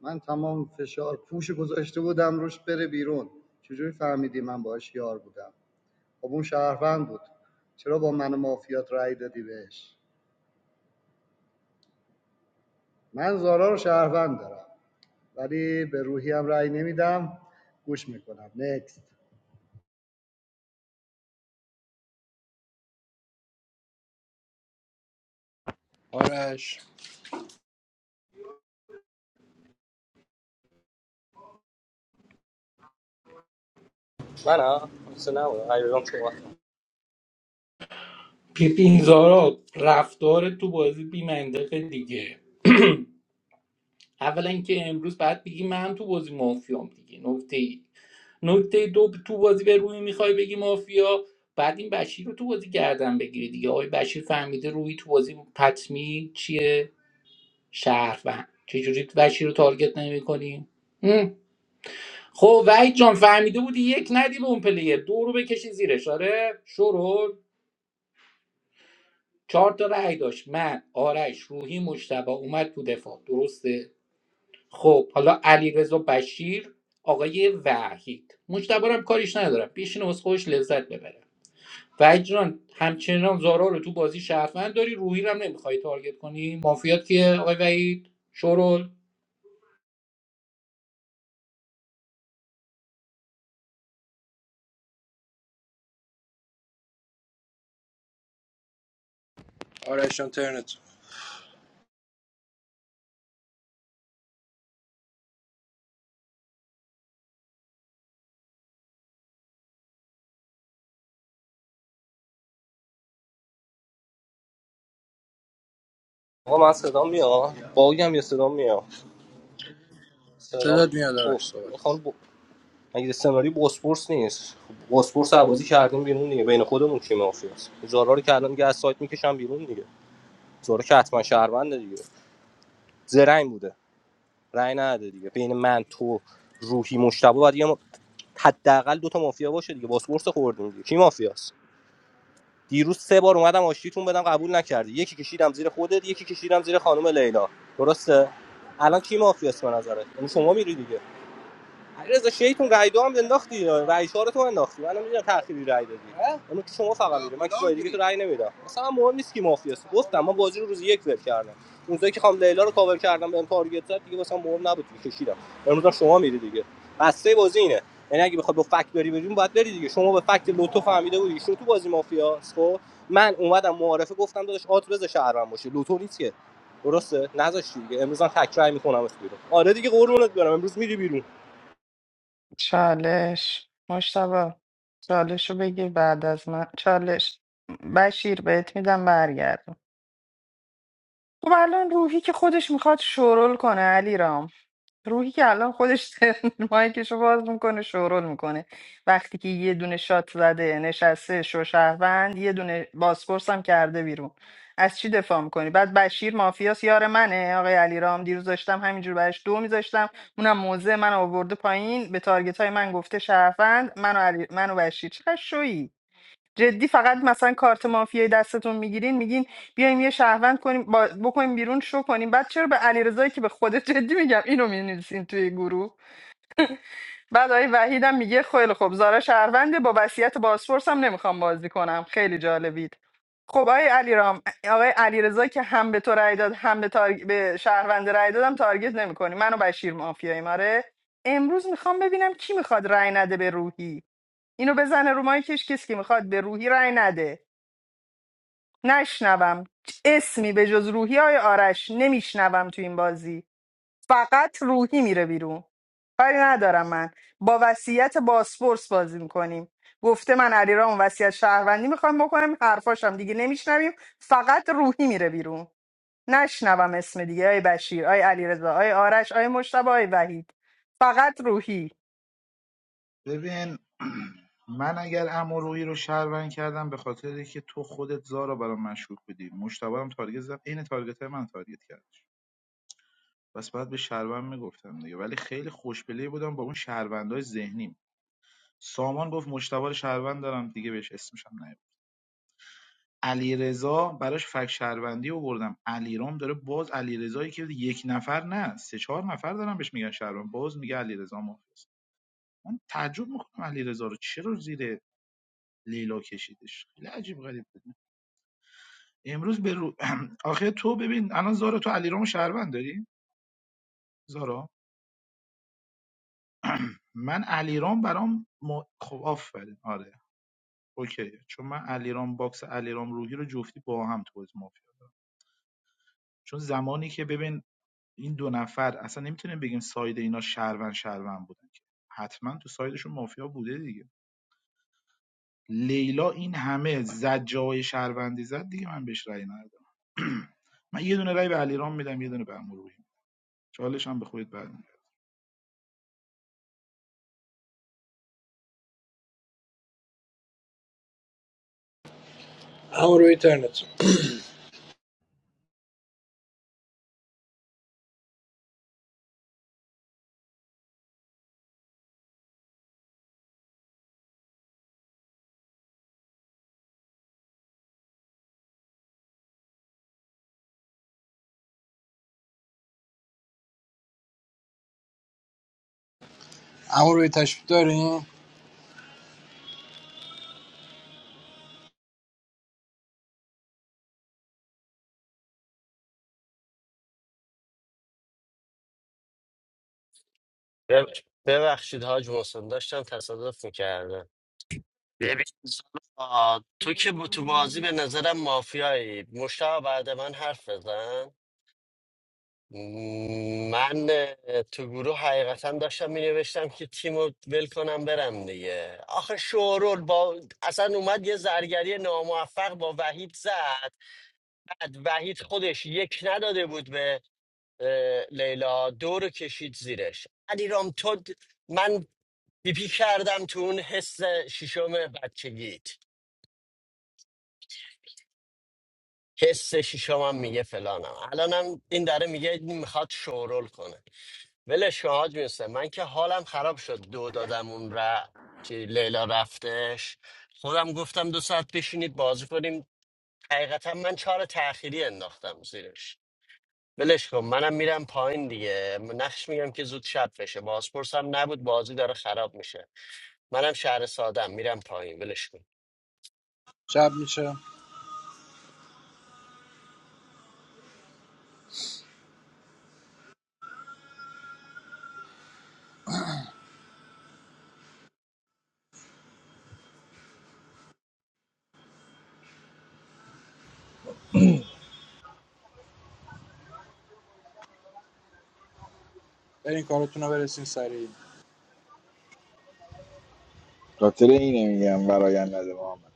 S21: من تمام فشار پوش گذاشته بودم روش بره بیرون چجوری فهمیدی من باش یار بودم خب اون شهروند بود چرا با من و مافیات رأی دادی بهش من زارا رو شهروند دارم ولی به روحی هم رأی نمیدم گوش میکنم نکست
S13: آرش
S16: من ها اصلا نبود ایران تو
S12: ببین زارا رفتار تو بازی بیمنطقه دیگه <clears throat> اولا اینکه امروز بعد بگی من تو بازی مافیام دیگه نکته ای نکته دو تو بازی به روی میخوای بگی مافیا بعد این بشیر رو تو بازی گردن بگیری دیگه آقای بشیر فهمیده روی تو بازی پتمی چیه شهروند چجوری بشیر رو تارگت نمیکنی خب وحید جان فهمیده بودی یک ندی به اون پلیر دو رو بکشی زیرش آره شروع چهار تا رأی داشت من آرش روحی مجتبی اومد تو دفاع درسته خب حالا علیرضا بشیر آقای وحید مجتبی رو هم کاریش ندارم بشینه واسه خودش لذت ببره وحید جان همچنان زارا رو تو بازی شهروند داری روحی رو هم نمیخوای تارگت کنی مافیات کیه آقای وحید شورول
S13: آرش اینترنت
S16: آقا من صدام میاد باگم یا صدام میاد صدام
S13: صدات میاد
S16: اوه
S13: آرش صحبت
S16: میخوام مگه سناریو بوسپورس نیست خب بوسپورس رو کردیم بیرون دیگه بین خودمون کی مافیاست زارا رو که الان دیگه از سایت میکشم بیرون دیگه زارا که حتما شهرونده دیگه زرنگ بوده رأی نده دیگه بین من تو روحی مشتبه باید یه م- حداقل دو تا مافیا باشه دیگه بوسپورس رو خوردیم دیگه کی مافیاست دیروز سه بار اومدم آشتیتون بدم قبول نکردی یکی کشیدم زیر خودت یکی کشیدم زیر خانم لیلا درسته الان کی مافیاست به نظرت یعنی شما میری دیگه رضا شیطون رای دو هم انداختی رای چهار تو انداختی من نمیدونم تأخیری رای دادی اون که شما فقط میدونم من کسی دیگه تو رای نمیدم مثلا مهم نیست کی مافیاست گفتم من بازی رو روز یک ول کردم اونجایی که خام لیلا رو کاور کردم بهم تارگت زد دیگه واسم مهم نبود دیگه کشیدم امروز هم شما میری دیگه بسته بازی اینه یعنی اگه بخواد با فکت بری بریم باید بری دیگه شما به فکت لوتو فهمیده بودی شو تو بازی مافیاست خب من اومدم معارفه گفتم داداش آت بز شهرم باشه لوتو نیست که درسته نذاشتی دیگه امروز هم تکرار میکنم اسم آره دیگه قربونت برم امروز میری بیرون
S8: چالش مشتبه چالش رو بگیر بعد از من چالش بشیر بهت میدم برگردم خب الان روحی که خودش میخواد شورول کنه علی روحی که الان خودش <laughs> مایکشو باز میکنه شورول میکنه وقتی که یه دونه شات زده نشسته شو شوشهروند یه دونه بازپرس هم کرده بیرون از چی دفاع میکنی بعد بشیر مافیاس یار منه آقای علیرام دیروز داشتم همینجور برش دو میذاشتم اونم موزه من آورده پایین به تارگت های من گفته شهروند من و, علی... من و بشیر چه شویی جدی فقط مثلا کارت مافیای دستتون میگیرین میگین بیایم یه شهروند کنیم با... بکنیم بیرون شو کنیم بعد چرا به علیرضایی که به خودت جدی میگم اینو مینویسین توی گروه بعد آقای وحید هم میگه خیلی خوب زارا شهرونده با وصیت بازپرس هم نمیخوام بازی کنم خیلی جالبید خب آقای علیرام آقای علیرضا که هم به تو رأی داد هم به, تارگ... به شهروند رأی دادم تارگت نمیکنی منو بشیر مافیایی ماره امروز میخوام ببینم کی میخواد رأی نده به روحی اینو بزنه رو مایکش کسی که میخواد به روحی رأی نده نشنوم اسمی به جز روحی های آرش نمیشنوم تو این بازی فقط روحی میره بیرون کاری ندارم من با وصیت باسپورس بازی میکنیم گفته من علیرام وصیت شهروندی میخوام بکنم حرفاشم دیگه نمیشنویم فقط روحی میره بیرون نشنوم اسم دیگه آی بشیر آی علیرضا آی آرش آی مشتبه آی وحید فقط روحی
S19: ببین من اگر امورویی رو شهروند کردم به خاطر اینکه تو خودت زارا برام مشکوک بودی مشتبه هم تارگت زد عین تارگت من تارگت کردش پس بعد به شهروند میگفتم دیگه ولی خیلی خوشپلی بودم با اون شهروندای ذهنیم سامان گفت مشتبه رو شهروند دارم دیگه بهش اسمشم نیورد علیرضا براش فک شهروندی آوردم علیرام داره باز علیرضایی که یک نفر نه سه چهار نفر دارم بهش میگن شهروند باز میگه علیرضا مافیاست من تعجب میکنم علیرضا رو چرا زیر لیلا کشیدش خیلی عجیب غریب بود امروز به رو... <clears throat> آخه تو ببین الان زارا تو علیرامو شهروند داری زارا من علیرام برام م... خب آفرین آره اوکیه چون من علیرام باکس علیرام روحی رو جفتی با هم تو بازی مافیا چون زمانی که ببین این دو نفر اصلا نمیتونیم بگیم ساید اینا شهروند شهروند بودن که حتما تو سایدشون مافیا بوده دیگه لیلا این همه زد جای شهروندی زد دیگه من بهش رأی ندادم <clears throat> من یه دونه رأی به علیرام میدم یه دونه به امروحی چالش هم به خودت بعد
S13: اما روی اینترنت اما روی تشریف دارین
S1: بب- ببخشید حاج محسن داشتم تصادف میکردم ببین زلفا، تو که با- تو بازی به نظرم مافیایی مشتاق بعد من حرف بزن م، من اه، تو گروه حقیقتا داشتم می نوشتم که تیم رو ول کنم برم دیگه آخه شورول با اصلا اومد یه زرگری ناموفق با وحید زد بعد وحید خودش یک نداده بود اه، لیلا دو رو کشید زیرش علیرام تو د- من پیپی کردم تو اون حس شیشم بچگیت حس شیشمم میگه فلانم الانم این داره میگه میخواد شورول کنه ولش کن حاج میسته من که حالم خراب شد دو دادم اون را چی، لیلا رفتش خودم گفتم دو ساعت بشینید بازی کنیم حقیقتا من چهار تاخیری انداختم زیرش ولش کن منم میرم پایین دیگه نقش میگم که زود شب بشه بازپرس هم نبود بازی داره خراب میشه منم شهر سادم میرم پایین ولش کن
S13: شب میشه برین کارتون رو برسین سریع
S9: خاطر اینه میگم برایند نده محمد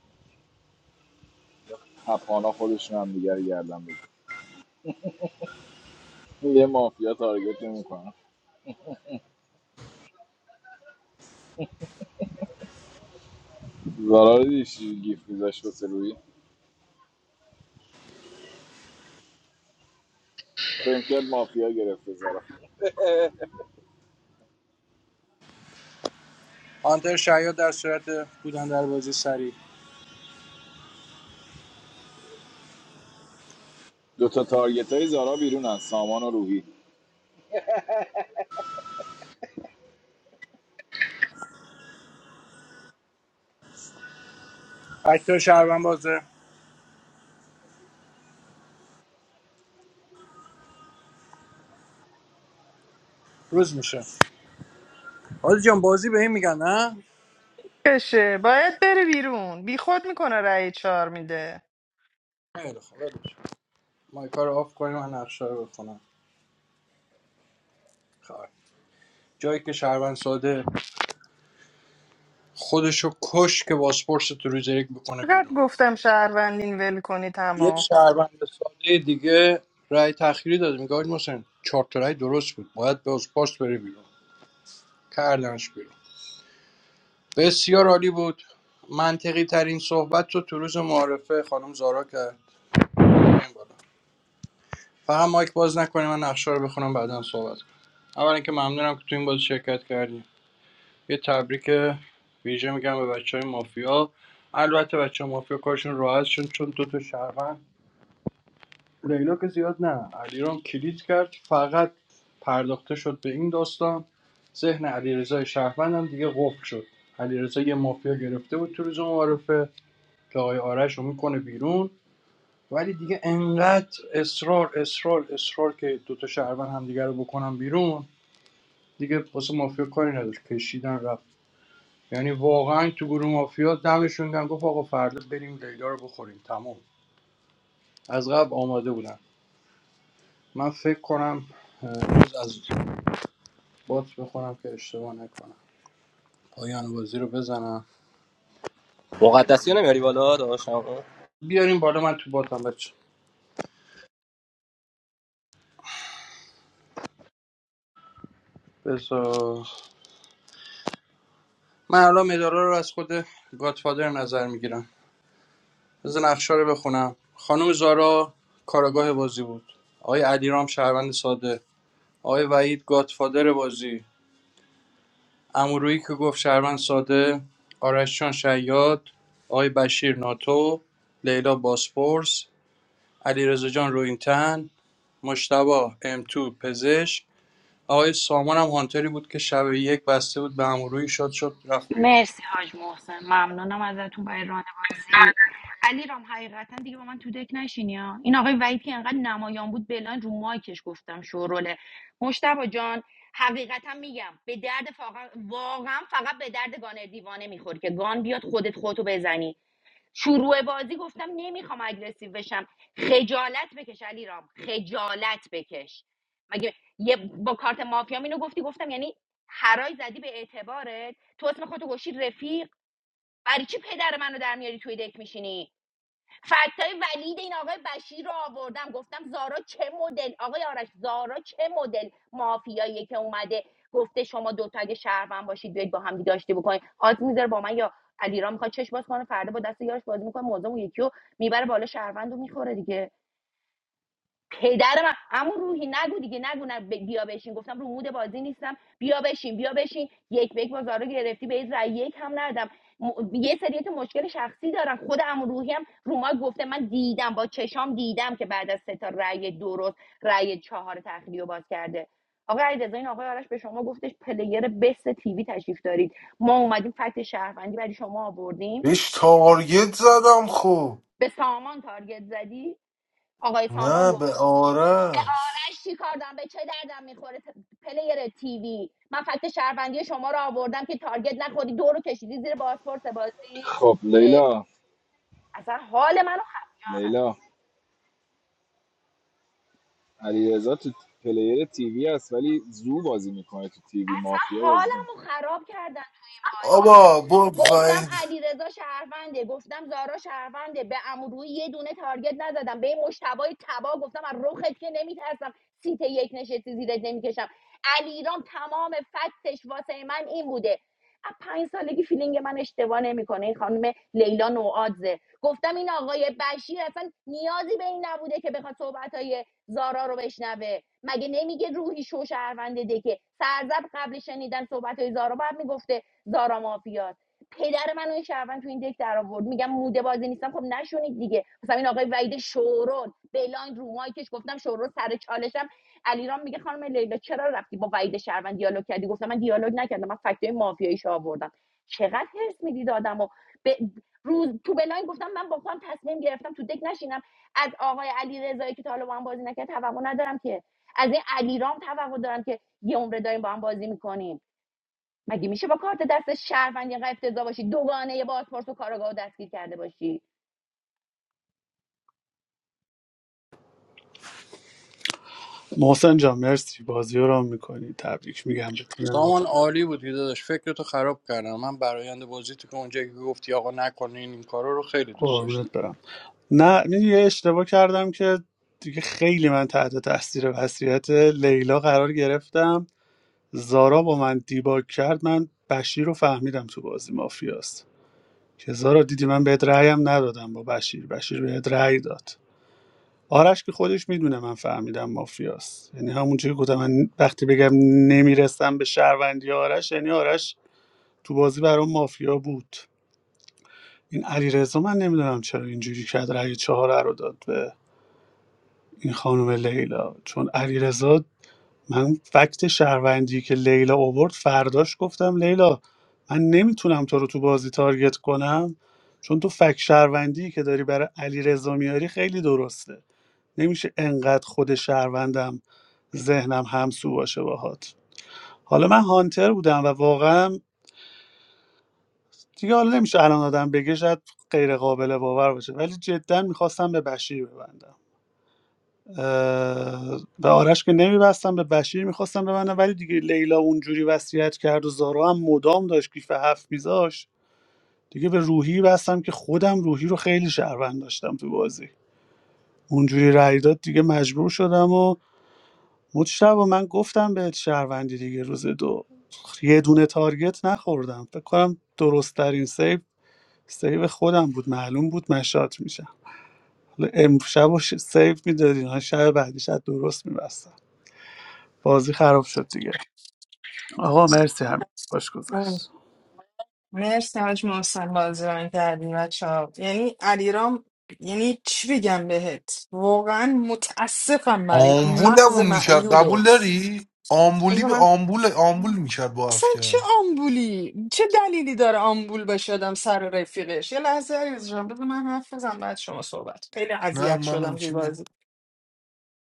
S9: تپانا خودشون هم دیگر گردن بگیر یه مافیا تارگت نمیکنم زارا رو دیدی چی گیف گذاشت واسه روی فکر کرد مافیا گرفته زارا
S13: هانتر شیاد در صورت بودن در بازی سریع
S9: دوتا تا تارگت های زارا بیرونن سامان و روحی
S13: اکتر شهروند بازه روز میشه حاجی جان بازی به این میگن نه
S8: کشه باید بره بیرون بیخود میکنه رأی چهار میده
S13: خیلی خوب ولش کن. مایکا رو آف کنیم و نقشه رو بخونم خب. جایی که شهروند ساده خودشو کش که بازپرس تو روز یک بکنه
S8: قد
S13: بیرون
S8: گفتم شهروندین ول کنی
S13: یه
S8: تمام
S13: شهروند ساده دیگه رأی تخیری داد میگه آقای محسن چهار تا رأی درست بود باید بازپرس بره بیرون کردنش بیرون بسیار عالی بود منطقی ترین صحبت رو تو روز معارفه خانم زارا کرد این بالا. فقط مایک باز نکنی من نقشه رو بخونم بعدا صحبت کنم اولا که ممنونم که تو این بازی شرکت کردیم یه تبریک ویژه میگم به بچه های مافیا البته بچه های مافیا کارشون راحت شد چون دو تا شهروند لیلا که زیاد نه علیرام کلید کرد فقط پرداخته شد به این داستان ذهن علیرضا شهروند هم دیگه قفل شد علیرضا یه مافیا گرفته بود تو روز معارفه که آقای آرش رو میکنه بیرون ولی دیگه انقدر اصرار اصرار اصرار که دوتا شهروند هم دیگه رو بکنن بیرون دیگه واسه مافیا کاری نداشت کشیدن رفت یعنی واقعا تو گروه مافیا دمشون گرم گفت آقا فردا بریم لیلا رو بخوریم تمام از قبل آماده بودن من فکر کنم امروز از بات بخورم که اشتباه نکنم پایان بازی رو بزنم
S16: مقدسی رو نمیاری بالا داداشم
S13: بیاریم بالا من تو باتم بچه بذار من الان مدارا رو از خود گاتفادر نظر میگیرم بذار نقشه رو بخونم خانم زارا کاراگاه بازی بود آقای علیرام شهروند ساده آقای وحید گاتفادر بازی امورویی که گفت شهروند ساده آرش جان شیاد آقای بشیر ناتو لیلا باسپورس علیرضا جان روینتن مشتبا ام تو پزشک آقای سامان هم هانتری بود که شب یک بسته بود به اموروی شاد شد رفت بیرون
S6: مرسی حاج محسن ممنونم ازتون برای راهنمایی علی رام حقیقتا دیگه با من تو دک نشینی ها این آقای وحید که انقدر نمایان بود بلان رو مایکش گفتم شوروله مشتبا جان حقیقتا میگم به درد فاقا- واقعا فقط به درد گانر دیوانه میخوری که گان بیاد خودت خودتو بزنی شروع بازی گفتم نمیخوام اگرسیو بشم خجالت بکش علی خجالت بکش مگه یه با کارت مافیا اینو گفتی گفتم یعنی هرای زدی به اعتبارت تو اسم خودتو گوشی رفیق برای چی پدر منو در میاری توی دک میشینی فکتای ولید این آقای بشیر رو آوردم گفتم زارا چه مدل آقای آرش زارا چه مدل مافیاییه که اومده گفته شما دوتا اگه شهروند باشید بیاید با هم دیگه آشتی بکنید آز میذاره با من یا علیرام میخواد چش باز کنه فردا با دست یارش بازی میکنه موضوع اون یکی رو میبره بالا شهروند رو میخوره دیگه پدر من اما روحی نگو دیگه نگو نه ب- بیا بشین گفتم رو مود بازی نیستم بیا بشین بیا بشین یک به یک بازار رو گرفتی به این رای یک هم ندادم م... یه سریت مشکل شخصی دارم خود امو روحی هم رو ما گفته من دیدم با چشام دیدم که بعد از سه تا رای درست رای چهار تخلیه باز کرده آقا علیرضا این آقای آرش به شما گفتش پلیر بست تیوی تشریف دارید ما اومدیم فکت شهروندی برای شما آوردیم
S14: بهش تارگت زدم خب
S6: به سامان تارگت زدی آقای سامان
S14: نه به آرش
S6: اش چی کار دارم به چه دردم میخوره ت- پلیر تیوی من فکت شهروندی شما رو آوردم که تارگت نخوری دو رو کشیدی زیر پاسپورت بازی
S9: خب
S6: اه،
S9: لیلا
S6: اصلا حال منو خ...
S9: لیلا علیرضا تو پلیر تیوی هست ولی زو بازی میکنه تو تیوی
S6: اصلا
S9: مافیا بازی نمیکنه
S6: حالمو خراب کردن تو این بازی
S14: آبا برو
S6: گفتم
S14: وید
S6: علیرضا شهرونده گفتم زارا شهرونده به امروی یه دونه تارگت نزدم به این مشتبای تبا گفتم از رخت که نمیترسم سیت یک نشستی زیرت نمیکشم علیرام تمام فکتش واسه من این بوده از پنج سالگی فیلینگ من اشتباه نمیکنه این خانم لیلا نوآدزه گفتم این آقای بشیر اصلا نیازی به این نبوده که بخواد صحبت زارا رو بشنوه مگه نمیگه روحی شو شهرونده دکه سرزب قبل شنیدن صحبت های زارا باید میگفته زارا مافیاست پدر من و این شهروند تو این دک در آورد میگم موده بازی نیستم خب نشونید دیگه مثلا این آقای وحید شورون بلاین رو مایکش گفتم شورون سر چالشم علیرام میگه خانم لیلا چرا رفتی با وحید شهروند دیالوگ کردی گفتم من دیالوگ نکردم من فکتای مافیاییش آوردم چقدر حرص میدید آدمو به روز تو بلاین گفتم من با خودم تصمیم گرفتم تو دک نشینم از آقای علی که تا حالا با هم بازی نکرد توقع ندارم که از این علیرام توقع دارم که یه عمره داریم با هم بازی میکنیم مگه میشه با کارت دست شهروند اینقدر افتضاح باشی دوگانه بازپرس و کارگاه دستگیر کرده باشی
S20: محسن جان مرسی بازی رو میکنی تبریک میگم به تیم
S13: سامان عالی بود که داداش فکرتو خراب کردم من برایند بازی تو که اونجا که گفتی آقا نکنین این کارا رو خیلی دوست داشتم
S20: قربونت برم نه می‌دونی یه اشتباه کردم که دیگه خیلی من تحت تاثیر وصیت لیلا قرار گرفتم زارا با من دیباک کرد من بشیر رو فهمیدم تو بازی مافیاست که زارا دیدی من بهت رأیم ندادم با بشیر بشیر بهت رأی داد آرش که خودش میدونه من فهمیدم مافیاست یعنی همون چیزی که گفتم من وقتی بگم نمیرسم به شهروندی آرش یعنی آرش تو بازی برام مافیا بود این علیرضا من نمیدونم چرا اینجوری کرد رأی چهار رو داد این خانم لیلا چون علیرضا من فکت شهروندی که لیلا آورد فرداش گفتم لیلا من نمیتونم تو رو تو بازی تارگت کنم چون تو فکت شهروندی که داری برای علیرضا میاری خیلی درسته نمیشه انقدر خود شهروندم ذهنم همسو باشه باهات حالا من هانتر بودم و واقعا دیگه حالا نمیشه الان آدم بگه شاید غیر قابل باور باشه ولی جدا میخواستم به بشیر ببندم و آرش که نمیبستم به بشیر میخواستم ببندم ولی دیگه لیلا اونجوری وصیت کرد و زارا هم مدام داشت کیف هفت میذاش دیگه به روحی بستم که خودم روحی رو خیلی شهروند داشتم تو بازی اونجوری رأی داد دیگه مجبور شدم و مجتبا من گفتم بهت شهروندی دیگه روز دو یه دونه تارگت نخوردم فکر کنم درست ترین سیو سیو خودم بود معلوم بود من شات میشم حالا امشب و ش- سیو میدادین شب بعدی شاید درست میبستم بازی خراب شد دیگه آقا مرسی همین باش
S8: آه،
S20: گذشت
S8: مرسی حاج محسن بازران کردین بچه ها یعنی علیرام یعنی چی بگم بهت واقعا متاسفم برای این مغز
S14: آمبولمون میکرد قبول
S8: معیوبت
S14: داری؟ آمبولی
S8: بذار
S14: به
S8: من
S14: آمبول آمبول میکرد با حرف
S8: اصلا چه
S14: کردن
S8: آمبولی چه دلیلی داره آمبول بشه آدم سر رفیقش یه لحظه عزیز جان بذار من حرف بزنم بعد شما صحبت خیلی
S14: نه
S8: اذیت
S14: من
S8: شدم توی
S14: اوکی
S8: بازی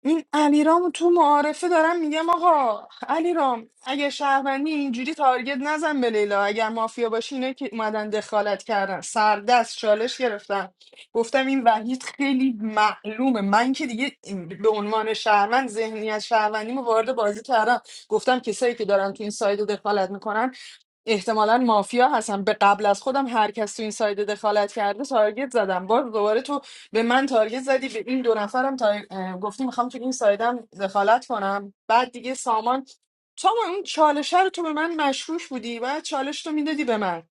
S8: این علیرام تو معارفه دارم میگم آقا علیرام اگه شهروندی اینجوری تارگت نزن به لیلا اگر مافیا باشی اینه که اومدن دخالت کردن سردست چالش گرفتن گفتم این وحید خیلی معلومه من که دیگه به عنوان شهروند ذهنیت شهروندیمو وارد بازی کردم گفتم کسایی که دارن تو این سایت دخالت میکنن احتمالا مافیا هستن به قبل از خودم هر کس تو این سایت دخالت کرده تارگت زدم باز دوباره تو به من تارگت زدی به این دو نفرم تا اه، گفتی میخوام تو این سایدم دخالت کنم بعد دیگه سامان تو ما این چالش رو تو به من مشروش بودی و چالش تو میدادی به من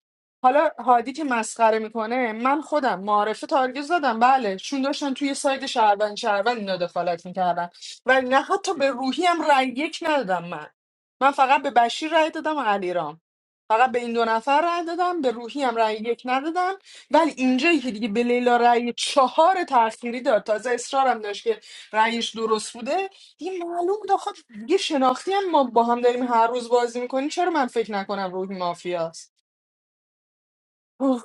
S8: حالا هادی که مسخره میکنه من خودم معارفه تارگت زدم بله چون داشتن توی ساید شهروند شهروند اینا دخالت میکردن و نه حتی به روحی هم رأی یک ندادم من من فقط به بشیر رأی دادم و علیرام فقط به این دو نفر رأی دادم به روحی هم رأی یک ندادم ولی اینجایی که دیگه به لیلا رأی چهار تأخیری داد تازه اصرارم داشت که رأیش درست بوده دیگه معلوم بود آخه دیگه شناختی هم ما با هم داریم هر روز بازی میکنیم چرا من فکر نکنم روحی مافیاست اوه،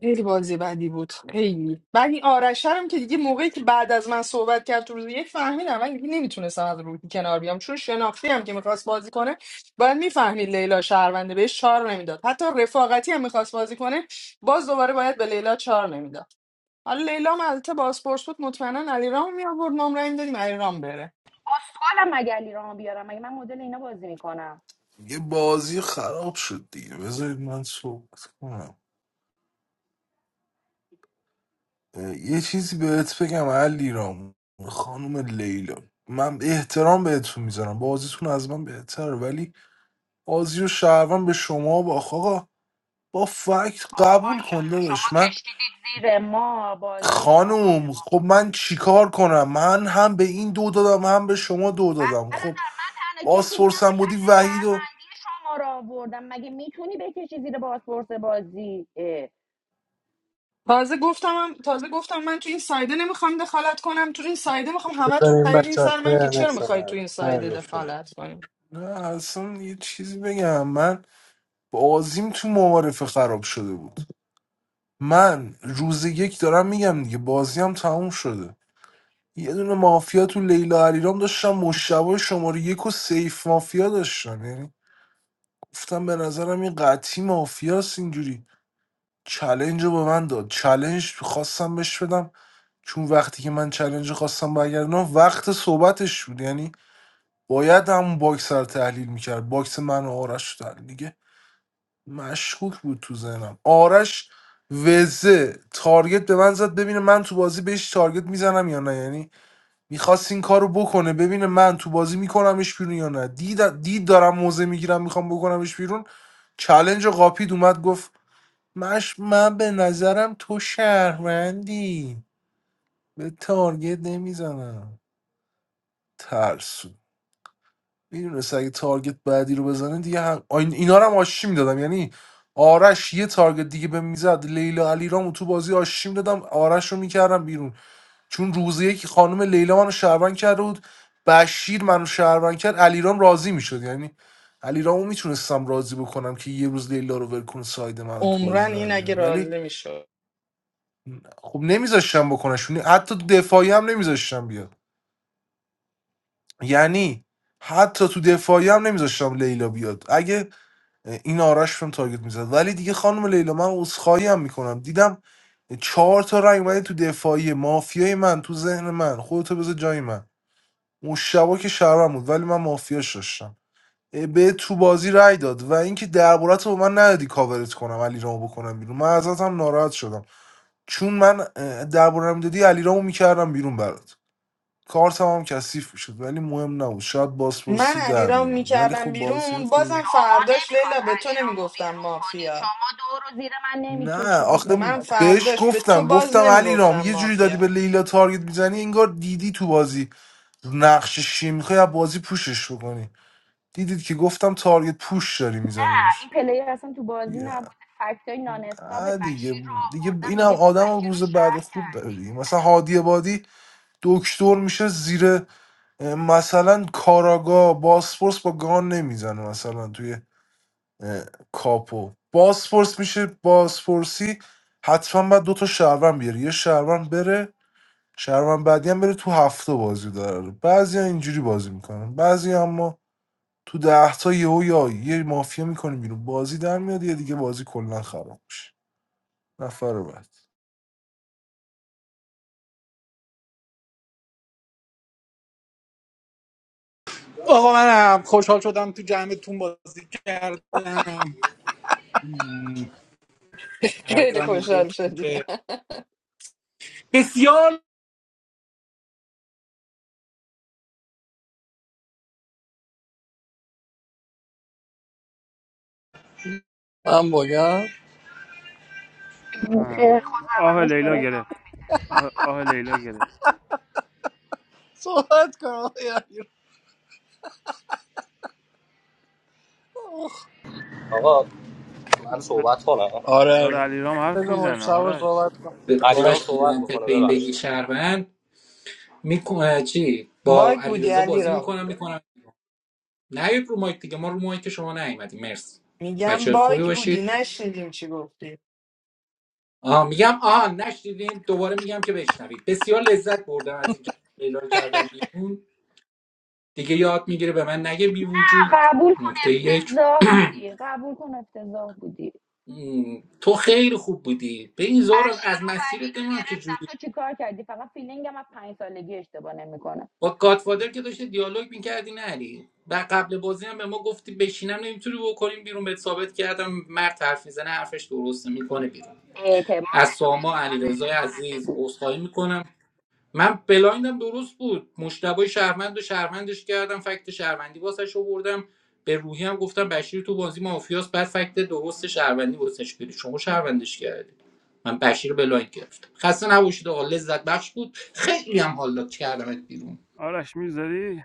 S8: خیلی بازی بدی بود خیلی بعد این آرشرم که دیگه موقعی که بعد از من صحبت کرد تو روز یک فهمیدم من دیگه نمیتونستم از روحی کنار بیام چون شناختی هم که میخواست بازی کنه باید میفهمید لیلا شهرونده بهش چهار نمیداد حتی رفاقتی هم میخواست بازی کنه باز دوباره باید به لیلا چهار نمیداد حالا لیلا هم البته بازپرس بود مطمئنا علیرام می آورد ما هم رأی میدادیم علیرام بره
S6: اسکلم مگه علیرام بیارم مگه من مدل اینا بازی میکنم
S14: یه بازی خراب شد دیگه بذارید من صحبت کنم اه، یه چیزی بهت بگم علی رام خانم لیلا من احترام بهتون میذارم بازیتون از من بهتره ولی بازی و شهروند به شما با آقا با فکت قبول کنده
S6: ماشاءالله شما
S14: داشت
S6: کشیدید زیر ما بازی و شهروند به
S14: خانم
S6: ما
S14: خب من چیکار کنم من هم به این دو دادم هم به شما دو دادم خب
S6: برادر من تنها کسی بودم که
S14: بازپرسم بودی
S6: فکت
S14: وحید و
S6: شهروندی شما را آوردم مگه میتونی بکشی زیر بازپرس بازی اه.
S8: تازه گفتم هم تازه گفتم من تو این سایده نمیخوام دخالت کنم تو این سایده میخوام
S13: بذار
S8: همتون
S13: این
S8: پریدین
S13: بچه ها
S8: سر من که چرا میخوای
S13: ترنشونه
S8: تو این سایده
S13: ترنشونه
S8: دخالت کنیم
S14: نه اصلا یه چیزی بگم من بازیم تو معارفه خراب شده بود من روز یک دارم میگم دیگه بازیم تموم شده یه دونه مافیا تو لیلا علیرام داشتم مشتبه شماره یک و سیف مافیا داشتم یعنی گفتم به نظرم این قطعی مافیاست اینجوری چلنج رو به من داد چلنج خواستم بهش بدم چون وقتی که من چلنج خواستم برگردونم وقت صحبتش بود یعنی باید همون باکس رو تحلیل میکرد باکس من و آرش رو تحلیل دیگه مشکوک بود تو ذهنم آرش وزه تارگت به من زد ببینه من تو بازی بهش تارگت میزنم یا نه یعنی میخواست این کارو بکنه ببینه من تو بازی میکنمش بیرون یا نه دید, دید دارم موزه میگیرم میخوام بکنمش بیرون چلنج قاپید اومد گفت مش من به نظرم تو شهروندی به تارگت نمیزنم ترسو میدونست اگه تارگت بعدی رو بزنه دیگه هم... آین- اینا رو هم آشی میدادم یعنی آرش یه تارگت دیگه به میزد لیلا علیرامو تو بازی آشی میدادم آرش رو میکردم بیرون چون روز یک خانم لیلا منو شهروند کرده بود بشیر منو شهروند کرد علیرام راضی میشد یعنی علیرامو میتونستم راضی بکنم که یه روز لیلا رو ولکن ساید منو تو بازی
S8: عمرن
S14: در
S8: این
S14: بیاره
S8: اگه
S14: ولی
S8: راضی میشد
S14: خب نمیذاشتم بکنش حتی دفاعی هم نمیذاشتم بیاد یعنی حتی تو دفاعی هم نمیذاشتم لیلا بیاد اگه این آرش بهم تارگت میزد ولی دیگه خانم لیلا من عذرخواهی هم میکنم دیدم چهار تا رنگ اومده تو دفاعی مافیای من تو ذهن من خودتو بذار جای من مشتبا که شهرم بود ولی من مافیاش داشتم به تو بازی رای داد و اینکه دربارت رو به من ندادی کاورت کنم علی رامو بکنم بیرون من ازت هم ناراحت شدم چون من دربارم دادی علی رامو میکردم بیرون برات کارتم هم کثیف میشد ولی مهم نبود شاید
S8: من
S14: بازپرسی در
S8: علیرام
S14: میومد ولی خب
S8: میکردم
S14: بازی
S8: بیرون
S14: خوب
S8: بازم
S6: شما
S8: فرداش
S6: نمیخواست
S8: لیلا به تو
S6: علیرامو
S8: نمیگفتم
S6: بیرون کنی
S8: مافیا
S6: شما دو رو زیر من
S14: نه
S6: نمیکشیدید
S14: آخه
S8: من
S6: نمیخواست علیرامو
S14: بهش
S8: فرداش به
S6: بیرون
S8: تو
S14: گفتم
S6: کنی
S8: باز
S14: گفتم علی رام
S8: نمیگفتم
S14: یه جوری داری به
S8: مافیا
S14: لیلا تارگت میزنی انگار دیدی تو بازی نقش شی میخوای از بازی پوشش بکنی دیدید که گفتم تارگت پوش داری
S6: نه، این
S14: میزنیمش
S6: پلیر اصلا تو بازی نبوده فکت های نانستاب
S14: دیگه
S6: بشیر رو
S14: دیگه
S6: آوردن
S14: اینم
S6: میگه تو
S14: آدم هم
S6: بشیر رو
S14: روز بعد
S6: شهر
S14: خوب داره
S6: کردی
S14: دیگه مثلا هادی بادی دکتر میشه زیر اه، مثلا کاراگا باسپورس با گان نمیزنه مثلا توی اه، کاپو بازپرس میشه بازپرسی حتما باید دوتا شهروند بیاره یه شهروند بره شهروند بعدی هم بره تو هفته بازی داره بعضی اینجوری بازی میکنن بعضی اما تو ده تا یهو یا یه مافیا میکنیم بیرون بازی در میاد یه دیگه بازی کلا خراب میشه نفر بعد
S12: آقا منم خوشحال شدم تو جمعتون بازی کردم هر دو
S8: خیلی
S12: هم حضور
S8: خوشحال شدی
S12: که بسیار
S13: من بگم
S6: که
S5: آه آه
S6: خوزولاشو
S5: لیلا
S6: داره ادامه
S5: گرفت
S6: میده
S5: آه, آه لیلا
S13: صحبت کن آقای علیرضا.
S16: آقا من
S5: گرفت
S16: صحبت کنم
S5: داره
S13: آره
S5: علیرام حرف
S13: بذار
S5: میزنه
S13: مشتبه
S5: آرش
S13: صحبت کن
S12: به
S16: علیرام
S12: آرش بی
S16: صحبت
S12: منطق
S16: بکنه
S12: به این بگی
S16: ببخشید
S12: شهروند میکنه چی
S8: <laughs>
S12: با
S8: باگ بودی
S12: علیرضا بازی
S8: علیرام
S12: میکنم میکنم نیاید رو مایک دیگه ما رو مایک شما نیومدیم مرسی
S8: میگم
S12: بچه خوبی
S8: باگ بودی
S12: باشید
S8: نشنیدیم چی گفتی
S12: آه میگم آه نشنیدین دوباره میگم که بشنوید بسیار لذت بردم از اینکه لیلا رو کردم بیرون دیگه یاد میگیره به من نگه بی
S6: نه،
S12: وجود
S6: قبول کن
S12: نکته یک
S6: افتضاح
S12: <clears throat>
S6: بودی قبول کن افتضاح بودی
S12: تو خیلی خوب بودی به این زارا از
S6: بشیر و وحید
S12: مسیرت
S6: رو
S12: نمیدونم چه
S6: گرفتم تو چیکار کردی فقط فیلینگم از پنج سالگی اشتباه نمیکنه
S12: با گادفادر که داشتی دیالوگ میکردی نری و قبل بازی هم به ما گفتی بشینم نمیتونی بکنیم بیرون بهت ثابت کردم مرد حرف میزنه حرفش درسته میکنه بیرون
S6: اعتبارتو
S12: از ساما
S6: بگو از
S12: علیرضا
S6: اعتبارت
S12: عزیز
S6: بگو
S12: عذرخواهی میکنم من بلایندم درست بود مشتبه شهروند و شهروندش کردم فکت شهروندی واسش آوردم به روحی هم گفتم بشیر تو بازی مافیاس بعد فکت درست شهروندی واسش بیاری شما شهروندش کردی من بشیر بلایند گرفتم خسته نباشید آقا لذت بخش بود خیلی هم حالا کردمت بیرون
S5: آرش میذاری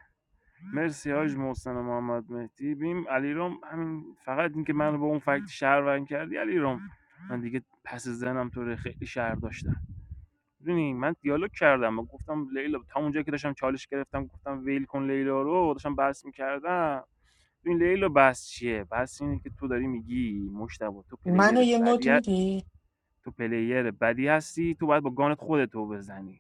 S5: مرسی حاج محسن و محمد مهدی بیم علیرام همین فقط اینکه منو با اون فکت شهروند کردی علیرام من دیگه پس زنم تو رو خیلی شهر داشتم میدونی من دیالوگ کردم من گفتم لیلا تا اونجا که داشتم چالش گرفتم گفتم ویل کن لیلا رو داشتم بحث میکردم این لیلا بحث چیه بحث اینه که تو داری میگی مشتبه تو
S8: منو
S5: پلیر
S8: یه مد
S5: بدی
S8: میدی
S5: تو پلیر بدی هستی تو باید با گانت خودتو بزنی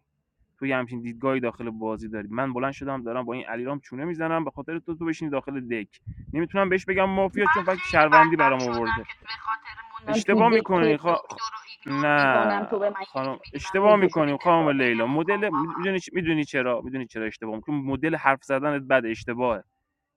S5: توی همچین دیدگاهی داخل بازی داری من بلند شدم دارم با این علیرام چونه میزنم به خاطر تو تو بشینی داخل دک نمیتونم بهش بگم مافیا
S6: من
S5: چون فکت
S6: خیلی
S5: شهروندی
S6: بدبخت
S5: برام
S6: شدم
S5: آورده
S6: که به خاطر موندن تو
S5: اشتباه
S6: دک توی
S5: میکنی خا... خ...
S6: دکتر رو ایگنور
S5: نه
S6: میکنم تو به من
S5: خانم
S6: یک میدی منو
S5: اشتباه
S6: میکشونی
S5: میکنیم خانم
S6: دفاع
S5: لیلا
S6: بنمون کن
S5: مدل
S6: بابا
S5: میدونی میدونی چرا میدونی چرا اشتباه می‌کنی؟ مدل حرف زدنت بد اشتباهه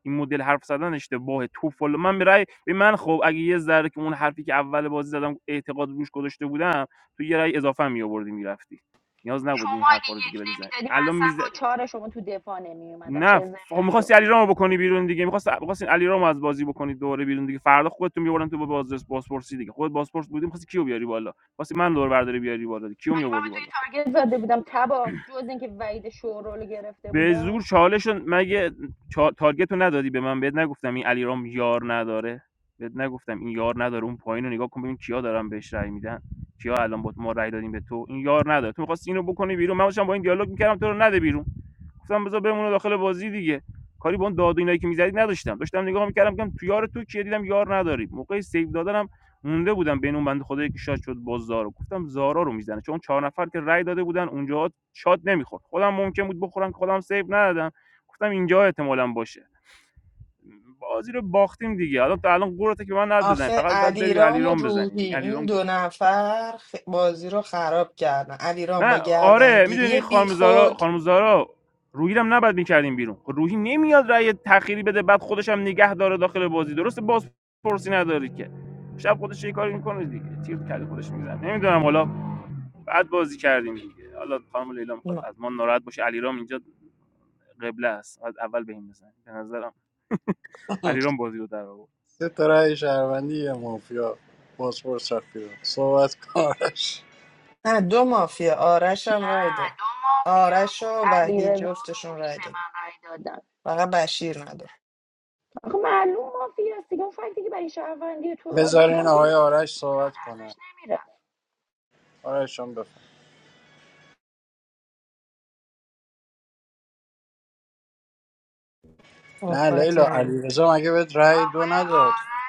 S5: این مدل حرف زدن اشتباهه تو فال من به رأی به من خب اگه یه ذره که اون حرفی که اول بازی زدم اعتقاد روش گذاشته بودم تو یه رای اضافه می آوردی میرفتی نیاز نبود این
S6: شما اگه
S5: حرفا رو
S6: یک
S5: دیگه بزنی
S6: نمیدادی من
S5: الان
S6: اصلا
S5: میز
S6: با چهار شما تو دفاع نمیومدم
S5: نه
S6: شزم
S5: خب
S6: نشو
S5: می‌خواستی علیرامو بکنی بیرون دیگه می‌خواست می‌خواستین علیرامو از بازی بکنی دوره بیرون دیگه فردا خودتون می‌آوردن تو با بازرس بازپرسی دیگه خود بازپرس بودی می‌خواستی کیو بیاری بالا خواستی من دور برداری بیاری بالا کیو
S6: مگه من به
S5: می‌آوردی
S6: توی
S5: بالا
S6: تارگت زده بودم تبا جز اینکه وعید شورولو گرفته
S5: به
S6: بودم
S5: زور چالشون مگه چا... تارگت رو ندادی به من بهت نگفتم این علیرام یار نداره بهت نگفتم این یار نداره اون پایین رو نگاه کن ببین کیا دارن بهش رأی میدن کیا الان با ما رأی دادیم به تو این یار نداره تو می‌خواستی اینو بکنی بیرون من داشتم با این دیالوگ میکردم تو رو نده بیرون گفتم بذار بمونه داخل بازی دیگه کاری با اون داد و اینایی که میزدی نداشتم داشتم نگاه میکردم که تو یار تو کیه دیدم یار نداری موقع سیو دادنم مونده بودم بین اون بنده خدایی که شاد شد با زارا گفتم زارا رو میزنه چون چهار نفر که رأی داده بودن اونجا شات نمیخورد خودم ممکن بود بخورم که خودم سیو ندادم گفتم اینجا احتمالا باشه بازی رو باختیم دیگه حالا تا الان قورته که من ند بزنی
S8: آخه
S5: فقط بعد بری به
S8: علیرام و
S5: علیرام بزنی
S8: روحی
S5: دیگه
S8: این
S5: علیرام
S8: دو
S5: گفت
S8: نفر خ- بازی رو خراب کردن علیرام
S5: نه
S8: با
S5: آره میدونی
S8: گردنگیری بی
S5: خانم زارا
S8: خود
S5: خانم زارا روحی رو نباید میکردیم بیرون خب روحی نمیاد رأی تخیری بده بعد خودش هم نگه داره داخل بازی درسته باز پرسی نداری که شب خودش یه کاری میکنه دیگه تیر کرده خودش میزنه نمیدونم حالا بعد بازی کردیم دیگه حالا خانم لیلا میخواد
S8: ما.
S5: از ما ناراحت باشه علیرام اینجا قبله است از اول بهم بزن به نظرم
S13: <clears throat>
S5: علیرام بازی رو در آورد
S13: <laughs> سه تا رأی شهروندی یه مافیا بازپرس رفت بیرون صحبت کن آرش
S8: نه دو مافیا آرش هم رای
S6: نه،
S8: داد
S6: دو مافیا
S8: آرش
S6: بود
S8: و وحید
S6: علیرضا و
S8: جفتشون
S6: روحی
S8: رای
S6: به
S8: داد
S6: من رای دادن
S8: فقط بشیر نداد
S6: آخه معلوم مافیاست است دیگه اون فکتی که برای شهروندی تو
S13: بذارین
S6: آوردم که
S13: آقای آرش
S6: پول
S13: صحبت کنه
S6: ازش نمیره
S13: آرش هم نه
S8: صحبتی
S13: لیلا
S8: ندارم.
S13: علیرضا مگه بهت رأی دو
S6: آقای
S13: نداد
S6: آرش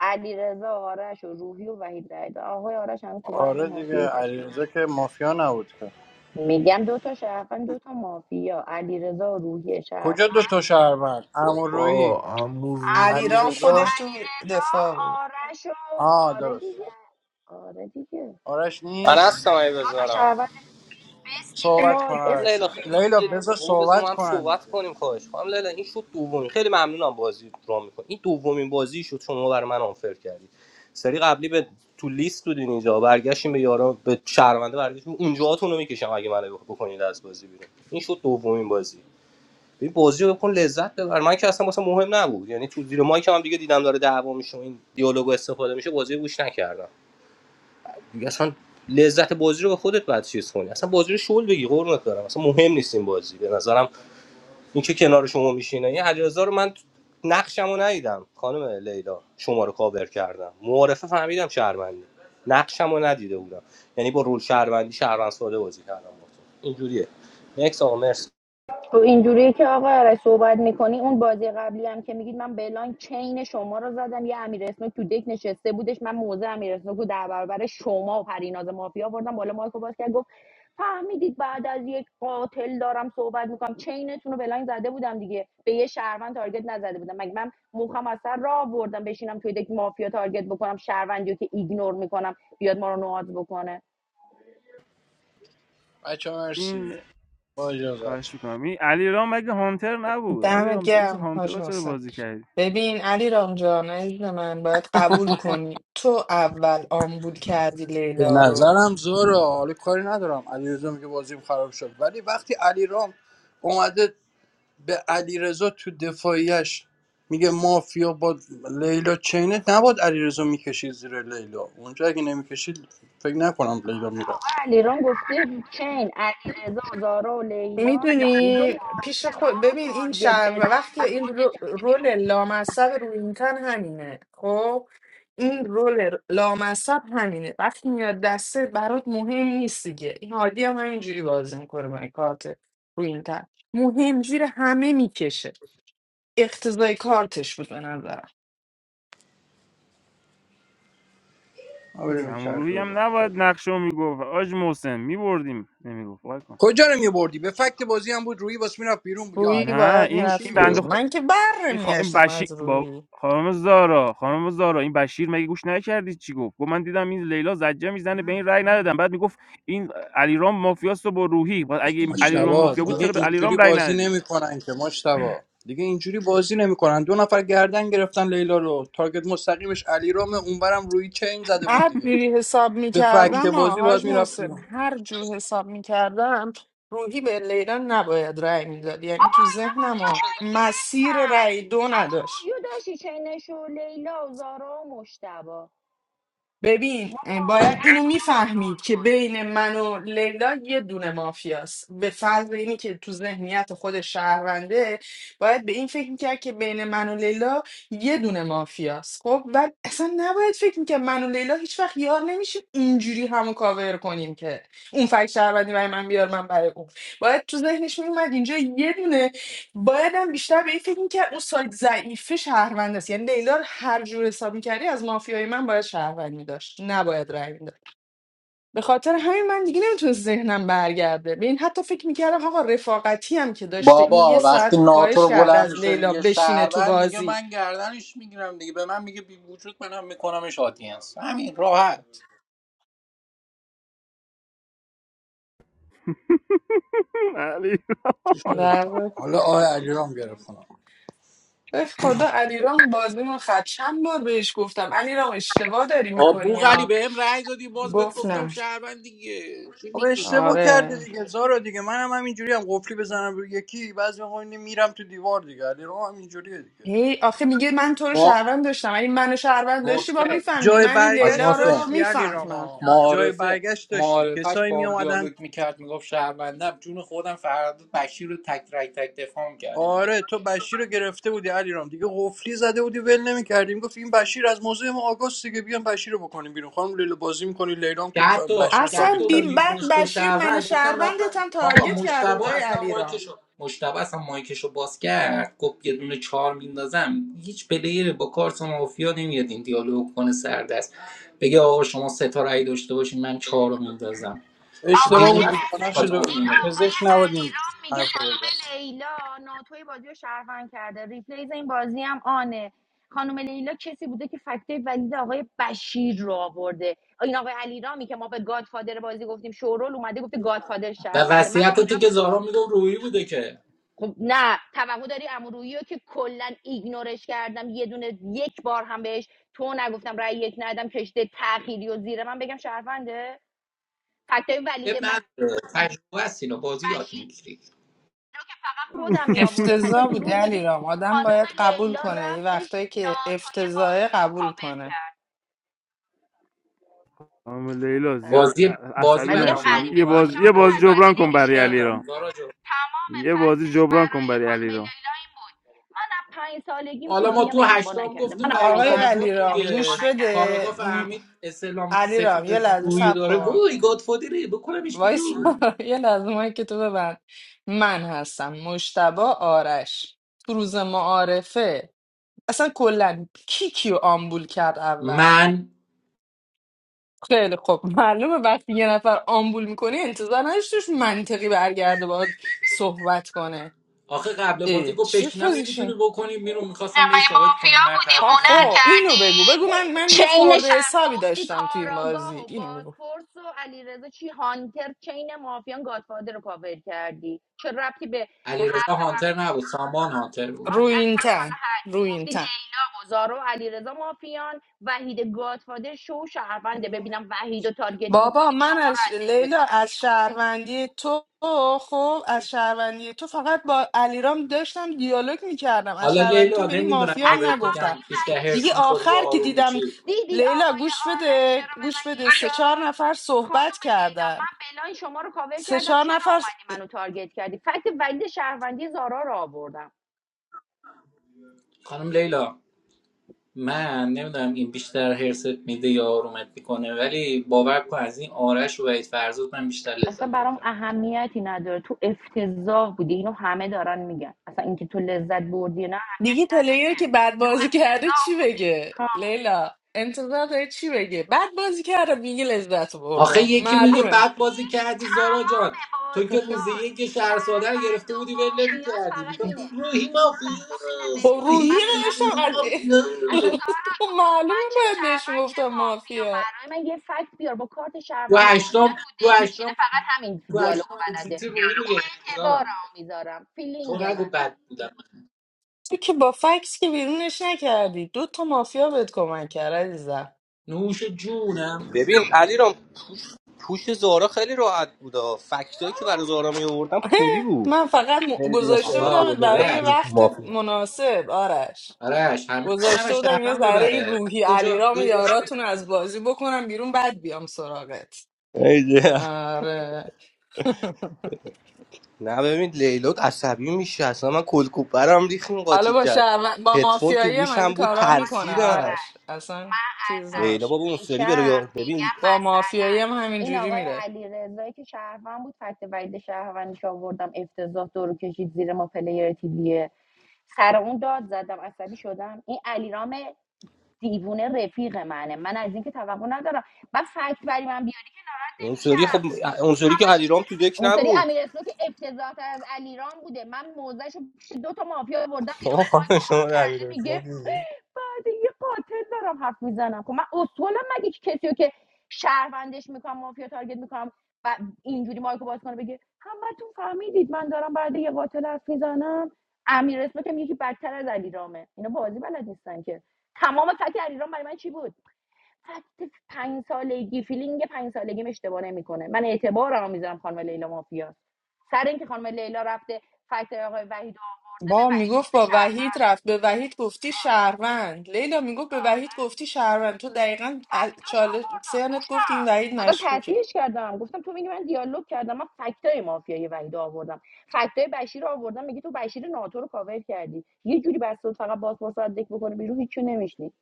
S6: علیرضا آرش و روحی و وحید رضا آقای آرش هنوز تو قهر
S13: آره دیگه
S6: مافیایی تشریف
S13: علیرضا
S6: داره
S13: که مافیا نبود که
S6: میگم دو تا شرفن دو تا مافیا علیرضا و روحی شرف
S13: کجا دو تا شهروند امروی
S14: بابا عمو
S6: اما
S14: روحی
S8: علیرام
S6: روحی
S14: کش
S6: و
S13: علیرضا
S8: خودش تو دفاع
S6: علیرضا
S8: بود
S6: آرش و
S13: آه
S6: آره
S13: درست
S6: دیگه آره دیگه
S13: آرش
S16: من
S13: نیست
S16: هستم اگه
S6: دو تا
S16: بذارم
S6: شرفن بستی که
S13: صحبت
S6: ما
S13: کن
S16: خانم
S13: آرش
S16: لیلا
S6: اسمشون
S13: جان.
S6: تو
S16: خیلی
S6: بازی
S13: لیلا
S16: دیگه
S6: نیاوردیم.
S13: بذار
S16: او بذار ما
S13: صحبت
S16: هم
S13: کنن
S16: صحبت
S13: دیگه
S16: کنیم خواهش خانم لیلا این شد دومین خیلی ممنونم بازی رو میکنم این دومین بازی شد شما برای من آنفر کردید سری قبلی به تو لیست بودین اینجا برگشتیم به یارا به شهرونده برگشتیم اونجاهاتون رو میکشم اگه منو بکنید از بازی بیرون این شد دومین بازی ببین بازی رو کن لذت ببر من که اصلا واسه مهم نبود یعنی تو زیر مایک هم دیگه دیدم داره دعوا میشه و این دیالوگو استفاده میشه بازی رو گوش نکردم دیگه اصلا لذت بازی رو به خودت بعد چیز کنی اصلا بازی رو شل بگی قربونت برم اصلا مهم نیست این بازی به نظرم اینکه که کنار شما میشینه این علیرضا رو من نقشمو ندیدم خانم لیلا شما رو کاور کردم معارفه فهمیدم شهروندی نقشمو ندیده بودم یعنی با رول شهروندی شهروند ساده بازی کردم با تو. اینجوریه نکس آقا مرسی.
S6: خب اینجوریه که آقا آرش صحبت میکنی اون بازی قبلی هم که میگید من بلاین چین شما رو زدم یه امیر اسنوک تو دک نشسته بودش من موزه امیر اسنوک رو در برابر شما و پریناز مافیا بردم بالا مایکو باز کرد گفت فهمیدید بعد از یک قاتل دارم صحبت میکنم چینتون رو بلاین زده بودم دیگه به یه شهروند تارگت نزده بودم مگه من مخم از سر راه بردم بشینم توی دک مافیا تارگت بکنم شهروندی رو که ایگنور میکنم بیاد ما رو نواز بکنه
S13: بچه مرسی
S5: این
S13: با اجازت
S5: خواهش می‌کنم این علیرام مگه هانتر نبود
S8: دمت
S5: علیرام تو مثل
S8: گرم حاج
S5: هانترها چرا
S8: محسن
S5: بازی کردی
S8: ببین علی رامجان عزیز من باید قبول کنی تو اول آمبول کردی
S13: به
S8: لیلا رو
S13: نظرم زوره حالا کاری ندارم علیرضا میگه بازیم خراب شد ولی وقتی علیرام اومده به علیرضا تو دفاعیش میگه مافیا با لیلا چینه نباد علیرضا میکشید زیر لیلا اونجا اگه نمیکشید فکر نکنم لیلا میره
S6: علیرام گفته چین علیرضا زارا و لیلان وحید
S8: میدونی پیش
S6: مافیا
S8: خود
S6: رو
S8: ببین این
S6: تارگت
S8: شهر
S6: بزنی
S8: وقتی این رو-
S6: خودت میری بیرون
S8: رول لامصب رو این تن همینه خب این رول لامصب همینه وقتی میاد دسته برات مهم نیست دیگه این هادی هم همینجوری بازی میکنه با این کارت رو این تن مهم زیر همه میکشه اقتضای کارتش بود به نظرم
S13: ما بریم یه چرخی
S5: امروحی هم
S13: بزنیم
S5: نباید نقشه رو میگفت آج محسن میبردیم نمیگفت وای کن
S13: کجا رو میبردی به فکت بازی هم بود روی واسه میرفت بیرون بود. یا
S8: روی
S13: علی رام
S5: نه
S8: باید
S13: دیگه
S5: این
S13: چی
S5: این
S8: میرفت
S13: میگی
S5: بنده
S8: بیرون
S5: خ-
S13: مشتبه
S8: من که بر
S5: این, خا... این
S8: میگشتم
S5: بشیر
S8: از
S5: با
S8: روی
S5: خانم زارا خانم زارا این بشیر مگه گوش نکردی چی گفت گفت من دیدم این لیلا زجه میزنه به این رأی ندادم بعد میگفت این علیرام مافیاست با روحی بعد اگه
S9: جای
S5: علیرام
S13: مشتبه
S9: من
S5: مافیا بود
S9: برای
S5: چرا
S13: دیگه
S5: به
S9: خدا.
S5: علیرام
S13: اینجوری
S5: رأی
S13: بازی
S5: ندادی
S13: نمیکنن که مشتبه دیگه اینجوری بازی نمیکنن دو نفر گردن گرفتن لیلا رو تارگت مستقیمش علی رام اونورم روی چین زده بود
S8: هر
S13: دیگه
S8: جوری حساب
S13: به فکت
S8: میکردم
S13: بازی باید
S8: آهاج
S13: میرفت
S8: محسن
S13: بیرون.
S8: هر جور حساب میکردم روحی به لیلا نباید رأی میداد یعنی
S6: بابا
S8: تو
S6: اینا با
S8: ذهنم ها
S6: جاهای دیگه
S8: مسیر
S6: بسن
S8: رأی دو
S6: اما
S8: نداشت
S6: روحیو داشتی چینش و لیلا و زارا و مشتبا
S8: ببین
S6: ما
S8: باید
S6: مافیاییم
S8: اینو
S6: شما رو
S8: میفهمید که بین من و لیلا یه دونه مافیاست به فرض اینی که تو ذهنیت خود شهرونده باید به این فکر میکرد که بین من و لیلا یه دونه مافیاست خب و اصلا نباید فکر میکرد من و لیلا هیچ وقت یار نمیشیم اینجوری همو کاور کنیم که اون فکر شهروندی برای من بیار من برای اون باید تو ذهنش میومد اینجا یه دونه باید هم بیشتر به این فکر میکرد اون سایت ضعیفه شهروند است یعنی لیلا رو هر جور حساب میکردی از مافیای من باید شهروند میداشت نباید رای میداد به خاطر همین من دیگه نمیتونست ذهنم برگرده به این حتی فکر میکردم آقا رفاقتی هم که داشته این یه
S12: بابا وقتی
S8: ساعت
S12: ناتو
S8: خواهش
S12: رو
S8: کرده
S12: بلند
S8: از
S12: میشه
S8: لیلا
S12: میگه
S8: بشینه تو
S12: شهروند دیگه
S8: بازی
S12: من گردنش میگیرم دیگه به من میگه بی وجود منم میکنمش آدینس همین راحت
S5: <laughs> علی
S13: چی شده؟
S8: نه
S13: حالا آه علیرام گرفتم
S8: به خدا علیرام بازیمون خد چند بار بهش گفتم علیرام اشتباه داری میکنی
S12: آبو علی
S8: ها
S12: به هم رأی دادی باز بهت
S8: گفت
S12: گفتم
S8: نه
S12: شهروند دیگه چی
S13: خب
S12: میگی
S13: اشتباه کرده
S8: آره
S13: دیگه زارا دیگه منم هم اینجوری هم قفلی بزنم روی یکی بعضی موقع اینه میرم تو دیوار دیگه علی هم اینجوریه دیگه
S8: هی آخه میگه من تو رو
S12: ما
S8: شهروند داشتم اگه منو شهروند داشتی با
S12: محسن
S8: میفهمدی
S13: جای
S8: من این
S12: از
S8: لیلا
S13: برگشت
S8: رو
S13: داشتی
S12: محسن
S13: علی
S8: میفهمم
S13: راما جای
S12: معارفه
S13: برگشت داشتی
S12: معارفش
S13: کسایی می
S12: با هم
S13: اومدن
S12: دیالوگ میکرد میگفت شهروندم جون خودم فردا بشیر رو تک رک تک دفاع میکردم
S13: آره تو بشیر رو گرفته بودی علی دیگه قفلی زده بودی ول نمیکردیم گفت این بشیر از موضوع ما آگاست دیگه بیام بشیر رو بکنیم بیرون خانم لیلا بازی میکنی لیلام
S12: که
S13: که ب-
S12: حتی
S13: بشیر رو
S12: که حتی
S8: اصلا
S13: تارگت کرد
S12: روی
S8: بیمبد
S12: بهش گفت
S8: بشیر من
S12: گفتم رفتم
S8: شهروندتم
S12: بابا
S8: تارگت کرده
S12: مشتبه
S8: بودای
S12: اصلا
S8: علیرام
S12: مایکشو مشتبه اصلا مایکشو باز کرد گفت یه دونه چهار میندازم هیچ پلیر با کارت مافیا نمیاد این دیالوگ کنه سردست بگه آقا شما سه تا رأی داشته باشین من چهار رو میندازم
S6: آقا
S13: اشتباه
S6: یه
S12: دیوونه
S13: بود دیگه
S12: است
S13: با
S12: که
S6: لحظه
S13: نقش
S12: کارت
S13: دو...
S12: مافیا
S6: این
S12: میاد.
S6: آقای
S13: پزشک نبودین
S6: علیرام میگه
S13: حرفو
S6: خانم
S13: بزنی.
S6: لیلا ناتوی بازی رو شهروند کرده ریپلیز این بازی هم آنه خانم لیلا کسی بوده که فکته ولید آقای بشیر رو آورده این آقای علیرامی که ما به گادفادر بازی گفتیم شورول اومده گفته گادفادر
S12: و
S6: شهرونده من
S12: وصیت تو که
S6: کجا
S12: زارا میگم روحی بوده که
S6: خب نه توقع داری امرویی رو که کلا ایگنورش کردم یه دونه یک بار هم بهش تو نگفتم رأی یک ندم کشته تأخیری و زیر من بگم شهرونده فکتای
S12: اب
S6: ولید ب...
S12: نداره تجربه است اینو بازی یاد
S6: بشیر
S12: میگیری
S6: رو که فقط خودم می آوردم پس چرا
S8: افتضاح بوده
S6: دروغ میگیم
S8: علیرام آدم
S6: خانم
S8: باید قبول
S6: لیلا
S8: کنه یه
S6: رفتش
S8: وقتایی که
S6: ناتوی
S8: افتضاحه
S6: بازی رو
S8: قبول
S6: کاور
S8: کنه
S6: کرد
S5: خانم لیلا زیاد
S6: مسخره
S12: بازی بازی
S5: عصبی
S6: بعد میگم
S12: بدم
S5: نشه
S12: قبول
S6: غریبه
S5: یه
S12: کنم
S5: باز
S6: باشه
S12: که
S5: یه
S6: آدم
S5: بازی
S12: بازی بدم
S6: عصبی
S5: جبران کن
S12: قبول
S5: برای
S6: نمیشه
S5: علی
S12: کردم
S5: را
S12: زارا
S6: تمام
S5: یه بازی
S6: فکتش
S5: جبران کن
S6: برای
S5: برای علی
S6: خانم لیلا
S5: را
S6: این بود من از پنج سالگیم
S12: حالا ما
S6: فیلینگم
S12: تو
S6: اشتباه
S12: هشتم
S6: نکرده
S12: گفتیم
S6: من از
S12: وحید
S6: پنج
S8: آقای
S6: سالگی
S12: فرزاد
S6: فیلینگم
S8: علیرام
S6: اشتباه
S12: دیگه
S8: گوش
S6: نکرده
S12: کاراگاه
S8: بده م،
S12: فهمید اسلام سفید
S8: علیرام یه لحظه
S12: روی
S8: صبر
S12: داره
S8: کن
S12: وای گادفادره بکنمش
S8: وایس
S12: بیرون
S8: <laughs> یه لحظه که تو ببند من هستم مشتبه آرش تو روز معارفه اصلا کلا کی کیو آمبول کرد اول
S12: من
S8: خیلی خب معلومه وقتی یه نفر آمبول میکنه انتظار نداشت توش منطقی برگرده باید صحبت کنه
S12: آخه قبل بازی
S8: اه
S12: گفت
S8: چه
S12: بشینم نمیتونی
S8: پوزیشن
S12: بکنی بیرون
S6: نه
S12: میخواستم به
S6: مگه
S12: ثابت کنم
S6: مافیا
S12: مرد
S6: بودی
S12: حرف
S8: ها
S12: بزنه
S6: هنر
S8: خب
S12: میتونم
S8: اینو بگو بگو من
S6: کردی
S8: من یه
S6: چین
S8: خورده
S6: هم
S8: حسابی
S6: گفتی
S8: داشتم تو این
S6: کاراگاه
S8: بازی
S6: و
S8: اینو بگو
S6: بازپرس و علیرضا چی هانتر چین مافیان گادفادر رو کاور کردی چه ربطی به
S12: علیرضا
S6: حرف قبل
S12: هانتر نبود سامان هانتر بود
S6: آ- اصلا حالا
S8: روینتن
S6: هرکی گفتی
S8: روینتن
S6: لیلا و زارا و علیرضا مافیان وحید گادفادر شو و شهرونده ببینم وحید رو تارگت
S8: بابا
S6: میکنی
S8: من
S6: شما
S8: از
S6: ردک
S8: لیلا
S6: میکنم
S8: از
S6: بیرون
S8: شهروندی تو خب از شهروندی تو فقط با علیرام داشتم دیالوگ میکردم از
S12: حالا
S8: شهروندی تو
S12: لیلا
S8: به این
S12: نمیدونم اینو
S8: مافیام
S6: اصلا
S12: بهت
S6: بابا
S8: نگفتم
S12: بگم
S6: این
S12: بیشتر
S6: وحید شو
S12: هرس
S8: دیگه
S12: میخوری یا
S8: آخر
S6: بود
S8: که
S12: آروم میشی
S8: دیدم
S6: دیدی
S8: لیلا
S6: آقای
S8: گوش
S6: آرش
S8: بده
S6: چرا به من
S8: گوش بده
S6: یک
S8: سه چهار
S6: داد
S8: نفر صحبت
S6: خانم لیلا
S8: کردن
S6: من بلای شما رو کاور
S8: سه
S6: کردم
S8: چهار
S6: چرا
S8: نفر
S6: اومدی منو تارگت کردی فکت ولید شهروندی زارا رو آوردم
S12: خانم لیلا من نمیدونم این بیشتر هرست میده یا آرومت میکنه ولی باور کن از این آرش و وحید فرزاد من بیشتر
S6: اصلا
S12: لذت بردم
S6: برام اهمیتی نداره تو افتضاح بودی اینو همه دارن میگن اصلا اینکه تو لذت بردی نه
S8: دیگه
S6: اهمیتی نداره
S8: پلیر
S6: که
S8: که بد
S6: تو
S8: بازی کرده
S6: افتضاح
S8: چی
S6: بودی
S8: بگه
S6: هم.
S8: لیلا انتظار داره چی بگه بد بازی کرده میگه لذت
S12: آخه
S8: بردم
S12: یکی میگه
S6: آخه
S8: معلومه
S12: بد
S6: دیدی
S12: بازی کردی زارا
S6: تمام
S12: جان تو که روز
S6: بازیاش
S12: یک شهرساده رو
S6: شهروند
S12: گرفته
S6: و
S12: بودی ول نمی
S6: مافیاس
S12: کردی
S6: فقط
S8: <laughs>
S12: میگفتی
S6: اینه
S12: روحی
S6: ف... آخه نه
S12: مافیوس
S6: ببین
S8: خب
S6: ز-
S8: روحی
S6: من
S12: روحی
S6: میگم
S8: نوشتم
S12: روحی
S8: از
S12: مافیوس
S6: اصلا زارا
S8: <laughs> خب
S6: تو بگو
S8: معلومه
S6: من چه
S8: باید بهش
S6: شهروند چه
S8: میگفتم
S6: مافیا
S8: مافیا
S6: برای من یه فکت بیار با کارت
S12: تو
S6: شهروند و مافیا
S12: هشتم
S6: تو
S12: تو
S6: دک میشینه
S12: هشتم
S6: فقط همین
S12: تو
S6: دیالوگو
S12: هشتم
S6: بلده
S12: اگزیتی روحی رو گرفتی زارا
S6: اعتبارم میذارم
S12: تو
S6: فیلینگ
S12: نگو
S6: من
S12: بد بودم
S8: تو که با فکس که بیرونش نکردی دو تا مافیا بهت کمک کرد عزیزم
S12: نوش جونم
S16: ببین علی رام پوش, پوش زارا خیلی راحت بود ها. فکتایی که برای زارا می آوردم
S8: <laughs>
S16: پولی بود
S8: من فقط م-
S16: نمیدونست که
S8: گذاشته
S16: این تو
S12: بابا
S16: و
S8: بودم
S16: لیلا
S8: برای یه
S12: آرش
S16: کدوم تو
S8: وقت
S16: مافی
S8: مناسب آرش
S12: آرش همیشه نباید
S8: گذاشته بودم یه
S12: شرفم
S8: ذره این
S12: ببره بعد
S8: روحی
S12: یه جا
S8: علیرام و
S12: یه جا-
S8: یاراتون رو از بازی بکنم بیرون بعد بیام سراغت آره <laughs>
S16: نه ببین لیلا عصبی میشه اصلا من کلکوپ برم ریخیم قاطی
S8: حالا با
S16: کرد
S8: شهر... با
S16: هدفون تو
S8: مافیایی هم از این
S16: گوشم بود
S8: کارا میکنه
S6: آقای
S16: ترسیدم
S8: آرش
S6: آرش
S8: اصلا
S6: من
S8: چیز
S16: لیلا
S8: نباشه
S6: عصبی
S16: بابا اون سری برو
S6: میشم
S16: یا- ببین
S6: میگم
S8: با مافیایی هم
S6: مثلا این
S8: همینجوری
S6: آقای
S8: میره
S6: علی رضایی که شهروند بود فکت وید شهروندیش آوردم افتضاح دورو کشید زیر ما پلیر تیویه سر اون داد زدم عصبی شدم این علیرام دیوونه رفیق منه من از این که توقع ندارم بعد فکت برای من بیاری که ناراحت
S16: اون سری
S6: نمیشم
S16: خب اون سری که
S6: همش
S16: علیرام
S6: اینجوری
S16: تو
S6: میگه
S16: دک
S6: اون
S16: نبود
S6: سری اسلو که افتضاح از علیرام بوده من موزش رو دو تا مافیا بردم
S16: آقا
S6: بیرون
S16: خانم
S6: مایکو
S16: شما
S6: باز
S16: رو
S6: کرده میگه
S16: امیرحسین دیدی؟
S6: بعد یه قاتل دارم حرف میزنم خب من اصولم مگه که کسی که شهروندش میکنم مافیا تارگت میکنم و اینجوری مایکو باز کنه بگه همتون فهمیدید من دارم بعد یه قاتل حرف میزنم امیر که میگه که بدتر از علیرامه اینا بازی بلد نیستن که تمام فکر علیرام برای من چی بود فکت پنج سالگی فیلینگ پنج سالگیم اشتباه نمیکنه من اعتبار رو میذارم خانم لیلا مافیا سر اینکه خانم لیلا رفته فکت آقای وحید آورده به
S8: با
S6: وحید
S8: میگفت
S6: گفته
S8: با وحید
S6: شهروند
S8: رفت به وحید گفتی
S6: آره
S8: شهروند لیلا میگفت به وحید گفتی شهروند تو دقیقا از
S6: فکتاش
S8: چاله
S6: آوردم
S8: سرنت گفتی این
S6: گفتم
S8: وحید
S6: خدا
S8: مشکوکه
S6: تصحیحش کردم گفتم تو میگی من دیالوگ کردم من فکتای مافیای وحید آوردم فکتای بشیر رو آوردم میگی تو بشیر ناتو رو کاور کردی یه جوری بس شد فقط باز باز دک بکنه بیرون هیچ نمیشنی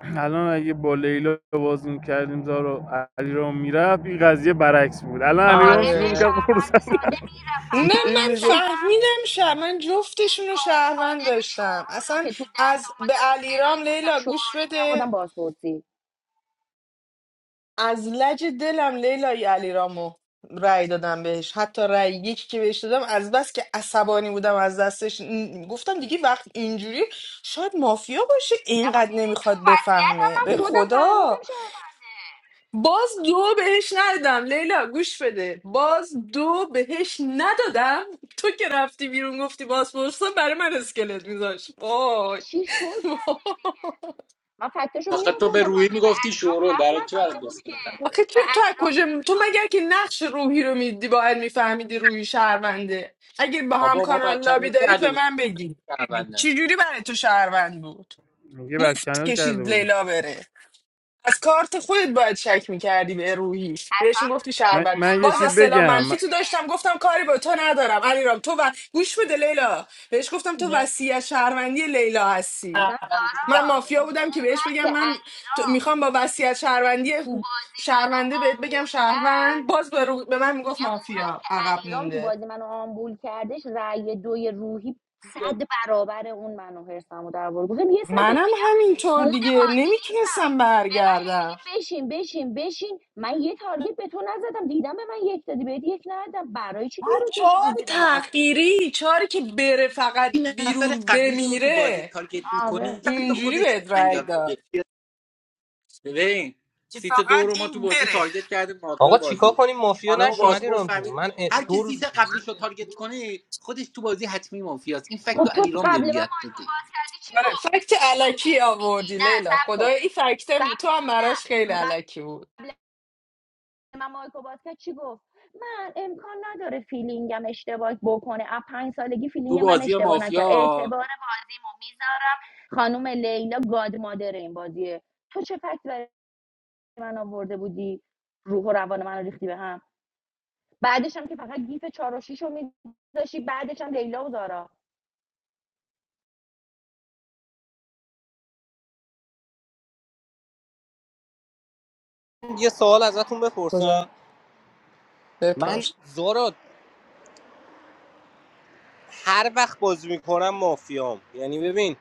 S5: الان اگه با لیلا باز میکردیم زارا علی را میرفت این قضیه برعکس بود الان علی رام شروع
S6: آره
S5: میکرد
S8: آره
S5: قرص
S6: شهروند ساده میره
S8: نه
S5: <laughs> این
S6: فدای
S8: من
S5: میگفت
S6: سرم
S8: فهمیدم شه من
S6: این
S8: جفتشون رو شهروند
S6: گادفادر
S8: داشتم
S6: شورول رو
S8: اصلا
S6: که تو ده تا
S8: از به
S6: اومدم رو بلاین
S8: علیرام
S6: گفتم
S8: لیلا گوش
S6: شورولی می
S8: بده
S6: آوردم بازپرسی
S8: از لج دلم لیلای علیرامو رأی دادم بهش حتی رأی یکی که بهش دادم از بس که عصبانی بودم از دستش م، گفتم دیگه وقت اینجوری شاید مافیا باشه
S6: نبا
S8: اینقدر
S6: دیدی تو
S8: نمیخواد
S6: وضعیت هم
S8: بفهمه
S6: من
S8: به
S6: خودم فهمیدم
S8: خدا
S6: شهرونده
S8: باز دو بهش ندادم لیلا گوش بده باز دو بهش ندادم تو که رفتی بیرون گفتی باز پرسا برای من اسکلت میذاش وای
S6: چی شو کردش دیگه من فکتش رو می
S12: آخه تو به
S6: آوردم
S12: روحی
S6: راجع به
S12: میگفتی
S6: انیرام
S12: شورول
S6: حرف
S12: برای چی برات
S6: نزده بود
S12: دوست
S6: که
S12: بتن؟
S8: آخه
S6: به
S8: چه- تو از
S6: انیرام
S8: کجا می-
S6: یک
S8: تو
S6: داد
S8: مگر که نقش روحی رو میدی باید میفهمیدی روحی شهرونده اگه با هم
S12: بابا ما
S8: کانال
S12: بچه‌مه
S8: لابی دارید
S12: کرده
S8: به من بگید
S12: بودیم
S8: چجوری برای تو شهروند بود
S5: یه بک
S8: مفت
S5: چنل کرده
S8: کشید
S5: بودیم
S8: لیلا بره از کارت خودت باید شک میکردی به روحی بهش
S6: اصلا
S8: میگفتی
S5: من,
S8: شهروند
S5: من یه
S8: باز
S5: چی
S8: اصطلاح
S5: بگم
S8: منفی تو داشتم گفتم کاری با تو ندارم علیرام تو و گوش بده لیلا بهش گفتم تو وسیع شهروندی لیلا هستی
S6: اصلا
S8: من مافیا بودم که بهش
S6: زد
S8: بگم
S6: که
S8: من تو-
S6: انیرام
S8: میخوام با وصیت شهروندی
S6: تو بازی منو
S8: شهرونده بهت بگم
S6: آمبول کرد
S8: شهروند باز به, رو- به من میگفت
S6: میگم اونقدر
S8: مافیا
S6: که
S8: عقب
S6: علیرام تو
S8: مونده
S6: بازی منو آمبول کردش رأی دوی روحی صد برابر اون منو هرسم و در آورد. گفتم یه صد بهت
S8: منم
S6: میگم
S8: همینطور
S6: مود
S8: دیگه
S6: بازی نیستم
S8: نمیتونستم
S6: به من هی میگه
S8: برگردم
S6: بشین بشین بشین من یه تارگت به تو نزدم دیدم به من یک دادی بهت یک ندادم برای چی
S8: بعد
S6: دورو کشیدی
S8: چهار
S6: زیر من
S8: تغییری چهاری که بره فقط
S12: این نفر
S8: بیرون
S12: قبلیش رو تو بازی
S8: بمیره
S12: تارگت میکنه
S6: آره
S12: فقط
S8: اینجوری
S12: خودش به
S8: بهت
S12: من
S8: رای
S12: یاد بده.
S8: داد
S12: ببین
S8: که
S12: سیت دو رو
S8: فقط
S12: ما تو
S8: این
S12: بازی
S8: بره
S12: تارگت کردیم ماتای
S16: آقا چیکار
S12: بازی
S16: کنیم مافیا
S12: خانم
S16: نشیم
S12: بازپورس
S16: علیرام جون
S12: فهمید
S16: من اه،
S12: هر کی
S16: دو روز
S12: سیت قبلیش رو تارگت کنه خودش تو بازی حتمی مافیاست این فکت تو
S6: خب تو
S12: علیرام
S6: قبل
S12: بهم
S6: من
S12: یاد
S6: مایکو
S12: دادی
S6: باز کردی چی
S8: آره
S6: گفتی
S8: فکت
S6: چه تو
S8: علکی
S6: پرت میگی
S8: آوردی
S6: نه
S8: لیلا
S6: سب کن
S8: خدای این فکت
S6: سب
S8: تو هم
S6: کن
S8: براش خیلی
S6: نه قبل
S8: علکی بود
S6: من مایکو باز کرد چی گفت من امکان نداره فیلینگم اشتباه بکنه از پنج سالگی
S12: تو
S6: فیلینگ من
S12: بازی
S6: اشتباه نکرد اعتبار
S12: مافیا
S6: بازیمو میذارم خانم لیلا گاد مادر این بازیه تو چه فکت برای من آورده بودی روح و روان من رو ریختی به هم بعدش هم که فقط گیف چهار و شیش رو میذاشی بعدش هم لیلا و زارا
S16: یه سوال ازتون بپرسم
S8: خدا
S16: من
S8: بپرس
S16: زورا هر وقت بازی میکنم مافیام یعنی ببین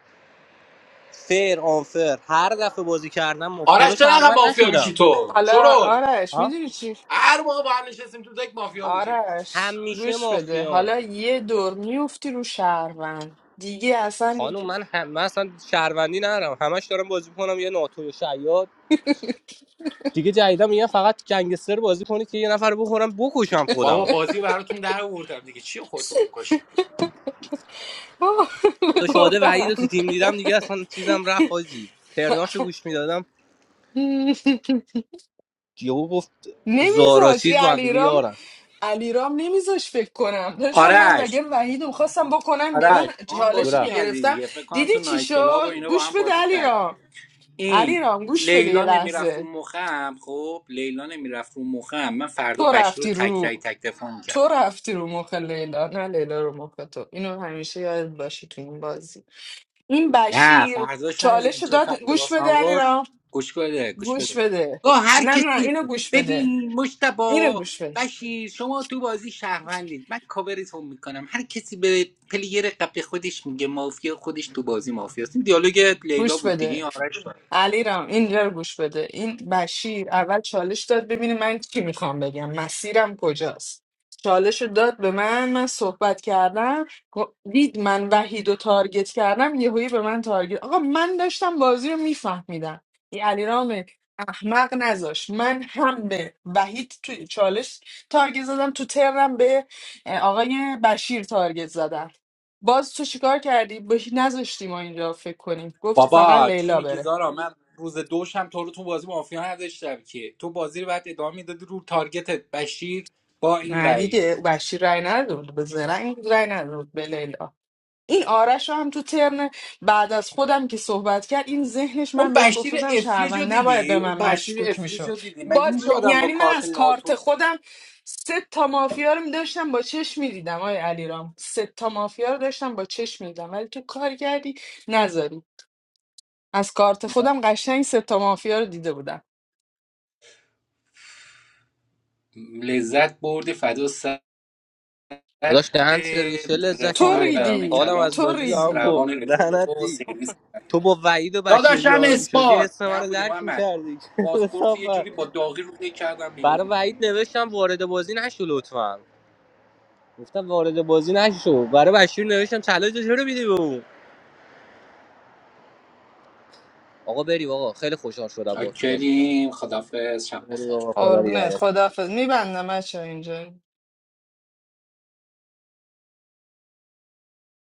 S16: فیر آنفر هر دفعه بازی کردم ما-
S12: آرش
S16: پلو
S12: تو نقم
S16: شهروند
S12: مافیا میشی
S16: نشدم
S12: تو
S8: حالا
S12: شرول
S8: آرش
S16: ها
S8: میدونی چی
S12: هر موقع با هم نشستیم تو دک مافیا بودی
S8: آرش
S16: همیشه
S8: گوش بده
S16: مافیام
S8: حالا یه دور میفتی رو شهروند دیگه اصلا
S16: خانم من, هم... من اصلا شهروندی ندارم همش دارم بازی میکنم یه ناتو یا شیاد دیگه جدیدا میگن فقط گنگستر بازی کنید که یه نفر رو بخورم بکشم
S12: بابا
S16: خودمو
S12: بازی براتون در آوردم دیگه چی خودتو
S8: <laughs>
S12: بکشی
S8: با
S16: خدا شاده وحید
S8: بودن
S16: رو تو تیم دیدم دیگه اصلا چیزم رفت حاجی پرناشو گوش میدادم یهو گفت زارا
S8: نمیذاش <laughs>
S16: چیز
S8: یه
S16: با هم دیگه
S8: علیرام
S16: یارن
S8: علیرام نمیذاش فکر کنم داشتم من
S12: آرش
S8: وگر وحید رو خواستم بکنم بیرون
S12: آرش ما هم بازی
S8: چالشی
S16: جورا
S8: که
S12: کردی
S8: گرفتم
S12: دیگه فکر کنم
S8: دیدی
S12: تو
S8: چی
S12: نایت کلاب و
S8: شد
S12: اینا با
S8: گوش
S12: هم
S8: بده
S12: بازی کردیم
S8: علیرام
S12: این
S8: علیرام گوش بده یه
S12: لیلا نمیرفت رو
S8: لحظه
S12: مخم خب لیلا نمیرفت رو مخم من فردا
S8: تو
S12: بشیر رو
S8: رفتی
S12: تکرای
S8: رو
S12: تک دفاع میکرد
S8: تو رفتی رو مخ لیلا نه لیلا رو مخ تو اینو همیشه یاد باشی تو این بازی این
S12: نه
S8: بشیر
S12: فرداش ندیدیم
S8: چالش
S12: چه
S8: داد
S12: فکت
S8: گوش
S12: واسه من
S8: بده علی
S12: آورد
S8: را
S12: گوش بده گوش
S8: گوش
S12: بده
S8: بده
S12: با هر
S8: نه نه
S12: کسی
S8: اینو گوش بده
S12: ببین
S8: اینو
S12: مشتبا
S8: گوش بده
S12: بشیر شما تو بازی شهروندید من کاورتون میکنم هر کسی به پلیر قبل خودش میگه مافیا خودش تو بازی مافیاست این دیالوگ لیلا
S8: گوش
S12: بود دیگه
S8: بده
S12: این آرش
S8: علیرام اینجا رو گوش بده این بشیر اول چالش داد ببینه من چی میخوام بگم مسیرم کجاست چالش رو داد به من من صحبت کردم گو- دید من وحید و تارگت کردم یهویی به من تارگت آقا من داشتم بازی رو میفهمیدم این علیرام احمق نذاش من هم به وحید تو چالش تارگت زدم تو ترم به اه، آقای بشیر تارگت زدم باز تو چیکار کردی؟ به نذاشتی ما اینجا فکر کنیم گفتی فقط
S12: بابا چی
S8: لیلا
S12: میگی
S8: بره
S12: زارا من روز دوشم تو رو تو بازی مافیا نداشتم که تو بازی رو بعد ادامه میدادی رو تارگتت بشیر با این
S8: نه
S12: وعید
S8: دیگه بشیر رای نداده بود به زرنگ رای نداده بود به لیلا این آرش رو هم تو ترن بعد از خودم که صحبت کرد این ذهنش من
S12: اون
S8: بهش گفت
S12: بشیر
S8: بودم
S12: افلیج رو
S8: شهروند نباید
S12: دیدی
S8: به
S12: اون
S8: من
S12: بشیر
S8: مشکوک
S12: افلیج رو
S8: میشد
S12: دیدی مگه
S8: باز
S12: میشه
S8: ب-
S12: آدم با
S8: یعنی من
S12: کارت
S8: از کارت
S12: ناتو
S8: خودم سه تا مافیا رو داشتم با چشم میدیدم آقای علیرام سه تا مافیا رو داشتم با چشم میدیدم ولی تو کار کردی نذاری از کارت
S12: م-
S8: خودم قشنگ سه تا مافیا رو دیده بودم
S12: لذت برده فدا سر
S16: داداش دهن سرویس چه لذتی
S8: تو
S12: رفاقت برای
S16: بردم
S12: من
S8: ریدی
S16: حالم
S12: کلام
S16: از
S8: تو
S16: بازی به
S12: نیست
S16: هم
S8: ریدی
S16: خورد
S12: روان رفیق
S16: لعنت
S12: تو
S16: دی
S12: سرویس
S16: تو با وحید و بشیر
S12: داداشم
S16: یار میشدی
S12: اثبات
S16: حس منو
S12: نبوده
S16: درک
S12: محمد
S16: میکردی
S12: پاسپورت رو یه جوری
S16: <laughs>
S12: با داغی رو کردم
S16: برای
S12: بیرون
S16: وحید نوشتم وارد بازی نشو لطفا گفتم وارد بازی نشو برای بشیر نوشتم چالش چرا میدی به اون آقا بریم آقا خیلی خوشحال شدم با تو بازی
S12: کریم
S16: کردم
S12: خدافظ شب
S16: بریم
S12: بخیر
S16: آقا خدا رو یارت.
S8: قربونت خداحافظ میبندم بچه اینجا